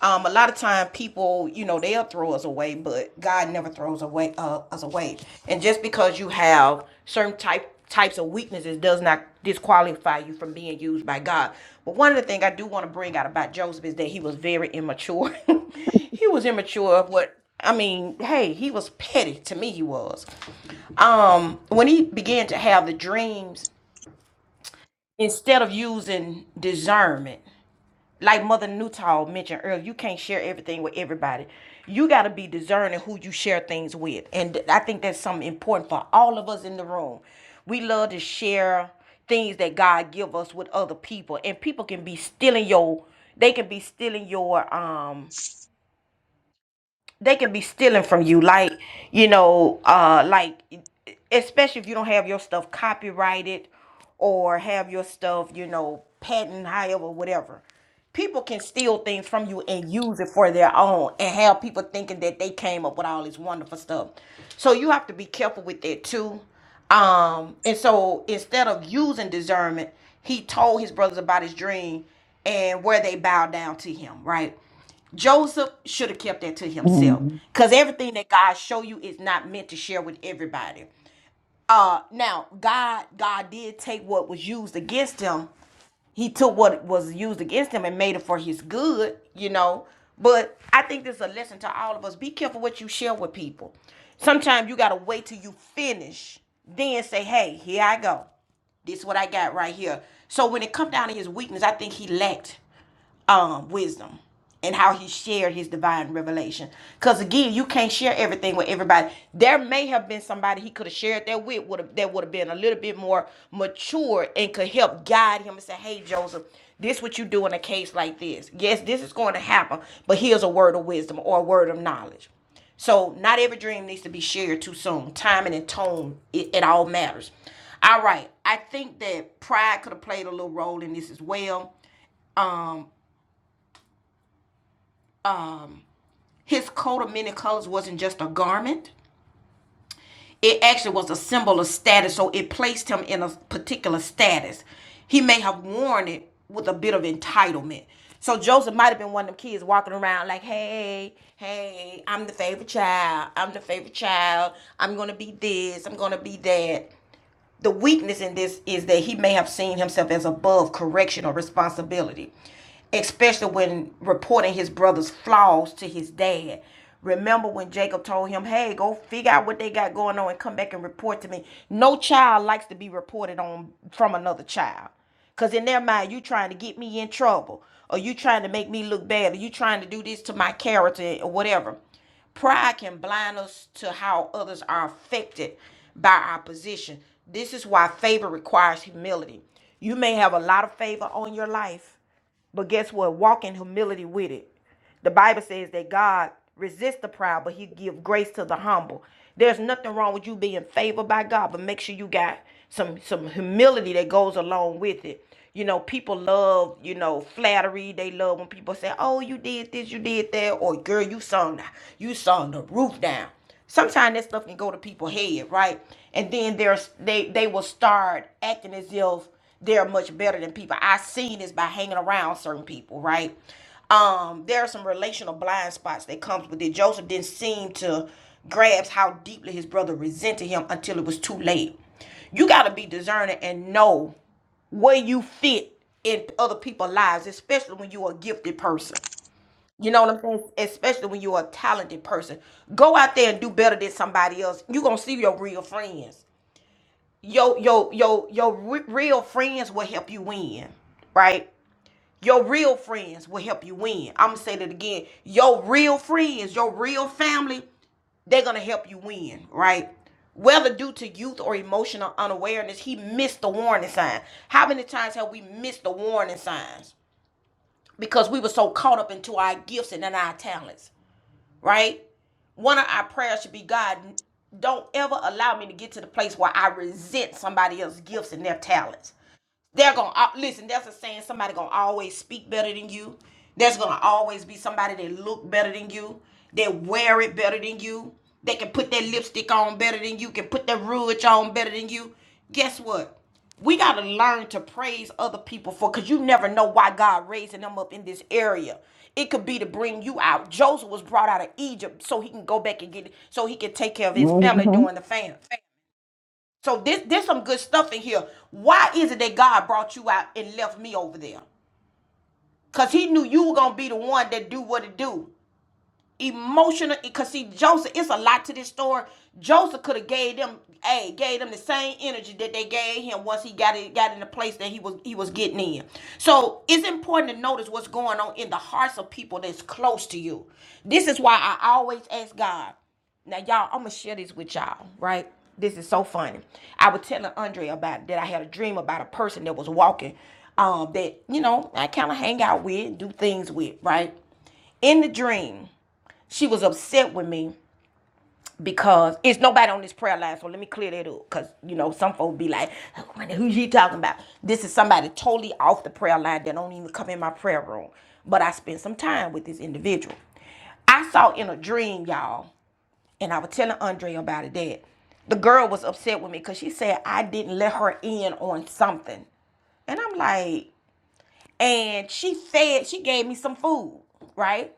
S1: Um, a lot of time people, you know, they'll throw us away, but God never throws away uh, us away. And just because you have certain type types of weaknesses does not disqualify you from being used by God. But one of the things I do want to bring out about Joseph is that he was very immature. he was immature of what I mean, hey, he was petty to me. He was. Um, when he began to have the dreams, instead of using discernment, like Mother Newtall mentioned earlier, you can't share everything with everybody. You got to be discerning who you share things with, and th- I think that's something important for all of us in the room. We love to share things that God give us with other people, and people can be stealing your. They can be stealing your. um. they can be stealing from you like you know uh like especially if you don't have your stuff copyrighted or have your stuff you know patent however whatever people can steal things from you and use it for their own and have people thinking that they came up with all this wonderful stuff so you have to be careful with that too um and so instead of using discernment he told his brothers about his dream and where they bowed down to him right Joseph should have kept that to himself
S2: Mm-hmm.
S1: because everything that God show you is not meant to share with everybody. Uh, now God, God did take what was used against him. He took what was used against him and made it for his good, you know. But I think this is a lesson to all of us. Be careful what you share with people. Sometimes you gotta wait till you finish, then say, "Hey, here I go." This is what I got right here. So when it come down to his weakness, I think he lacked um wisdom and how he shared his divine revelation. Because again, you can't share everything with everybody. There may have been somebody he could have shared that with would have that would have been a little bit more mature and could help guide him and say, Hey Joseph, this what you do in a case like this. Yes, this is going to happen, but here's a word of wisdom or a word of knowledge. So not every dream needs to be shared too soon. Timing and tone, it, it all matters. All right. I think that pride could have played a little role in this as well. Um, his coat of many colors wasn't just a garment. It actually was a symbol of status, so it placed him in a particular status. He may have worn it with a bit of entitlement. So Joseph might have been one of them kids walking around like, hey, hey, I'm the favorite child. I'm the favorite child. I'm gonna be this, I'm gonna be that The weakness in this is that he may have seen himself as above correction or responsibility, especially when reporting his brother's flaws to his dad. Remember when Jacob told him, Hey, go figure out what they got going on and come back and report to me. No child likes to be reported on from another child. Because in their mind, you trying to get me in trouble, or you trying to make me look bad, or you trying to do this to my character, or whatever. Pride can blind us to how others are affected by our position. This is why favor requires humility. You may have a lot of favor on your life, but guess what? Walk in humility with it. The Bible says that God resists the proud, but he gives grace to the humble. There's nothing wrong with you being favored by God, but make sure you got some some humility that goes along with it. You know, people love, you know, flattery. They love when people say, "Oh, you did this, you did that," or "Girl, you sung, you sung the roof down." sometimes that stuff can go to people's head, right? And then there's they they will start acting as if they're much better than people. I seen this by hanging around certain people, right? Um, there are some relational blind spots that comes with it. Joseph didn't seem to grasp how deeply his brother resented him until it was too late. You gotta be discerning and know where you fit in other people's lives, especially when you're a gifted person. You know what I'm saying? Especially when you're a talented person. Go out there and do better than somebody else. You're gonna see your real friends. Your your your your re- real friends will help you win, right? Your real friends will help you win. I'm gonna say that again. Your real friends, your real family, they're gonna help you win, right? Whether due to youth or emotional unawareness, he missed the warning sign. How many times have we missed the warning signs because we were so caught up into our gifts and in our talents? right? One of our prayers should be God, don't ever allow me to get to the place where I resent somebody else's gifts and their talents. They're gonna al- listen. There's a saying: somebody gonna always speak better than you. There's gonna always be somebody that look better than you. They wear it better than you. They can put their lipstick on better than you. Can put their rouge on better than you. Guess what? We gotta learn to praise other people for, cause you never know why God raising them up in this area. It could be to bring you out. Joseph was brought out of Egypt so he can go back and get, so he can take care of his family
S2: Mm-hmm.
S1: during the famine. So this there's some good stuff in here. Why is it that God brought you out and left me over there? Cause he knew you were gonna be the one that do what it do emotional because see Joseph, it's a lot to this story. Joseph could have gave them, hey, gave them the same energy that they gave him once he got it, got in the place that he was he was getting in. So it's important to notice what's going on in the hearts of people that's close to you. This is why I always ask God. Now, y'all, I'm gonna share this with y'all, right? This is so funny. I was telling Andre about that I had a dream about a person that was walking, um, that you know I kind of hang out with, do things with, right? In the dream, she was upset with me because it's nobody on this prayer line. So let me clear that up. Cause you know, some folks be like, "Who who she talking about? This is somebody totally off the prayer line that don't even come in my prayer room. But I spent some time with this individual. I saw in a dream, y'all, and I was telling Andre about it that the girl was upset with me because she said I didn't let her in on something. And I'm like, and she said she gave me some food, right?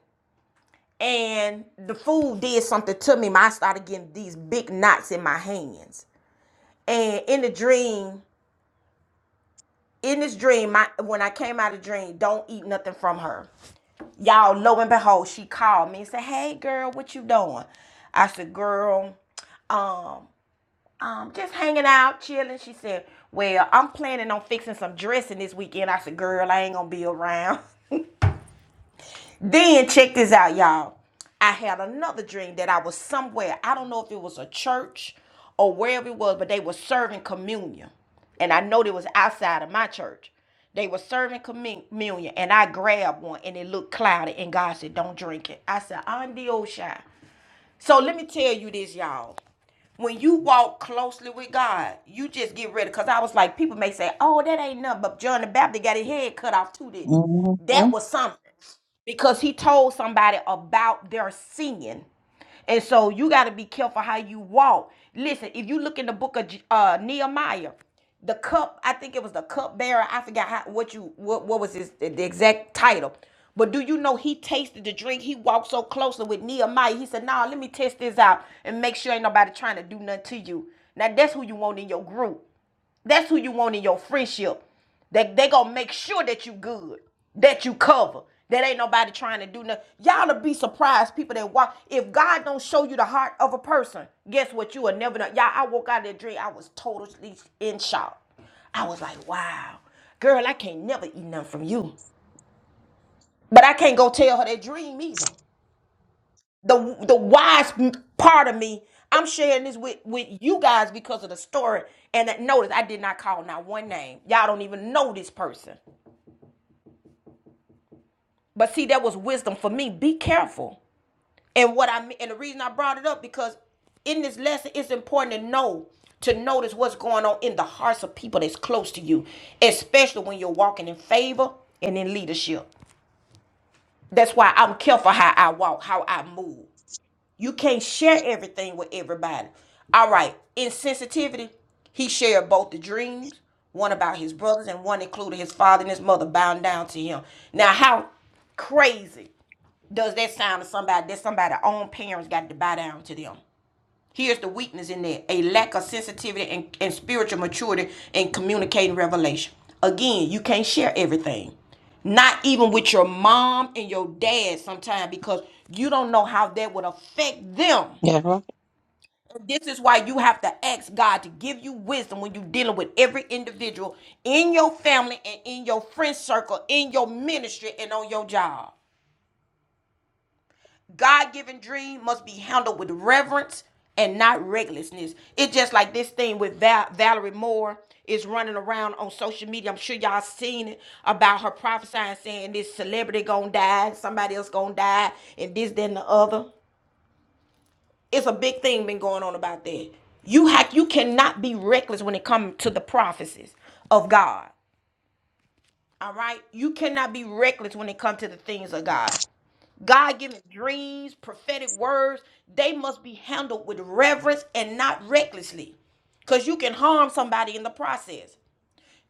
S1: and the food did something to me. My- I started getting these big knots in my hands. And in the dream, in this dream, my when I came out of the dream, don't eat nothing from her. Y'all, lo and behold, she called me and said, "Hey, girl, what you doing?" I said, "Girl, um, um, just hanging out, chilling." She said, "Well, I'm planning on fixing some dressing this weekend." I said, "Girl, I ain't gonna be around." Then check this out, y'all. I had another dream that I was somewhere. I don't know if it was a church or wherever it was, but they were serving communion. And I know it was outside of my church. They were serving communion, and I grabbed one, and it looked cloudy. And God said, "Don't drink it." I said, "I'm the old shy." So let me tell you this, y'all when you walk closely with God, you just get ready. Cause I was like, people may say, "Oh, that ain't nothing," but John the Baptist got his head cut off too. Did it?
S2: Mm-hmm.
S1: that was something because he told somebody about their sin. And so you got to be careful how you walk. Listen, if you look in the book of uh, Nehemiah, the cup i think it was the cup bearer i forgot how, what you what, what was his the exact title but do you know he tasted the drink he walked so closely with nehemiah he said nah let me test this out and make sure ain't nobody trying to do nothing to you now that's who you want in your group that's who you want in your friendship. They they gonna make sure that you good, that you cover. That ain't nobody trying to do nothing. Y'all will be surprised, people that walk. If God don't show you the heart of a person, guess what? You will never know. Y'all, I woke out of that dream. I was totally in shock. I was like, wow, girl, I can't never eat nothing from you. But I can't go tell her that dream either the the wise part of me. I'm sharing this with with you guys because of the story. And that notice, I did not call not one name. Y'all don't even know this person. But see, that was wisdom for me. Be careful. And what I and the reason I brought it up because in this lesson, it's important to know to notice what's going on in the hearts of people that's close to you, especially when you're walking in favor and in leadership. That's why I'm careful how I walk, how I move. You can't share everything with everybody. All right. In sensitivity, he shared both the dreams, one about his brothers and one including his father and his mother bowing down to him. Now, how crazy does that sound to somebody that somebody's own parents got to bow down to them? Here's the weakness in there a lack of sensitivity and, and spiritual maturity in communicating revelation. Again, you can't share everything, not even with your mom and your dad sometimes, because you don't know how that would affect them.
S2: Yeah.
S1: This is why you have to ask God to give you wisdom when you're dealing with every individual in your family and in your friend circle, in your ministry, and on your job. God given dream must be handled with reverence and not recklessness. It's just like this thing with Val- Valerie Moore is running around on social media. I'm sure y'all seen it about her prophesying saying this celebrity gonna die, somebody else gonna die, and this, then the other. It's a big thing been going on about that. You have you cannot be reckless when it comes to the prophecies of God. All right? You cannot be reckless when it comes to the things of God. God given dreams, prophetic words, they must be handled with reverence and not recklessly. Because you can harm somebody in the process.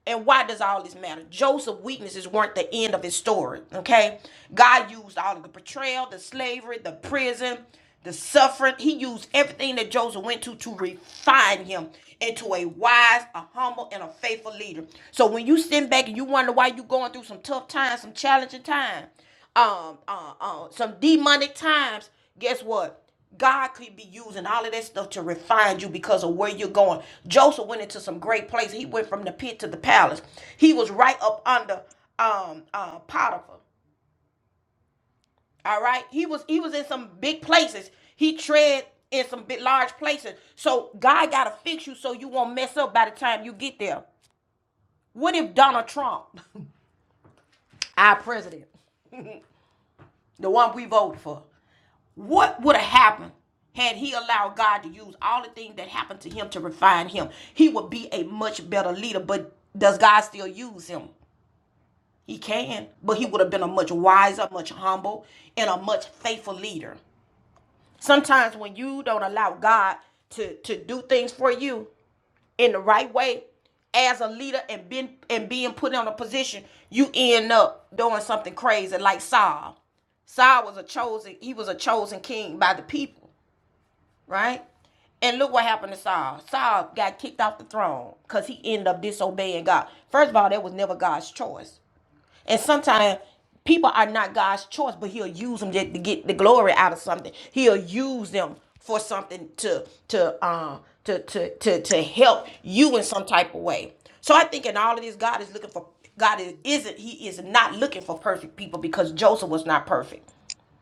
S1: And why does all this matter? Joseph's weaknesses weren't the end of his story, okay? God used all of the betrayal, the slavery, the prison, the suffering. He used everything that Joseph went to to refine him into a wise, a humble, and a faithful leader. So when you sit back and you wonder why you're going through some tough times, some challenging times, um, uh, uh, some demonic times, guess what? God could be using all of that stuff to refine you because of where you're going. Joseph went into some great places. He went from the pit to the palace. He was right up under um, uh, Potiphar. All right, he was he was in some big places. He tread in some big large places. So God gotta fix you so you won't mess up by the time you get there. What if Donald Trump, our president, the one we voted for. What would have happened had he allowed God to use all the things that happened to him to refine him? He would be a much better leader, but does God still use him? He can, but he would have been a much wiser, much humble, and a much faithful leader. Sometimes when you don't allow God to, to do things for you in the right way, as a leader and been and being put in a position, you end up doing something crazy like Saul. Saul was a chosen, he was a chosen king by the people right? And look what happened to Saul. Saul got kicked off the throne because he ended up disobeying God. First of all, that was never God's choice. And sometimes people are not God's choice, but He'll use them to, to get the glory out of something. He'll use them for something to to um to to to to help you in some type of way. So I think in all of this, God is looking for God is isn't He is not looking for perfect people because Joseph was not perfect.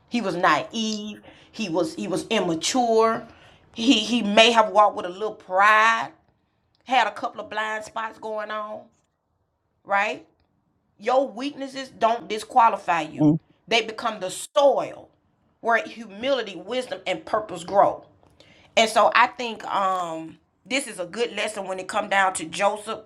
S1: He was naive. He was he was immature. He he may have walked with a little pride, had a couple of blind spots going on, right? Your weaknesses don't disqualify you. They become the soil where humility, wisdom, and purpose grow. And so I think um this is a good lesson when it come down to Joseph.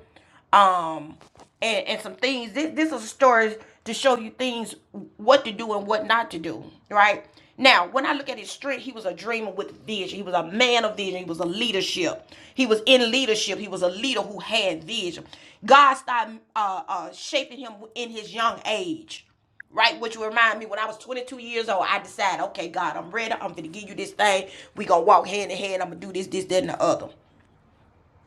S1: Um and, and some things. This, this is a story to show you things, what to do and what not to do, right? Now, when I look at his strength, he was a dreamer with vision. He was a man of vision. He was a leadership. He was in leadership. He was a leader who had vision. God started uh, uh, shaping him in his young age, right? Which will remind me when I was 22 years old, I decided, okay, God, I'm ready. I'm going to give you this thing. we going to walk hand in hand. I'm going to do this, this, that, and the other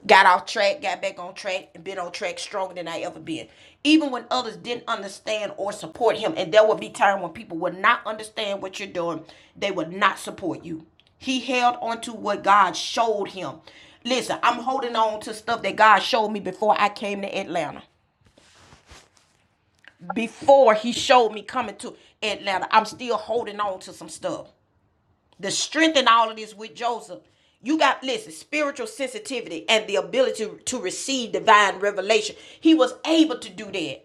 S1: got off track, got back on track, and been on track stronger than I ever been. Even when others didn't understand or support him, and there would be times when people would not understand what you're doing, they would not support you. He held on to what God showed him. Listen, I'm holding on to stuff that God showed me before I came to Atlanta. Before he showed me coming to Atlanta, I'm still holding on to some stuff the strength in all of this with Joseph. You got listen, spiritual sensitivity and the ability to, to receive divine revelation. He was able to do that.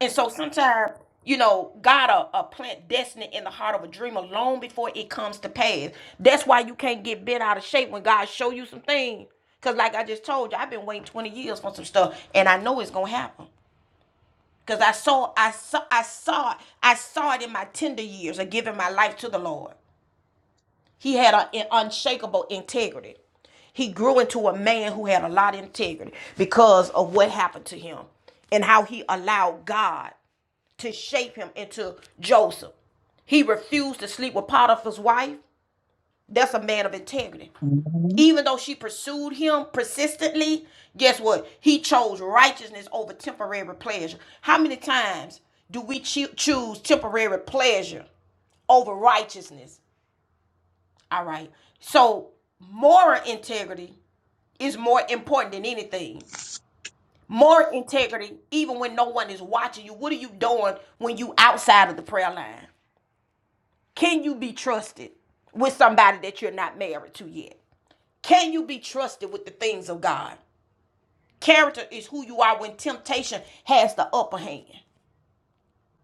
S1: And so sometimes, you know, God will uh, plant destiny in the heart of a dreamer long before it comes to pass. That's why you can't get bent out of shape when God show you some things. Cause like I just told you, I've been waiting 20 years for some stuff and I know it's gonna happen. Cause I saw I saw I saw I saw it in my tender years of giving my life to the Lord. He had a- an unshakable integrity. He grew into a man who had a lot of integrity because of what happened to him and how he allowed God to shape him into Joseph. He refused to sleep with Potiphar's wife. That's a man of integrity.
S2: Mm-hmm.
S1: Even though she pursued him persistently, guess what? He chose righteousness over temporary pleasure. How many times do we choo- choose temporary pleasure over righteousness? All right. So moral integrity is more important than anything. Moral integrity, even when no one is watching you. What are you doing when you outside of the prayer line? Can you be trusted with somebody that you're not married to yet? Can you be trusted with the things of God? Character is who you are when temptation has the upper hand.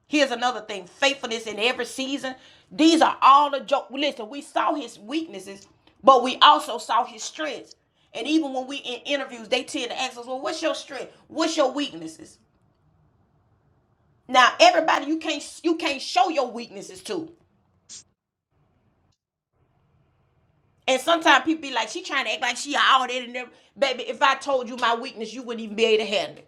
S1: Here's another thing faithfulness in every season. These are all the joke. Listen, we saw his weaknesses, but we also saw his strengths. And even when we in interviews, they tend to ask us, well, what's your strength? What's your weaknesses? Now, everybody, you can't you can't show your weaknesses to. And sometimes people be like, she trying to act like she all that and never. Baby, if I told you my weakness, you wouldn't even be able to handle it.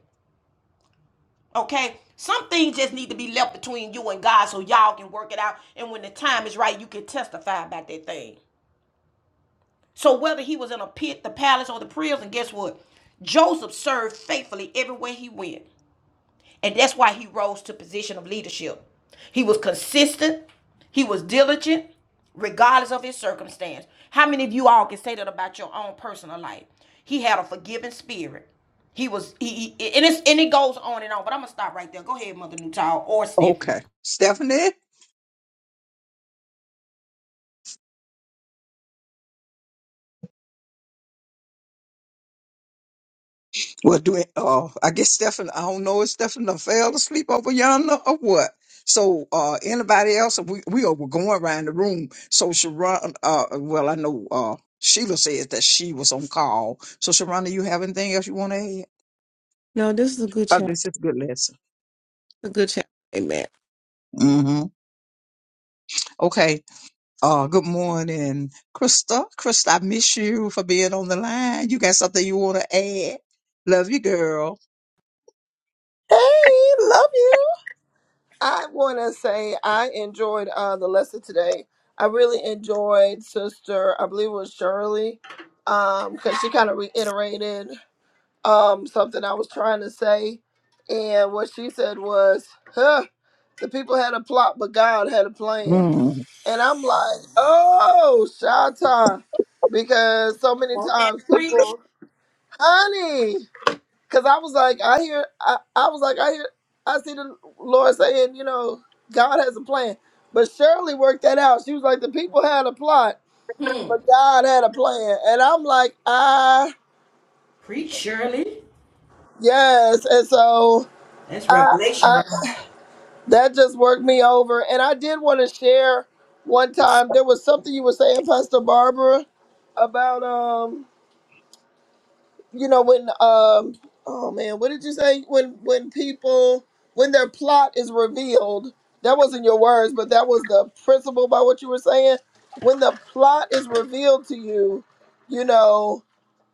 S1: Okay? Some things just need to be left between you and God so y'all can work it out. And when the time is right, you can testify about that thing. So whether he was in a pit, the palace, or the prison, guess what? Joseph served faithfully everywhere he went. And that's why he rose to a position of leadership. He was consistent, he was diligent, regardless of his circumstance. How many of you all can say that about your own personal life? He had a forgiving spirit. He was he, he- and it's and it goes on and on, but I'm gonna stop right there. Go ahead, Mother Newtile or Stephanie.
S2: Okay. Stephanie? Well, do it. Uh, I guess Stephanie, I don't know if Stephanie done fell asleep over yonder or what. So, uh, anybody else? We, we are we're going around the room. So, Sharon, uh, well, I know, uh, Sheila says that she was on call. So, Sharon, do you have anything else you want to add?
S4: No, this is a good
S2: Oh, this
S4: chapter.
S2: is a good lesson.
S4: A good chapter. Amen.
S2: Mm-hmm. Okay. Oh, good morning, Krista. Krista, I miss you for being on the line. You got something you want to add? Love you, girl.
S5: Hey, love you. I want to say I enjoyed uh, the lesson today. I really enjoyed Sister, I believe it was Shirley, because she kind of reiterated um, something I was trying to say. And what she said was, huh, the people had a plot, but God had a plan.
S2: Mm.
S5: And I'm like, oh, Shanta, because so many
S1: Oh, That
S5: times
S1: preach.
S5: people, honey. Cause I was like, I hear, I, I was like, I hear, I see the Lord saying, you know, God has a plan. But Shirley worked that out. She was like, the people had a plot,
S1: Hmm.
S5: but God had a plan. And I'm like, ah,
S1: Preach, Shirley.
S5: yes. And so
S1: That's
S5: I,
S1: revelation
S5: I that just worked me over. And I did want to share one time, there was something you were saying, Pastor Barbara, about, um, you know when um oh man what did you say when when people when their plot is revealed that wasn't your words but that was the principle by what you were saying when the plot is revealed to you you know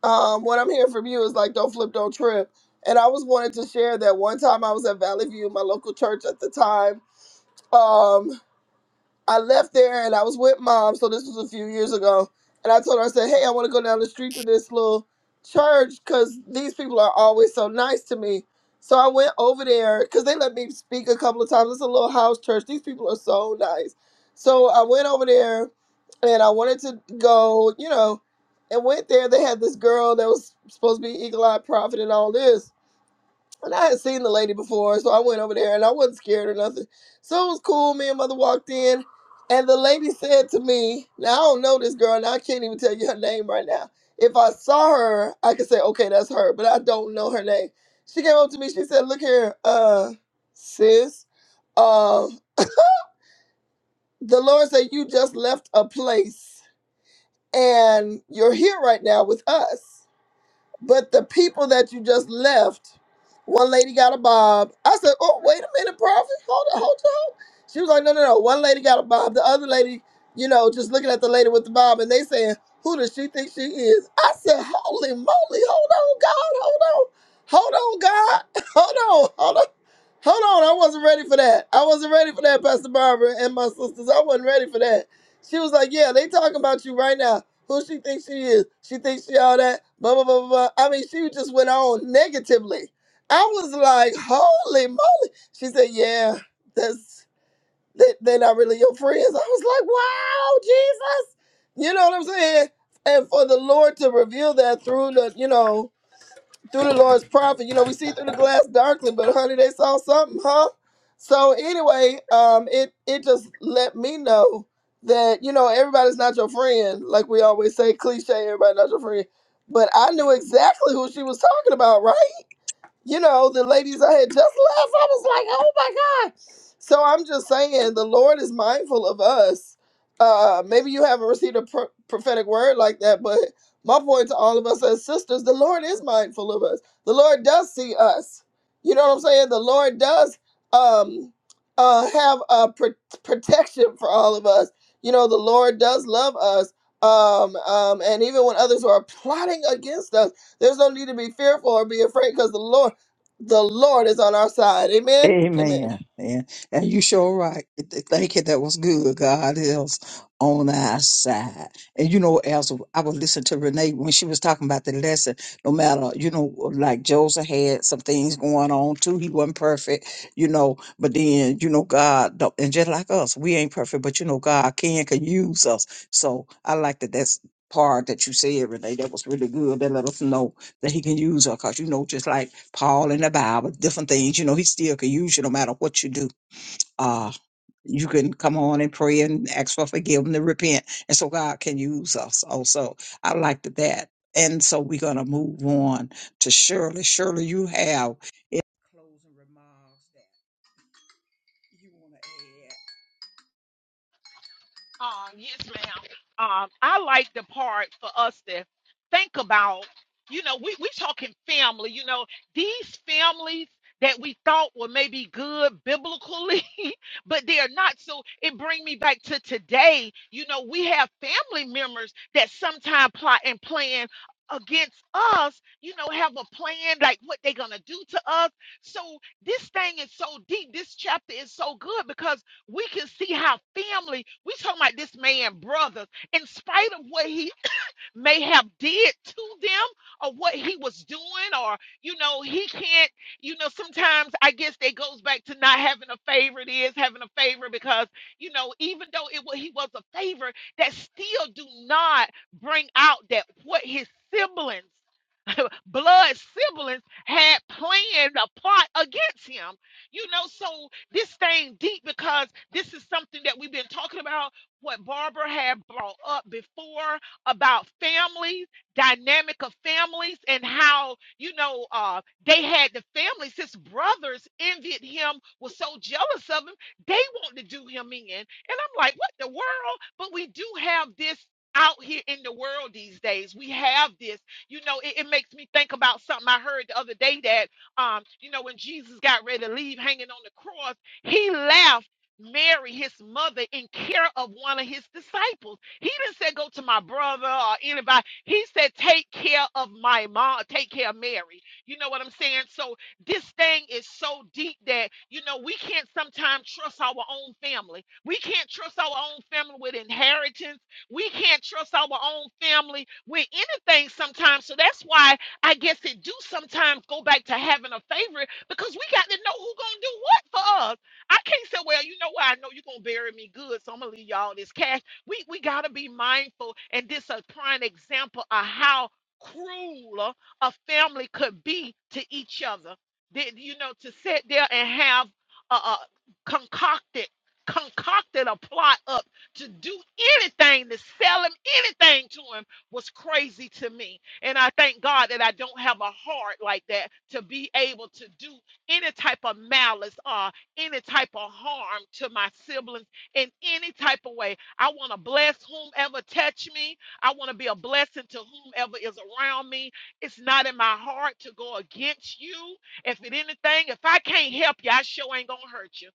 S5: um what i'm hearing from you is like don't flip don't trip and i was wanted to share that one time i was at valley view my local church at the time um I left there and I was with mom, so this was a few years ago. And I told her, I said, hey, I want to go down the street to this little church because these people are always so nice to me. So I went over there because they let me speak a couple of times. It's a little house church. These people are so nice. So I went over there and I wanted to go, you know, and went there. They had this girl that was supposed to be Eagle Eye Prophet and all this and I had seen the lady before, so I went over there and I wasn't scared or nothing. So it was cool. Me and mother walked in, and the lady said to me, Now I don't know this girl, and I can't even tell you her name right now. If I saw her, I could say, Okay, that's her, but I don't know her name. She came up to me, she said, Look here, uh, sis, uh, the Lord said, You just left a place and you're here right now with us. But the people that you just left, one lady got a bob. I said, Oh, wait a minute, Prophet. Hold on, hold on. She was like, No, no, no. One lady got a bob. The other lady, you know, just looking at the lady with the bob and they saying, Who does she think she is? I said, Holy moly, hold on, God, hold on. Hold on, God. Hold on, hold on. Hold on, I wasn't ready for that. I wasn't ready for that, Pastor Barbara and my sisters. I wasn't ready for that. She was like, Yeah, they talking about you right now. Who she thinks she is? She thinks she all that. Blah blah blah blah. blah. I mean, she just went on negatively. I was like, holy moly. She said, yeah, that's they, they're not really your friends. I was like, wow, Jesus. You know what I'm saying? And for the Lord to reveal that through the, you know, through the Lord's prophet. You know, we see through the glass darkly, but honey, they saw something, huh? So anyway, um, it it just let me know that you know everybody's not your friend, like we always say, cliche, everybody not your friend. But I knew exactly who she was talking about, right? you know, the ladies I had just left, I was like, oh my God. So I'm just saying, the Lord is mindful of us. Uh, maybe you haven't received a pro- prophetic word like that, but my point to all of us as sisters, the Lord is mindful of us. The Lord does see us. You know what I'm saying? The Lord does um, uh, have a pr- protection for all of us. You know, the Lord does love us. Um, um, and even when others are plotting against us, there's no need to be fearful or be afraid because the Lord. The Lord is on our side. Amen. Amen.
S2: Amen. Yeah. And you sure right. Th- Thank you. That was good. God is on our side. And you know, as I would listen to Renee when she was talking about the lesson, no matter, you know, like Joseph had some things going on too. He wasn't perfect, you know, but then, you know, God, don't- and just like us, we ain't perfect, but you know, God can, can use us. So I like that that's part that you said, Renee. That was really good. That let us know that he can use her because you know just like paul in the bible different things you know he still can use you no matter what you do uh you can come on and pray and ask for forgiveness and repent and so god can use us also i liked that and so we're going to move on to shirley shirley you have closing remarks that you want to add
S6: Um, yes, ma'am. Um, I like the part for us to think about, you know, we, we talking family, you know, these families that we thought were maybe good biblically, but they are not. So it bring me back to today. You know, we have family members that sometimes plot and plan against us, you know, have a plan like what they're gonna do to us. So this thing is so deep. This chapter is so good because we can see how family we talking about this man brothers in spite of what he may have did to them or what he was doing or you know he can't you know sometimes i guess that goes back to not having a favorite is having a favorite because you know even though it wa- he was a favorite that still do not bring out that what his siblings blood siblings had planned a plot against him. You know, so this thing deep because this is something that we've been talking about, what Barbara had brought up before about families, dynamic of families, and how, you know, uh, they had the families, his brothers envied him, was so jealous of him, they want to do him in. And I'm like, what the world? But we do have this out here in the world these days. We have this you know, it, it makes me think about something I heard the other day that, um, you know, when Jesus got ready to leave hanging on the cross, he left Mary, his mother, in care of one of his disciples. He didn't say, Go to my brother or anybody. He said, Take care of my mom, take care of Mary. You know what I'm saying? So this thing is so deep that, you know, we can't sometimes trust our own family. We can't trust our own family with inheritance we can't trust our own family with anything sometimes. So that's why I guess it do sometimes go back to having a favorite because we got to know who gonna do what for us. I can't say, well, you know what? I know you're gonna bury me good, so I'm gonna leave y'all this cash. We we gotta be mindful, and this a prime example of how cruel a family could be to each other. That you know, to sit there and have a, a concocted concocted a plot up to do anything, to sell him anything to him was crazy to me. And I thank God that I don't have a heart like that to be able to do any type of malice or any type of harm to my siblings in any type of way. I want to bless whomever touch me. I want to be a blessing to whomever is around me. It's not in my heart to go against you. If it anything, if I can't help you, I sure ain't gonna hurt you.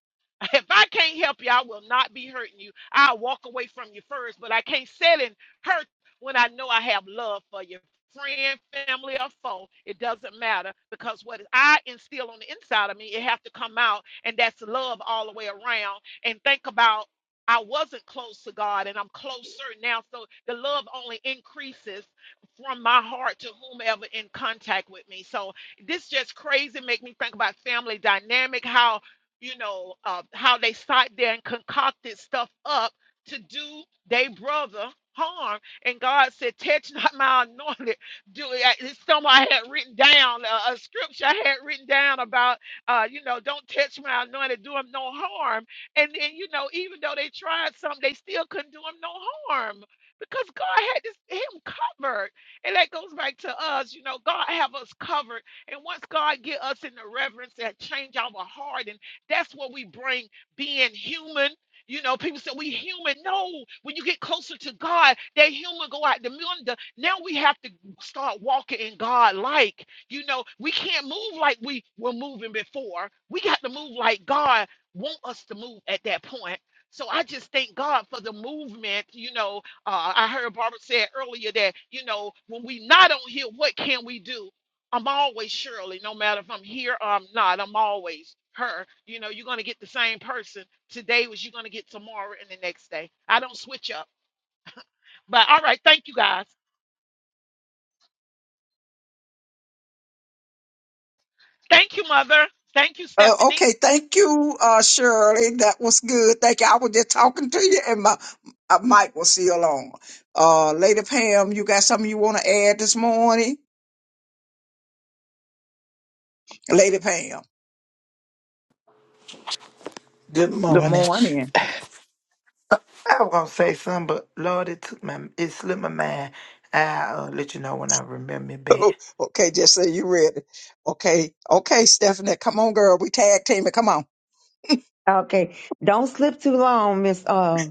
S6: If I can't help you, I will not be hurting you. I'll walk away from you first, but I can't sit and hurt when I know I have love for you. Friend, family, or foe, it doesn't matter because what I instill on the inside of me, it have to come out, and that's love all the way around. And think about I wasn't close to God, and I'm closer now, so the love only increases from my heart to whomever in contact with me. So this just crazy make me think about family dynamic, how you know, uh, how they sat there and concocted stuff up to do their brother harm. And God said, Touch not my anointed. Do it. It's something I had written down, uh, a scripture I had written down about, uh, you know, don't touch my anointed, do him no harm. And then, you know, even though they tried something, they still couldn't do him no harm. Because God had this him covered, and that goes back to us. You know, God have us covered, and once God get us in the reverence that change our heart that's what we bring being human. You know, people say we human. No, when you get closer to God, that human go out the window. Now we have to start walking in God like. You know, we can't move like we were moving before. We got to move like God want us to move at that point. So I just thank God for the movement. You know, uh, I heard Barbara said earlier that you know when we not on here, what can we do? I'm always Shirley, no matter if I'm here or I'm not. I'm always her. You know, you're going to get the same person today as you're going to get tomorrow and the next day. I don't switch up. But all right, thank you guys. Thank you, Mother. Thank you,
S2: Uh,
S6: Stephanie.
S2: okay, thank you, uh, Shirley. That was good. Thank you. I was just talking to you, and my uh, mic was still on. Uh, Lady Pam, you got something you want to add this morning, Lady Pam?
S8: Good
S2: Good
S8: morning.
S2: morning.
S8: I was gonna say something, but Lord, it took my it slipped my mind. I'll uh, let you know when I remember it back.
S2: okay, just say you ready. Okay, okay, Stephanie, come on, girl. We tag team it. Come on.
S3: okay. Don't slip too long, Miss uh,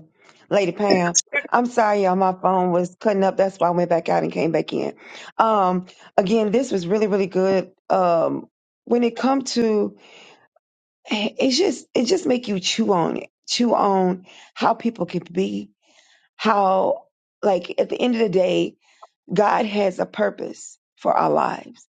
S3: Lady Pam. I'm sorry, y'all. My phone was cutting up. That's why I went back out and came back in. Um, again, this was really, really good. Um, when it come to, it's just, it just make you chew on it, chew on how people could be, how like at the end of the day, God has a purpose for our lives.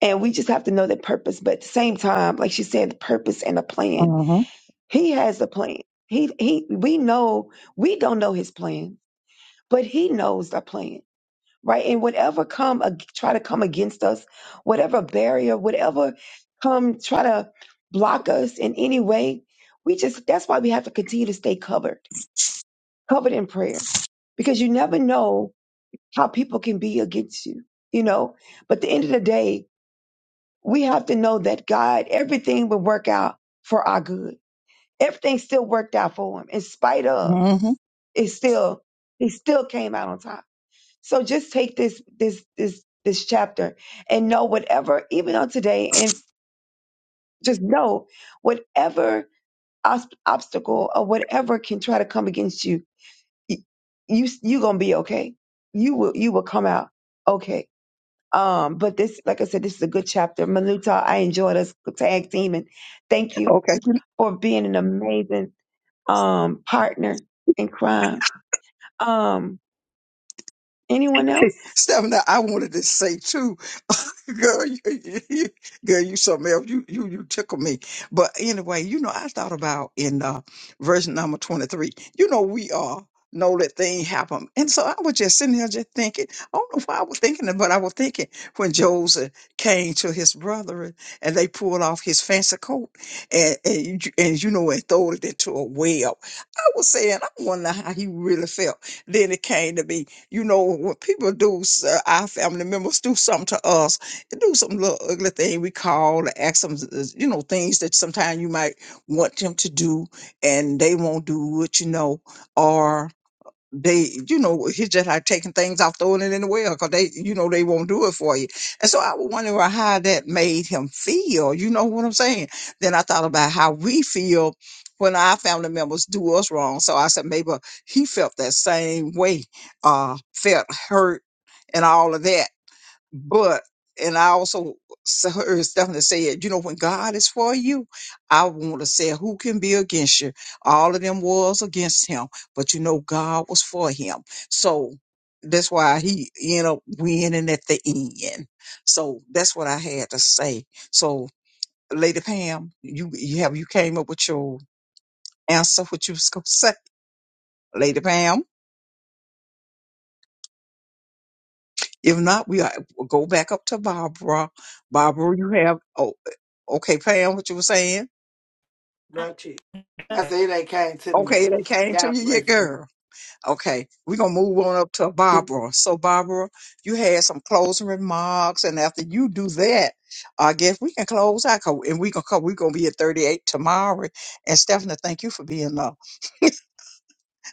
S3: And we just have to know that purpose. But at the same time, like she said, the purpose and a plan.
S2: Uh
S3: He has a plan. He he we know we don't know his plan, but he knows the plan. Right. And whatever come ag- try to come against us, whatever barrier, whatever come try to block us in any way, we just that's why we have to continue to stay covered, covered in prayer. Because you never know how people can be against you, you know. But at the end of the day, we have to know that God, everything will work out for our good. Everything still worked out for him in spite of
S2: huh. hmm
S3: it still he still came out on top. So just take this this this this chapter and know whatever even on today and just know whatever obs- obstacle or whatever can try to come against you, y- you you going to be okay. You will you will come out okay Um, but this, like I said, this is a good chapter. Maluta, I enjoyed us tag teaming. Thank you
S2: Okay.
S3: for being an amazing um partner in crime. Um, anyone else?
S2: Stephanie, I wanted to say too, girl, you, you, girl, you something else. You, you, you tickle me. But anyway, you know, I thought about in uh, verse number 23, you know, we all know that thing happened. And so I was just sitting there just thinking, I don't know why I was thinking it, but I was thinking when Joseph came to his brother and they pulled off his fancy coat and, and, you- and you know, and throw it into a well. I was saying, I wonder how he really felt. Then it came to me you know, when people do, s- uh, our family members do something to us, they do some little ugly thing we call and ask them, uh, you know, things that sometimes you might want them to do and they won't do it, you know, or they, you know, it's just like taking things off, throwing it in the well, 'cause they, you know, they won't do it for you. And so I was wondering how that made him feel. You know what I'm saying? Then I thought about how we feel when our family members do us wrong. So I said maybe he felt that same way, uh, felt hurt and all of that. But and I also s- heard Stephanie say, you know, when God is for you, I want to say, who can be against you? All of them was against him, but you know, God was for him. So that's why he ended up winning at the end. So that's what I had to say. So, Lady Pam, you you have you came up with your answer, what you was gonna say, Lady Pam? If not, we are, go back up to Barbara. Barbara, you have, oh, okay, Pam, what you were saying?
S8: Lord, Jesus. I said it ain't came to me.
S2: Okay, they came to
S8: Y'all
S2: you,
S8: pray
S2: yeah,
S8: for me.
S2: girl. Okay, we're going to move on up to Barbara. So, Barbara, you had some closing remarks, and after you do that, I guess we can close out, 'cause- and we can come, we going to be at 38 tomorrow. And Stephanie, thank you for being a,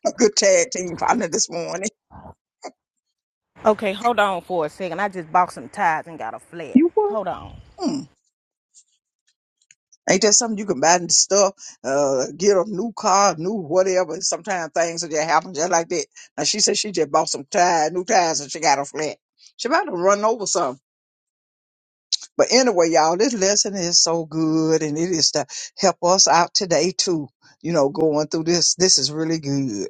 S2: a good tag team partner this morning.
S1: Okay, hold on for a second. I just bought some ties and got a flat.
S2: You what?
S1: Hold on.
S2: Hmm. Ain't that something you can buy and stuff, uh, get a new car, new whatever. Sometimes things will just happen just like that. Now she said she just bought some tires, new tires and she got a flat. She about to run over some. But anyway, y'all, this lesson is so good and it is to help us out today too. You know, going through this, this is really good.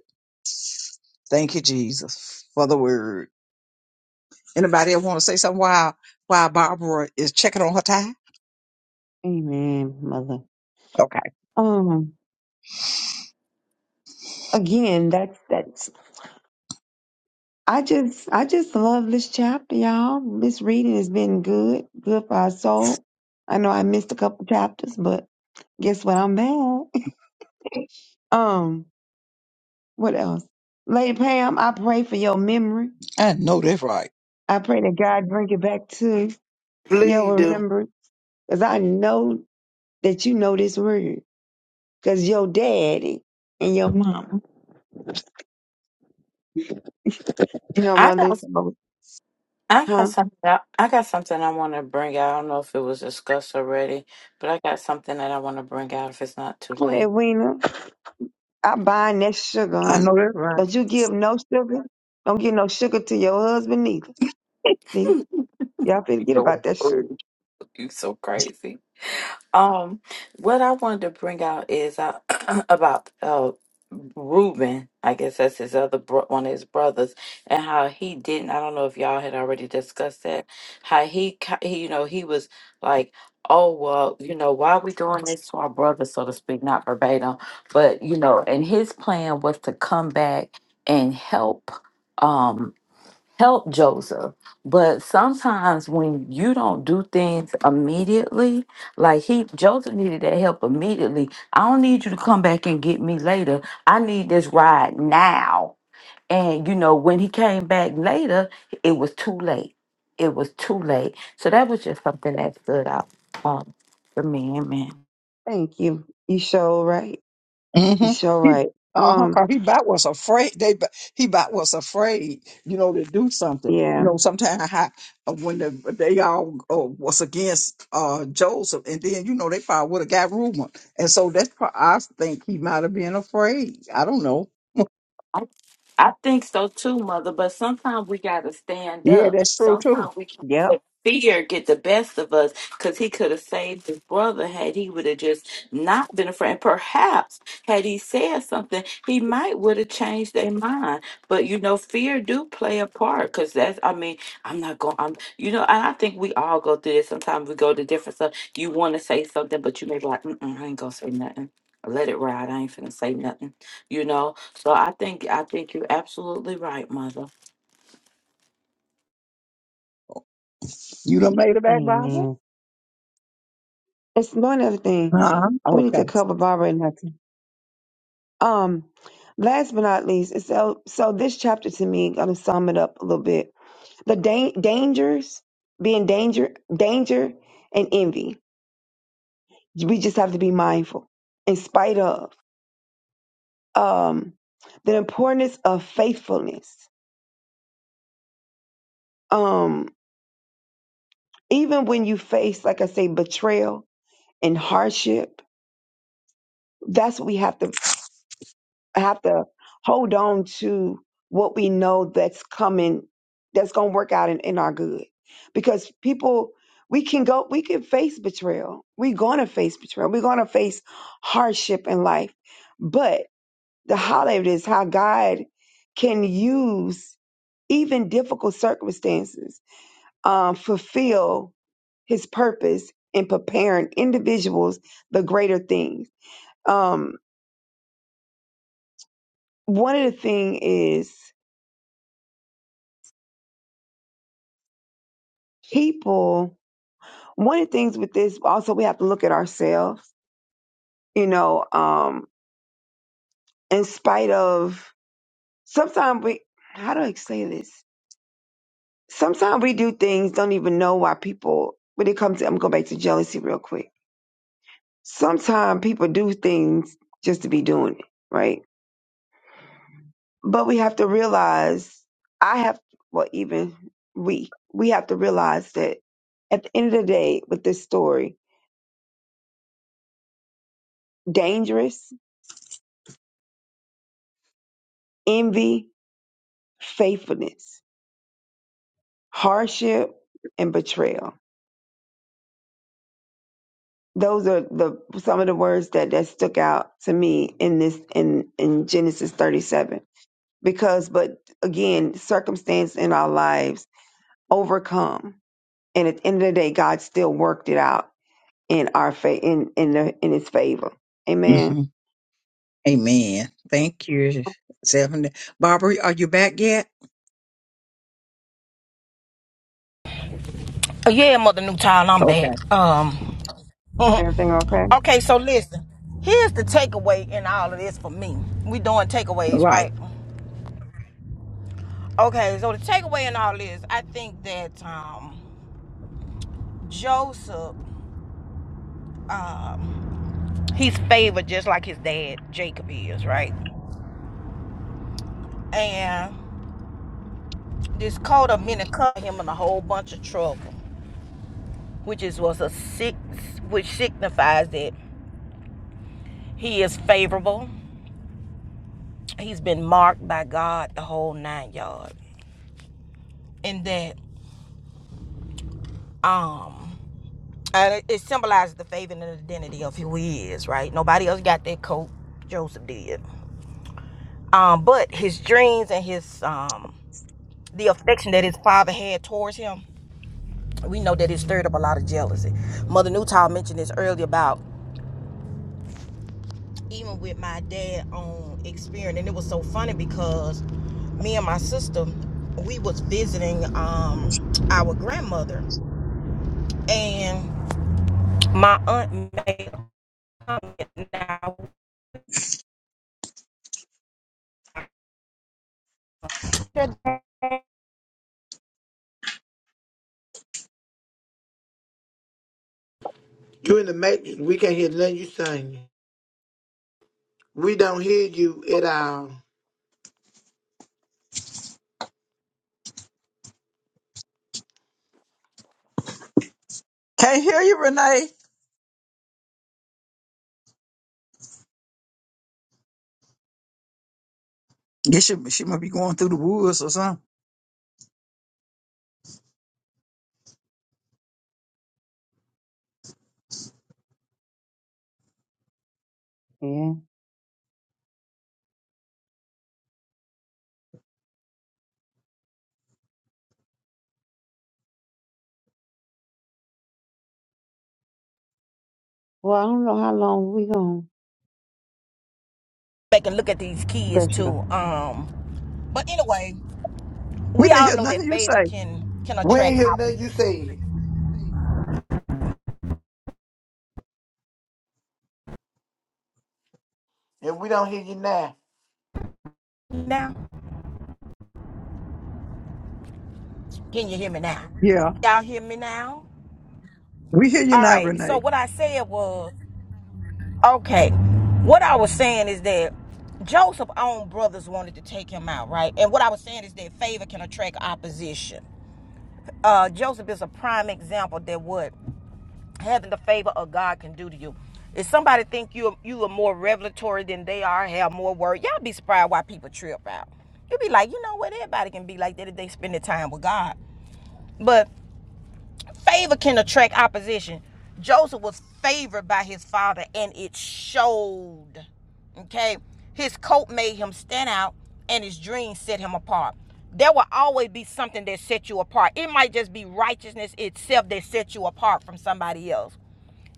S2: Thank you, Jesus, for the word. Anybody want to say something while, while Barbara is checking on her tie?
S3: Amen, mother.
S2: Okay.
S3: Um, again, that's that's. I just, I just love this chapter, y'all. This reading has been good, good for our soul. I know I missed a couple chapters, but guess what? I'm back. Um, what else? Lady Pam, I pray for your memory.
S2: I know that's right.
S3: I pray that God bring it back to
S8: Please
S3: your
S8: do.
S3: remembrance because I know that you know this word because your daddy and your mom and your
S7: I
S3: mother
S7: don't
S3: told
S7: I got
S3: huh?
S7: something. I I got something I want to bring out. I don't know if it was discussed already, but I got something that I want to bring out. If it's not too
S3: Go ahead,
S7: late,
S3: Weena. I bind that sugar,
S2: I
S3: honey.
S2: know that's right.
S3: Don't you give no sugar. Don't give no sugar to your husband neither. See? Y'all forget about that sugar.
S7: you so crazy. Um, what I wanted to bring out is uh, about uh, Reuben. I guess that's his other bro- one of his brothers, and how he didn't. I don't know if y'all had already discussed that. How he, ki- he you know, he was like, "Oh well, you know, why are we doing this to our brother, so to speak, not verbatim, but you know." And his plan was to come back and help. um, help Joseph. But sometimes when you don't do things immediately, like he Joseph needed that help immediately. I don't need you to come back and get me later. I need this ride now. And you know, when he came back later, it was too late. It was too late. So that was just something that stood out um, for me. Amen.
S3: Thank you. You sure right. You
S2: Mm-hmm.
S3: sure
S2: He,
S3: right.
S2: uh-huh,
S3: Um,
S2: 'cause he about was afraid. They, b- he about was afraid, you know, to do something. You
S3: yeah.
S2: know, sometimes when the, they all uh, was against uh, Joseph, and then you know they probably would have got rumor, and so that's. pro- I think he might have been afraid. I don't know.
S7: I think so too, mother. But sometimes we gotta stand
S2: Yeah,
S7: up.
S2: that's true too.
S7: Sometimes we can
S3: Yep.
S7: let fear get the best of us because he could have saved his brother had he would have just not been afraid. And perhaps had he said something, he might would have changed their mind. But you know, fear do play a part because that's I mean, I'm not going I'm you know, and I think we all go through this. Sometimes we go to different stuff. You wanna say something, but you may be like, Mm-mm, I ain't gonna say nothing. Let it ride. I ain't finna say nothing you know. So I think I think you're absolutely right, mother.
S2: You done made it back, Barbara?
S3: Amen. It's one other thing.
S2: Huh?
S3: We need
S2: Okay.
S3: to cover Barbara and her Um, last but not least, and so so this chapter to me, I'm gonna sum it up a little bit. The da- dangers, being danger, danger and envy. We just have to be mindful. In spite of um, the importance of faithfulness, um, even when you face, like I say, betrayal and hardship, that's what we have to have to hold on to what we know that's coming that's going to work out in, in our good because people we can go we can face betrayal we're going to face betrayal we're going to face hardship in life but the highlight is how god can use even difficult circumstances um, fulfill his purpose in preparing individuals the greater things um, one of the things is people one of the things with this also we have to look at ourselves you know um in spite of sometimes we how do i say this sometimes we do things don't even know why people when it comes to i'm going back to jealousy real quick sometimes people do things just to be doing it right but we have to realize i have well even we we have to realize that at the end of the day with this story dangerous envy faithfulness hardship and betrayal those are the some of the words that that stuck out to me in this in in genesis 37 because but again circumstance in our lives overcome and at the end of the day god still worked it out in our fa- in in the in his favor amen
S2: hmm Amen. Thank you, Seven. Barbara, are you back yet?
S1: Oh, yeah, Mother New Child, I'm
S2: Okay.
S1: back. Um,
S3: everything okay
S1: okay, so listen. Here's the takeaway in all of this for me. We doing takeaways,
S2: Right.
S1: right? Okay, so the takeaway in all this, I think that um, Joseph, um, he's favored just like his dad Jacob is, right? And this coat of many caught him in a whole bunch of trouble, which is was a six, which signifies that He is favorable. He's been marked by God the whole nine yards, And that um and it symbolizes the favor and the identity of who he is, right? Nobody else got that coat. Joseph did. Um, but his dreams and his um the affection that his father had towards him, we know that it stirred up a lot of jealousy. Mother Newtown mentioned this earlier about even with my dad on experience and it was so funny because me and my sister we was visiting um our grandmother and my aunt made a comment now
S8: You in the matrix. We can't hear nothing you saying. We don't hear you at all.
S2: Can't hear you, Renee. Guess she, she might be going through the woods or something.
S3: Yeah. Well, I don't know how long we going. to
S1: back and look at these kids
S3: There she
S1: too
S3: go.
S1: um but anyway
S2: We
S1: we
S2: didn't
S1: all
S2: hear
S1: know
S2: nothing
S1: that
S2: you
S1: favor
S2: say.
S1: can can
S8: We ain't
S1: attract
S8: hear
S1: opposite
S8: nothing you said, and we don't hear you now.
S1: now can you hear me now
S2: Yeah,
S1: y'all hear me now
S2: we hear you
S1: all
S2: now,
S1: right so
S2: Renee.
S1: what i said was Okay. What I was saying is that Joseph's own brothers wanted to take him out, right? And what I was saying is that favor can attract opposition. Uh, Joseph is a prime example that what having the favor of God can do to you. If somebody think you you are more revelatory than they are, have more word, y'all be surprised why people trip out. You'll be like, you know what? Everybody can be like that if they spend the time with God. But Favor can attract opposition. Joseph was favored by his father and it showed. Okay? His coat made him stand out and his dreams set him apart. There will always be something that sets you apart. It might just be righteousness itself that sets you apart from somebody else.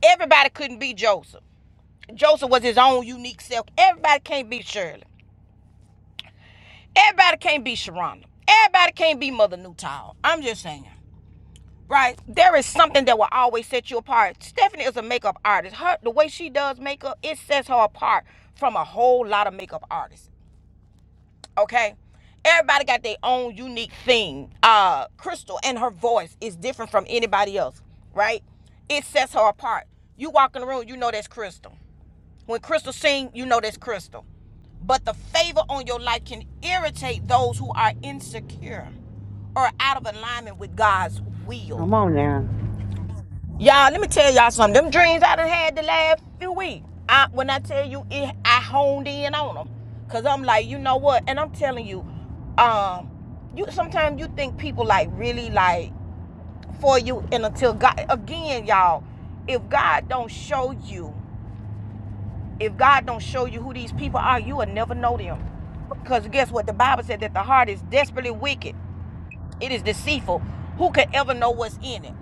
S1: Everybody couldn't be Joseph. Joseph was his own unique self. Everybody can't be Shirley. Everybody can't be Sharonda. Everybody can't be Mother Newtile. I'm just saying. right? There is something that will always set you apart. Stephanie is a makeup artist. Her the way she does makeup, it sets her apart from a whole lot of makeup artists. Okay? Everybody got their own unique thing. Uh Crystal and her voice is different from anybody else, right? It sets her apart. You walk in the room, you know that's Crystal. When Crystal sing, you know that's Crystal. But the favor on your life can irritate those who are insecure or out of alignment with God's will.
S3: Come on now.
S1: Y'all, let me tell y'all something. Them dreams I done had the last few weeks. I, when I tell you, it, I honed in on them, cause I'm like, you know what? And I'm telling you, um, you sometimes you think people like really like for you, and until God, again, y'all, if God don't show you, if God don't show you who these people are, you will never know them. Because guess what? The Bible said that the heart is desperately wicked. It is deceitful. Who could ever know what's in it?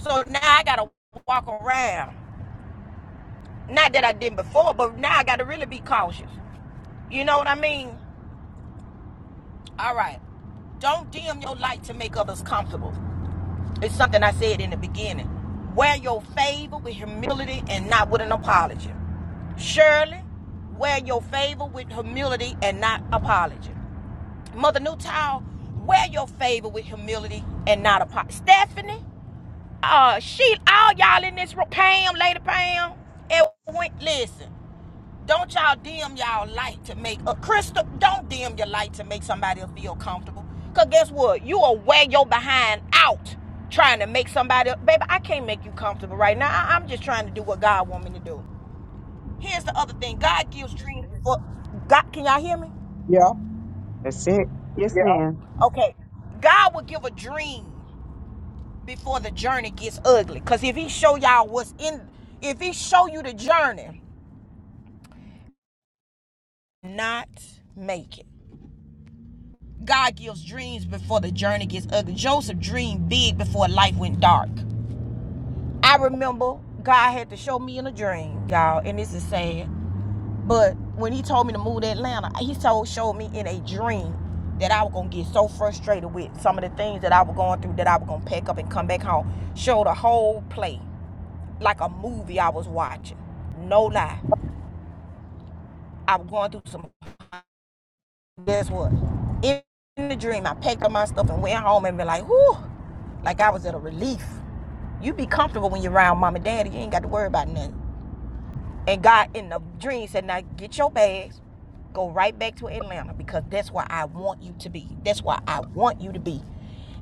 S1: So now I gotta walk around. Not that I didn't before, but now I got to really be cautious. You know what I mean? All right. Don't dim your light to make others comfortable. It's something I said in the beginning. Wear your favor with humility and not with an apology. Shirley, wear your favor with humility and not apology. Mother Newtown, wear your favor with humility and not apology. Stephanie, uh, she, all y'all in this room, Pam, Lady Pam, it went, listen, Don't y'all dim y'all light to make a crystal. Don't dim your light to make somebody feel comfortable. Cause guess what? You will wear your behind out trying to make somebody. Baby, I can't make you comfortable right now. I, am just trying to do what God want me to do. Here's the other thing. God gives dreams before. God, can y'all hear me?
S2: Yeah.
S3: That's it. yes Yeah. ma'am
S1: Okay. God will give a dream before the journey gets ugly. Cause if He show y'all what's in, if He show you the journey, not make it. God gives dreams before the journey gets ugly. Joseph dreamed big before life went dark. I remember God had to show me in a dream, y'all, and this is sad. But when he told me to move to Atlanta, he told showed me in a dream that I was gonna get so frustrated with some of the things that I was going through that I was gonna pack up and come back home. Showed a whole play, like a movie I was watching. No lie. I was going through some guess what? In the dream, I packed up my stuff and went home and be like, whew, like I was at a relief. You be comfortable when you're around mom and daddy. You ain't got to worry about nothing. And God in the dream said, Now get your bags, go right back to Atlanta because that's where I want you to be. That's where I want you to be.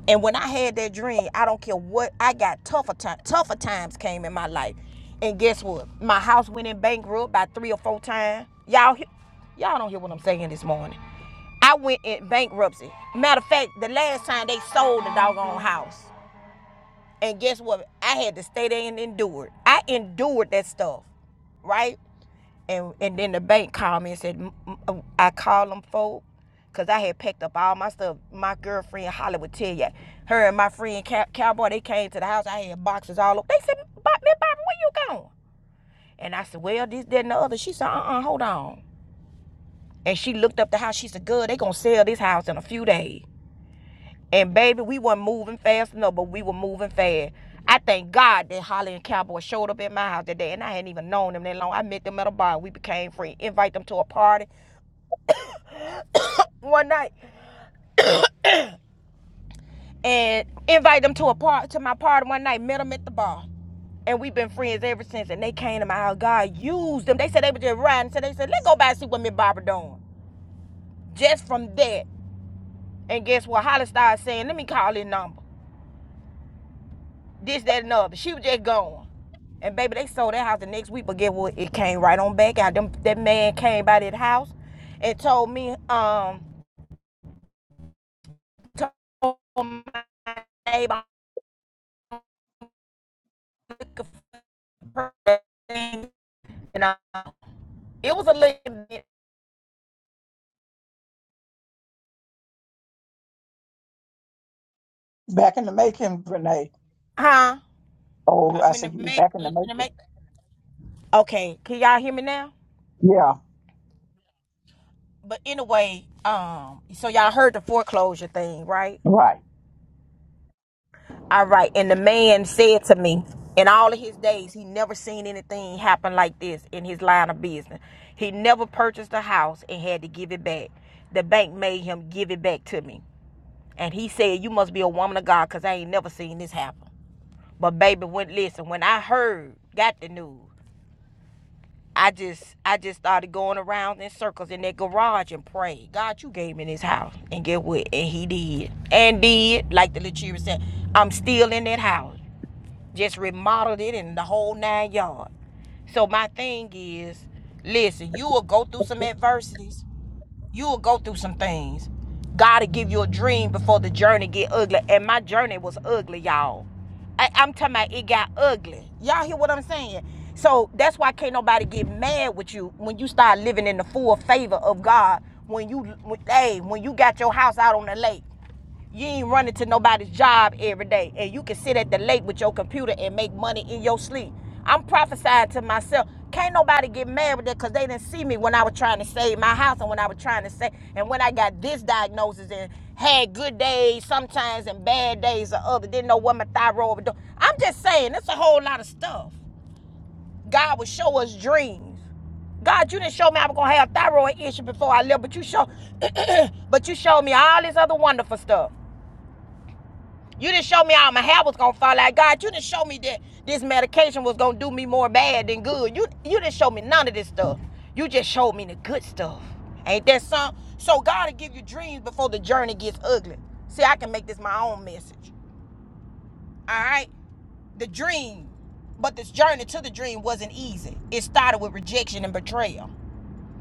S1: And when I had that dream, I don't care what I got tougher time, tougher times came in my life. And guess what? My house went in bankrupt by three or four times. Y'all he- y'all don't hear what I'm saying this morning. I went in bankruptcy. Matter of fact, the last time they sold the doggone house. And guess what? I had to stay there and endure it. I endured that stuff, right? and and then the bank called me and said I called them folk because I had packed up all my stuff. My girlfriend Holly would tell you, her and my friend Cow- Cowboy they came to the house. I had boxes all over. They said, "Bob, Miss Barbara, where you going?" And I said, "Well, this, that, and the other." She said, "Uh-uh, hold on." And she looked up the house. She said, Girl, they gonna sell this house in a few days." And baby, we weren't moving fast enough, but we were moving fast. I thank God that Holly and Cowboy showed up at my house that day, and I hadn't even known them that long. I met them at a bar. We became friends. Invite them to a party. one night and invite them to a part to my party one night. Met them at the bar, and we've been friends ever since. And they came to my house. God used them. They said they were just riding, so they said let's go by and see what Miss Barbara doing. Just from that, and guess what? Holly started saying, "Let me call his number." This, that, and the other. She was just gone. And baby, they sold that house the next week, but get what? It came right on back out. Them, that man came by that house and told me, um, told my neighbor, i and I It was a little bit,
S2: Back in the making, Renee.
S1: huh?
S2: Oh, I
S1: I'm in the
S2: said you was
S1: make,
S2: back in the
S1: in the
S2: making.
S1: make. Okay, can y'all hear me now?
S2: Yeah.
S1: But anyway, um, so y'all heard the foreclosure thing, right?
S2: Right.
S1: All right, and the man said to me, in all of his days, he never seen anything happen like this in his line of business. He never purchased a house and had to give it back. The bank made him give it back to me, and he said, "You must be a woman of God, cause I ain't never seen this happen." But baby, when listen, when I heard, got the news. I just I just started going around in circles in that garage and prayed. God, you gave me this house. And get what? And he did. And did, like the Lachira said, I'm still in that house. Just remodeled it and the whole nine yards. So my thing is, listen, you will go through some adversities. You'll go through some things. God will give you a dream before the journey get ugly. And my journey was ugly, y'all. I, I'm talking about it got ugly. Y'all hear what I'm saying? So that's why can't nobody get mad with you when you start living in the full favor of God. When you, when, hey, when you got your house out on the lake you ain't running to nobody's job every day, and you can sit at the lake with your computer and make money in your sleep. I'm prophesying to myself. Can't nobody get mad with that because they didn't see me when I was trying to save my house and when I was trying to save, and when I got this diagnosis and had good days sometimes and bad days or other. Didn't know what my thyroid was doing. I'm just saying, it's a whole lot of stuff. God will show us dreams. God, you didn't show me I was gonna have a thyroid issue before I lived, but you show, but you showed me all this other wonderful stuff. You didn't show me all my hair was gonna fall out. God, you didn't show me that this medication was gonna do me more bad than good. You you didn't show me none of this stuff. You just showed me the good stuff. Ain't that something? So God will give you dreams before the journey gets ugly. See, I can make this my own message. Alright? The dream. But this journey to the dream wasn't easy. It started with rejection and betrayal.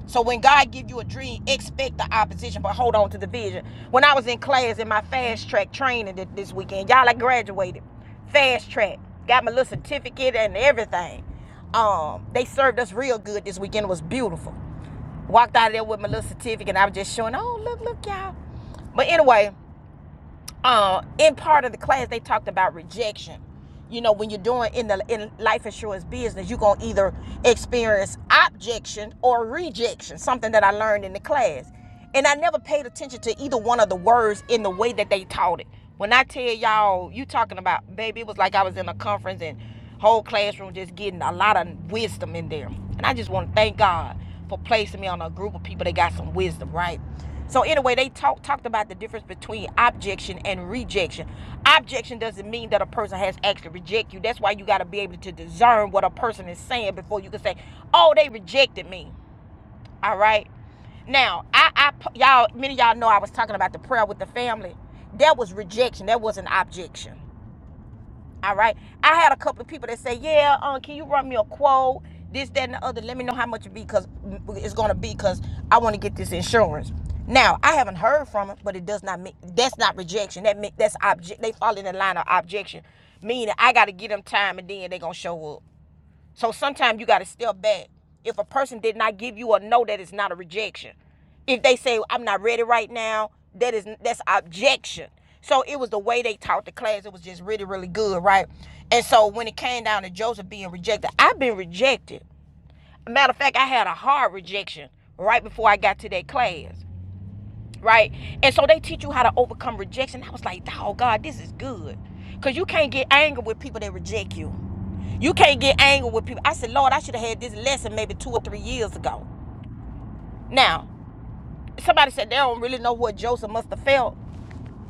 S1: So when God give you a dream, expect the opposition, but hold on to the vision. When I was in class in my fast track training this weekend, y'all, I graduated fast track, got my little certificate and everything. Um, they served us real good this weekend. It was beautiful. Walked out of there with my little certificate. I was just showing, oh look, look, y'all. But anyway uh, in part of the class they talked about rejection you know when you're doing in the in life insurance business you're going to either experience objection or rejection something that i learned in the class and i never paid attention to either one of the words in the way that they taught it when i tell y'all you talking about baby it was like i was in a conference and Whole classroom just getting a lot of wisdom in there. And I just want to thank God for placing me on a group of people that got some wisdom, right? So anyway, they talk, talked about the difference between objection and rejection. Objection doesn't mean that a person has actually rejected you. That's why you got to be able to discern what a person is saying before you can say, "Oh, they rejected me." All right. Now, I, I y'all, many of y'all know I was talking about the prayer with the family. That was rejection. That was an objection. All right. I had a couple of people that say, "Yeah, um, can you run me a quote? This, that, and the other. Let me know how much it be, cause mm, it's gonna be, cause I want to get this insurance." Now, I haven't heard from it, but it does not make that's not rejection. That make that's object. They fall in the line of objection, meaning I got to give them time, and then they gonna show up. So sometimes you got to step back. If a person did not give you a no, that is not a rejection. If they say I'm not ready right now, that is that's objection. So it was the way they taught the class. It was just really really good, right? And so when it came down to Joseph being rejected, I've been rejected. Matter of fact, I had a hard rejection right before I got to that class right? And so they teach you how to overcome rejection. I was like, oh God, this is good. Cause you can't get angry with people that reject you. You can't get angry with people. I said, Lord, I should have had this lesson maybe two or three years ago. Now, somebody said they don't really know what Joseph must have felt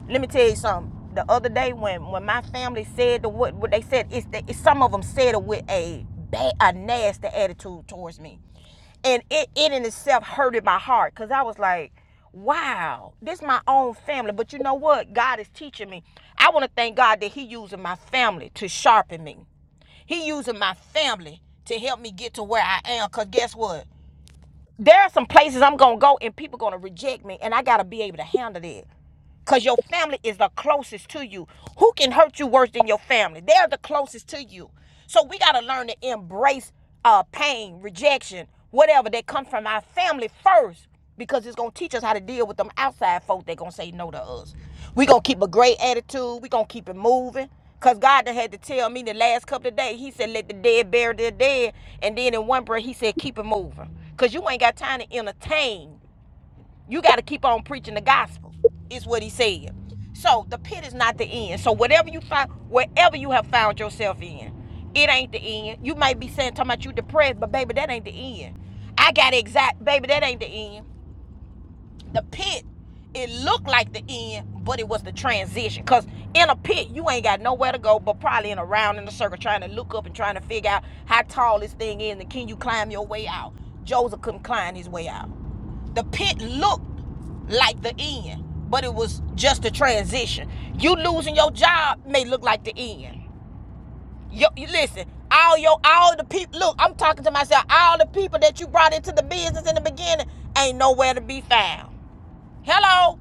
S1: let me tell you something. The other day when when my family said the what what they said, it's that it's, some of them said it with a bad, a nasty attitude towards me, and it it in itself hurted my heart because I was like, wow, this is my own family. But you know what? God is teaching me. I want to thank God that He using my family to sharpen me. He using my family to help me get to where I am. Cause guess what? There are some places I'm gonna go and people gonna reject me, and I gotta be able to handle that. Because your family is the closest to you. Who can hurt you worse than your family? They're the closest to you. So we got to learn to embrace uh, pain, rejection, whatever that comes from our family first because it's going to teach us how to deal with them outside folk that going to say no to us. we going to keep a great attitude. we going to keep it moving. Because God done had to tell me the last couple of days, He said, let the dead bury their dead. And then in one breath, He said, keep it moving. Because you ain't got time to entertain. You got to keep on preaching the gospel, is what he said. So the pit is not the end. So whatever you find, wherever you have found yourself in, it ain't the end. You might be saying, talking about you depressed, but baby, that ain't the end. I got exact, baby, that ain't the end the pit, it looked like the end, but it was the transition. Cause in a pit, you ain't got nowhere to go, but probably in a round in a circle, trying to look up and trying to figure out how tall this thing is and can you climb your way out. Joseph couldn't climb his way out. The pit looked like the end, but it was just a transition. You losing your job may look like the end. Yo, you listen, all your all the people look, I'm talking to myself, all the people that you brought into the business in the beginning ain't nowhere to be found. Hello.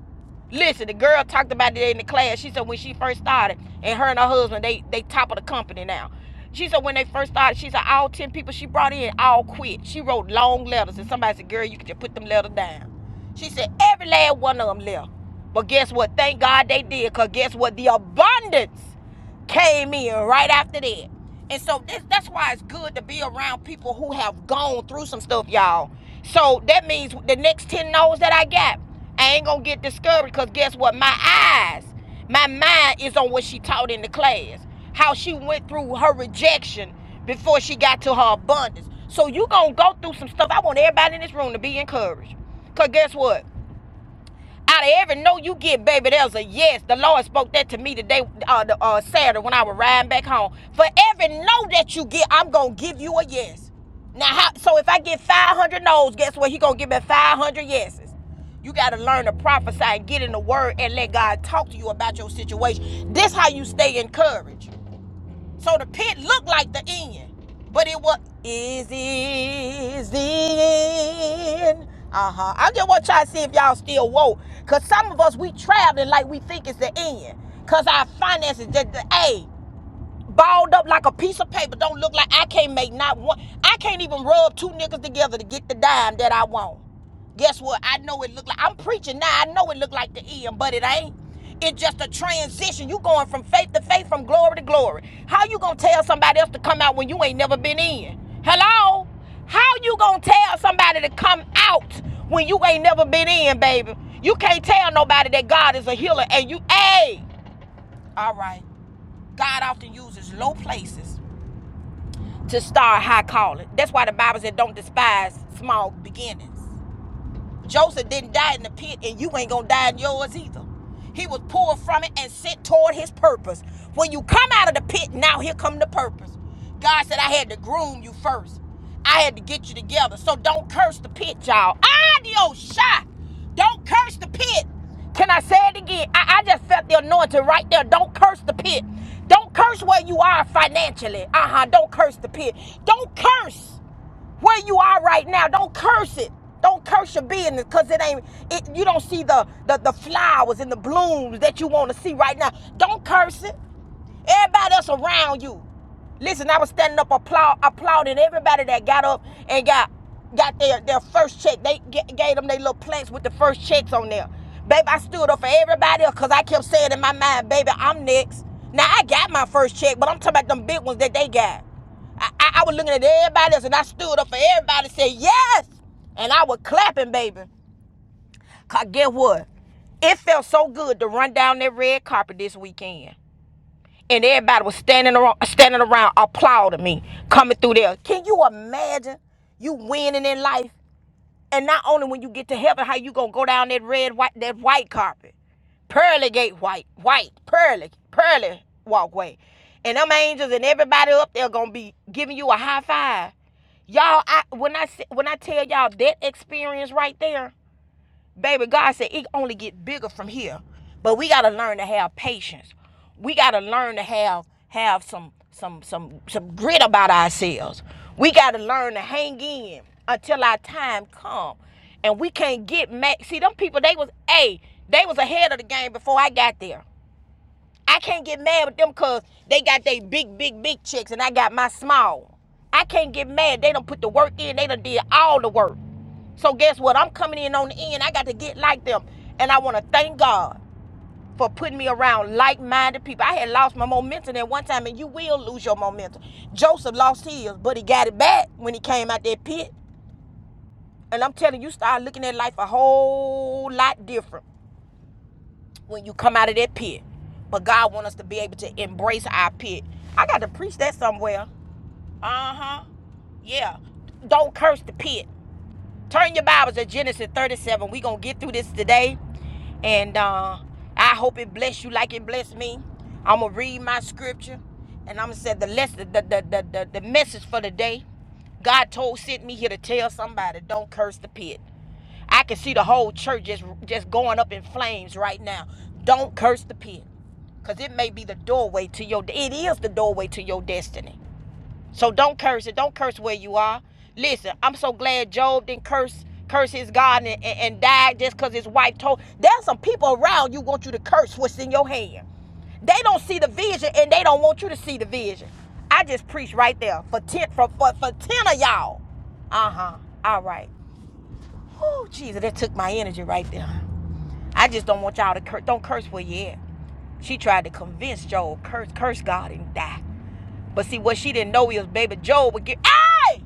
S1: Listen, the girl talked about it in the class. She said when she first started, and her and her husband, they they top of the company now. She said when they first started, she said all ten people she brought in all quit. She wrote long letters, and somebody said, "Girl, you can just put them letters down." She said every last one of them left. But guess what? Thank God they did, cause guess what? The abundance came in right after that. And so this, that's why it's good to be around people who have gone through some stuff, y'all. So that means the next 10 no's that I got, I ain't gonna get discouraged because guess what? My eyes, my mind is on what she taught in the class, how she went through her rejection before she got to her abundance. So you gonna go through some stuff. I want everybody in this room to be encouraged. Because guess what? Out of every no you get, baby, there's a yes. The Lord spoke that to me today, uh, the, uh, Saturday, when I was riding back home. For every no that you get, I'm gonna give you a yes. Now, how, so if I get 500 no's, guess what? He gonna give me 500 yeses. You gotta learn to prophesy and get in the word and let God talk to you about your situation. This how you stay encouraged. So the pit looked like the end, but it was is is the end. Uh huh. I just want y'all to see if y'all still woke, cause some of us we traveling like we think it's the end, cause our finances just the a balled up like a piece of paper. Don't look like I can't make not one. I can't even rub two niggas together to get the dime that I want. Guess what? I know it look like I'm preaching now. I know it look like the end, but it ain't. It's just a transition. You going from faith to faith, from glory to glory. How you gonna tell somebody else to come out when you ain't never been in? Hello? How you gonna tell somebody to come out when you ain't never been in, baby? You can't tell nobody that God is a healer and you, hey, all right. God often uses low places to start high calling. That's why the Bible said, don't despise small beginnings. Joseph didn't die in the pit, and you ain't gonna die in yours either. He was pulled from it and sent toward his purpose. When you come out of the pit, now here come the purpose. God said, I had to groom you first. I had to get you together. So don't curse the pit, y'all. Adios, shy. Don't curse the pit. Can I say it again? I, I just felt the anointing right there. Don't curse the pit. Don't curse where you are financially. Uh huh. Don't curse the pit. Don't curse where you are right now don't curse it don't curse your business because it ain't it you don't see the, the the flowers and the blooms that you want to see right now don't curse it Everybody else around you. Listen, I was standing up applaud, applauding everybody that got up and got got their, their first check. They g- gave them their little plaques with the first checks on there. Baby, I stood up for everybody else because I kept saying in my mind, baby, I'm next. Now, I got my first check, but I'm talking about them big ones that they got. I, I, I was looking at everybody else and I stood up for everybody and said, yes. And I was clapping, baby. Cause get what? It felt so good to run down that red carpet this weekend and everybody was standing around, standing around applauding me coming through there. Can you imagine you winning in life? And not only when you get to heaven, how you gonna go down that red, white, that white carpet, pearly gate white, white, pearly, pearly walkway, and them angels and everybody up there gonna be giving you a high five. Y'all, I when I s- when I tell y'all that experience right there, Baby, God said it only get bigger from here. But we gotta learn to have patience. We gotta learn to have have some some some some grit about ourselves. We gotta learn to hang in until our time come. And we can't get mad. See, them people, they was, a, they was ahead of the game before I got there. I can't get mad with them cause they got they big, big, big checks and I got my small. I can't get mad. They don't put the work in. They done did all the work. So guess what? I'm coming in on the end. I got to get like them. And I want to thank God for putting me around like-minded people. I had lost my momentum at one time, and you will lose your momentum. Joseph lost his, but he got it back when he came out that pit. And I'm telling you, you start looking at life a whole lot different when you come out of that pit. But God wants us to be able to embrace our pit. I got to preach that somewhere. Uh huh. Yeah. Don't curse the pit. Turn your Bibles to Genesis 37. we going to get through this today. And uh, I hope it bless you like it blessed me. I'm going to read my scripture. And I'm going to say the, lesson, the, the, the, the, the message for the day. God told sent me here to tell somebody, don't curse the pit. I can see the whole church just just going up in flames right now. Don't curse the pit. Cause it may be the doorway to your it is the doorway to your destiny. So don't curse it. Don't curse where you are. Listen, I'm so glad Job didn't curse curse his God and, and, and died just cause his wife told. There's some people around you want you to curse what's in your hand. They don't see the vision and they don't want you to see the vision. I just preached right there for ten for for, for ten of y'all. Uh-huh. All right. Oh, Jesus, that took my energy right there. I just don't want y'all to curse. Don't curse where you at. She tried to convince Job, curse, curse God and die. But see, what she didn't know is, baby, Job would get, hey!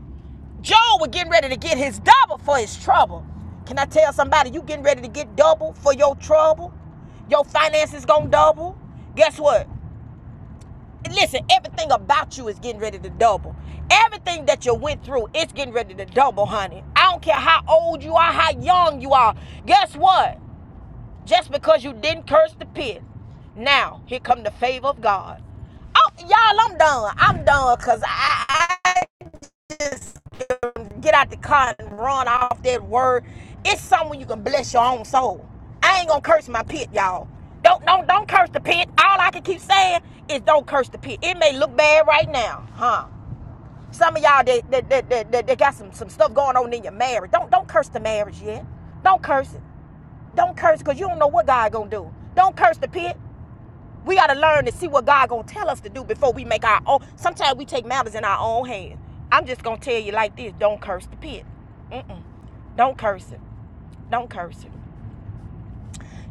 S1: Job was getting ready to get his double for his trouble. Can I tell somebody, you getting ready to get double for your trouble? Your finances gonna double? Guess what? Listen, everything about you is getting ready to double. Everything that you went through, it's getting ready to double, honey. I don't care how old you are, how young you are. Guess what? just because you didn't curse the pit. Now, here come the favor of God. Oh, y'all, I'm done. I'm done because I, I just um, get out the car and run off that word. It's somewhere you can bless your own soul. I ain't gonna curse my pit, y'all. Don't don't don't curse the pit. All I can keep saying is don't curse the pit. It may look bad right now, huh? Some of y'all that that, that, that, that, that got some, some stuff going on in your marriage. Don't don't curse the marriage yet. Don't curse it. Don't curse because you don't know what God gonna do. Don't curse the pit. We gotta learn to see what God gonna tell us to do before we make our own. Sometimes we take matters in our own hands. I'm just gonna tell you like this: Don't curse the pit. Mm-mm. Don't curse it. Don't curse it,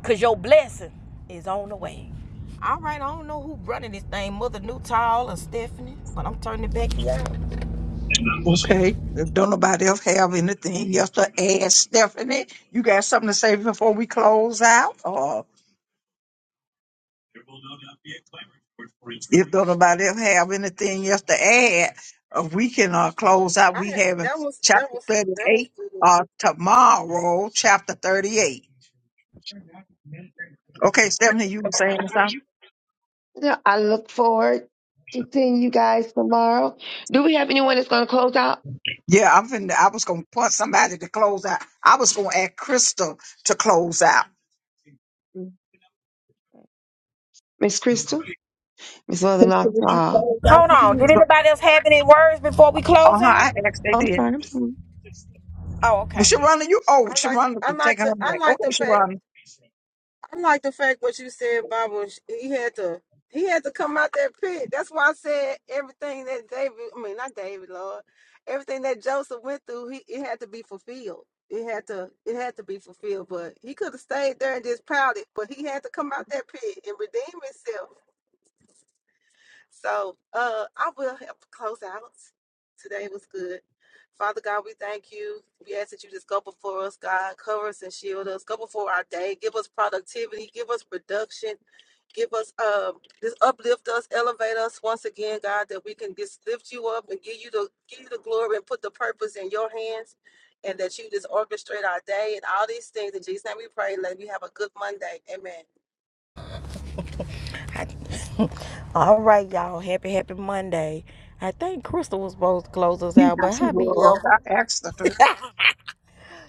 S1: cause your blessing is on the way. All right, I don't know who running this thing, Mother Newtall or Stephanie, but I'm turning it back to y'all.
S2: Okay. If don't nobody else have anything else to add, Stephanie, you got something to say before we close out? Or If don't nobody else have anything else to add, uh, we can uh, close out.
S4: I,
S2: We having chapter 38 uh, tomorrow, chapter 38. Okay, Stephanie, you were saying something?
S3: Yeah, I look forward to seeing you guys tomorrow. Do we have anyone that's going to close out?
S2: Yeah, I'm finna, I was gonna point somebody to close out. I was gonna ask Crystal to close out.
S3: Miss Crystal, Miss Mother
S2: Crystal,
S3: Knox.
S2: would you
S3: Uh,
S2: close out?
S1: Hold on. Did
S3: so-
S1: anybody else have any words before we
S2: Uh
S1: close out?
S2: huh. I asked they
S3: I'm
S2: did.
S3: sorry. I'm sorry.
S1: Oh,
S2: Well,
S1: okay.
S2: Sharonda, you oh
S4: I like
S2: Sharonda,
S4: I
S2: you
S4: like
S2: take
S4: the
S2: her
S4: I
S2: back.
S4: like
S2: Okay,
S4: the fact.
S2: Sharonda.
S4: I like the fact what you said, Baba. He had to he had to come out that pit. That's why I said everything that David, I mean not David, Lord, everything that Joseph went through, he it had to be fulfilled. It had to it had to be fulfilled. But he could have stayed there and just pouted, but he had to come out that pit and redeem himself. So uh, I will help close out. Today was good. Father God, we thank you. We ask that you just go before us, God. Cover us and shield us. Go before our day. Give us productivity. Give us production. Give us, um, just uplift us, elevate us once again, God, that we can just lift you up and give you the give you the glory and put the purpose in your hands, and that you just orchestrate our day and all these things. In Jesus' name, we pray. Let me have a good Monday. Amen.
S1: I, all right, y'all. Happy, happy Monday. I think Crystal was supposed to close us
S2: She,
S1: out, but
S2: she
S1: hi,
S2: was.
S1: BL.
S2: I asked her to.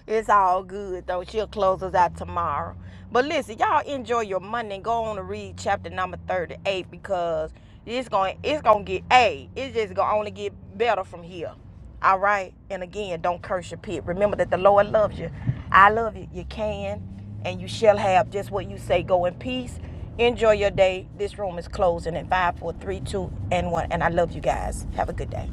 S1: It's all good though. She'll close us out tomorrow. But listen, y'all enjoy your Monday and go on to read chapter number 38 because it's going to it's going to get a. It's just going to only get better from here. All right? And again, don't curse your pit. Remember that the Lord loves you. I love you. You can and you shall have just what you say. Go in peace. Enjoy your day. This room is closing in five, four, three, two, and 1. And I love you guys. Have a good day.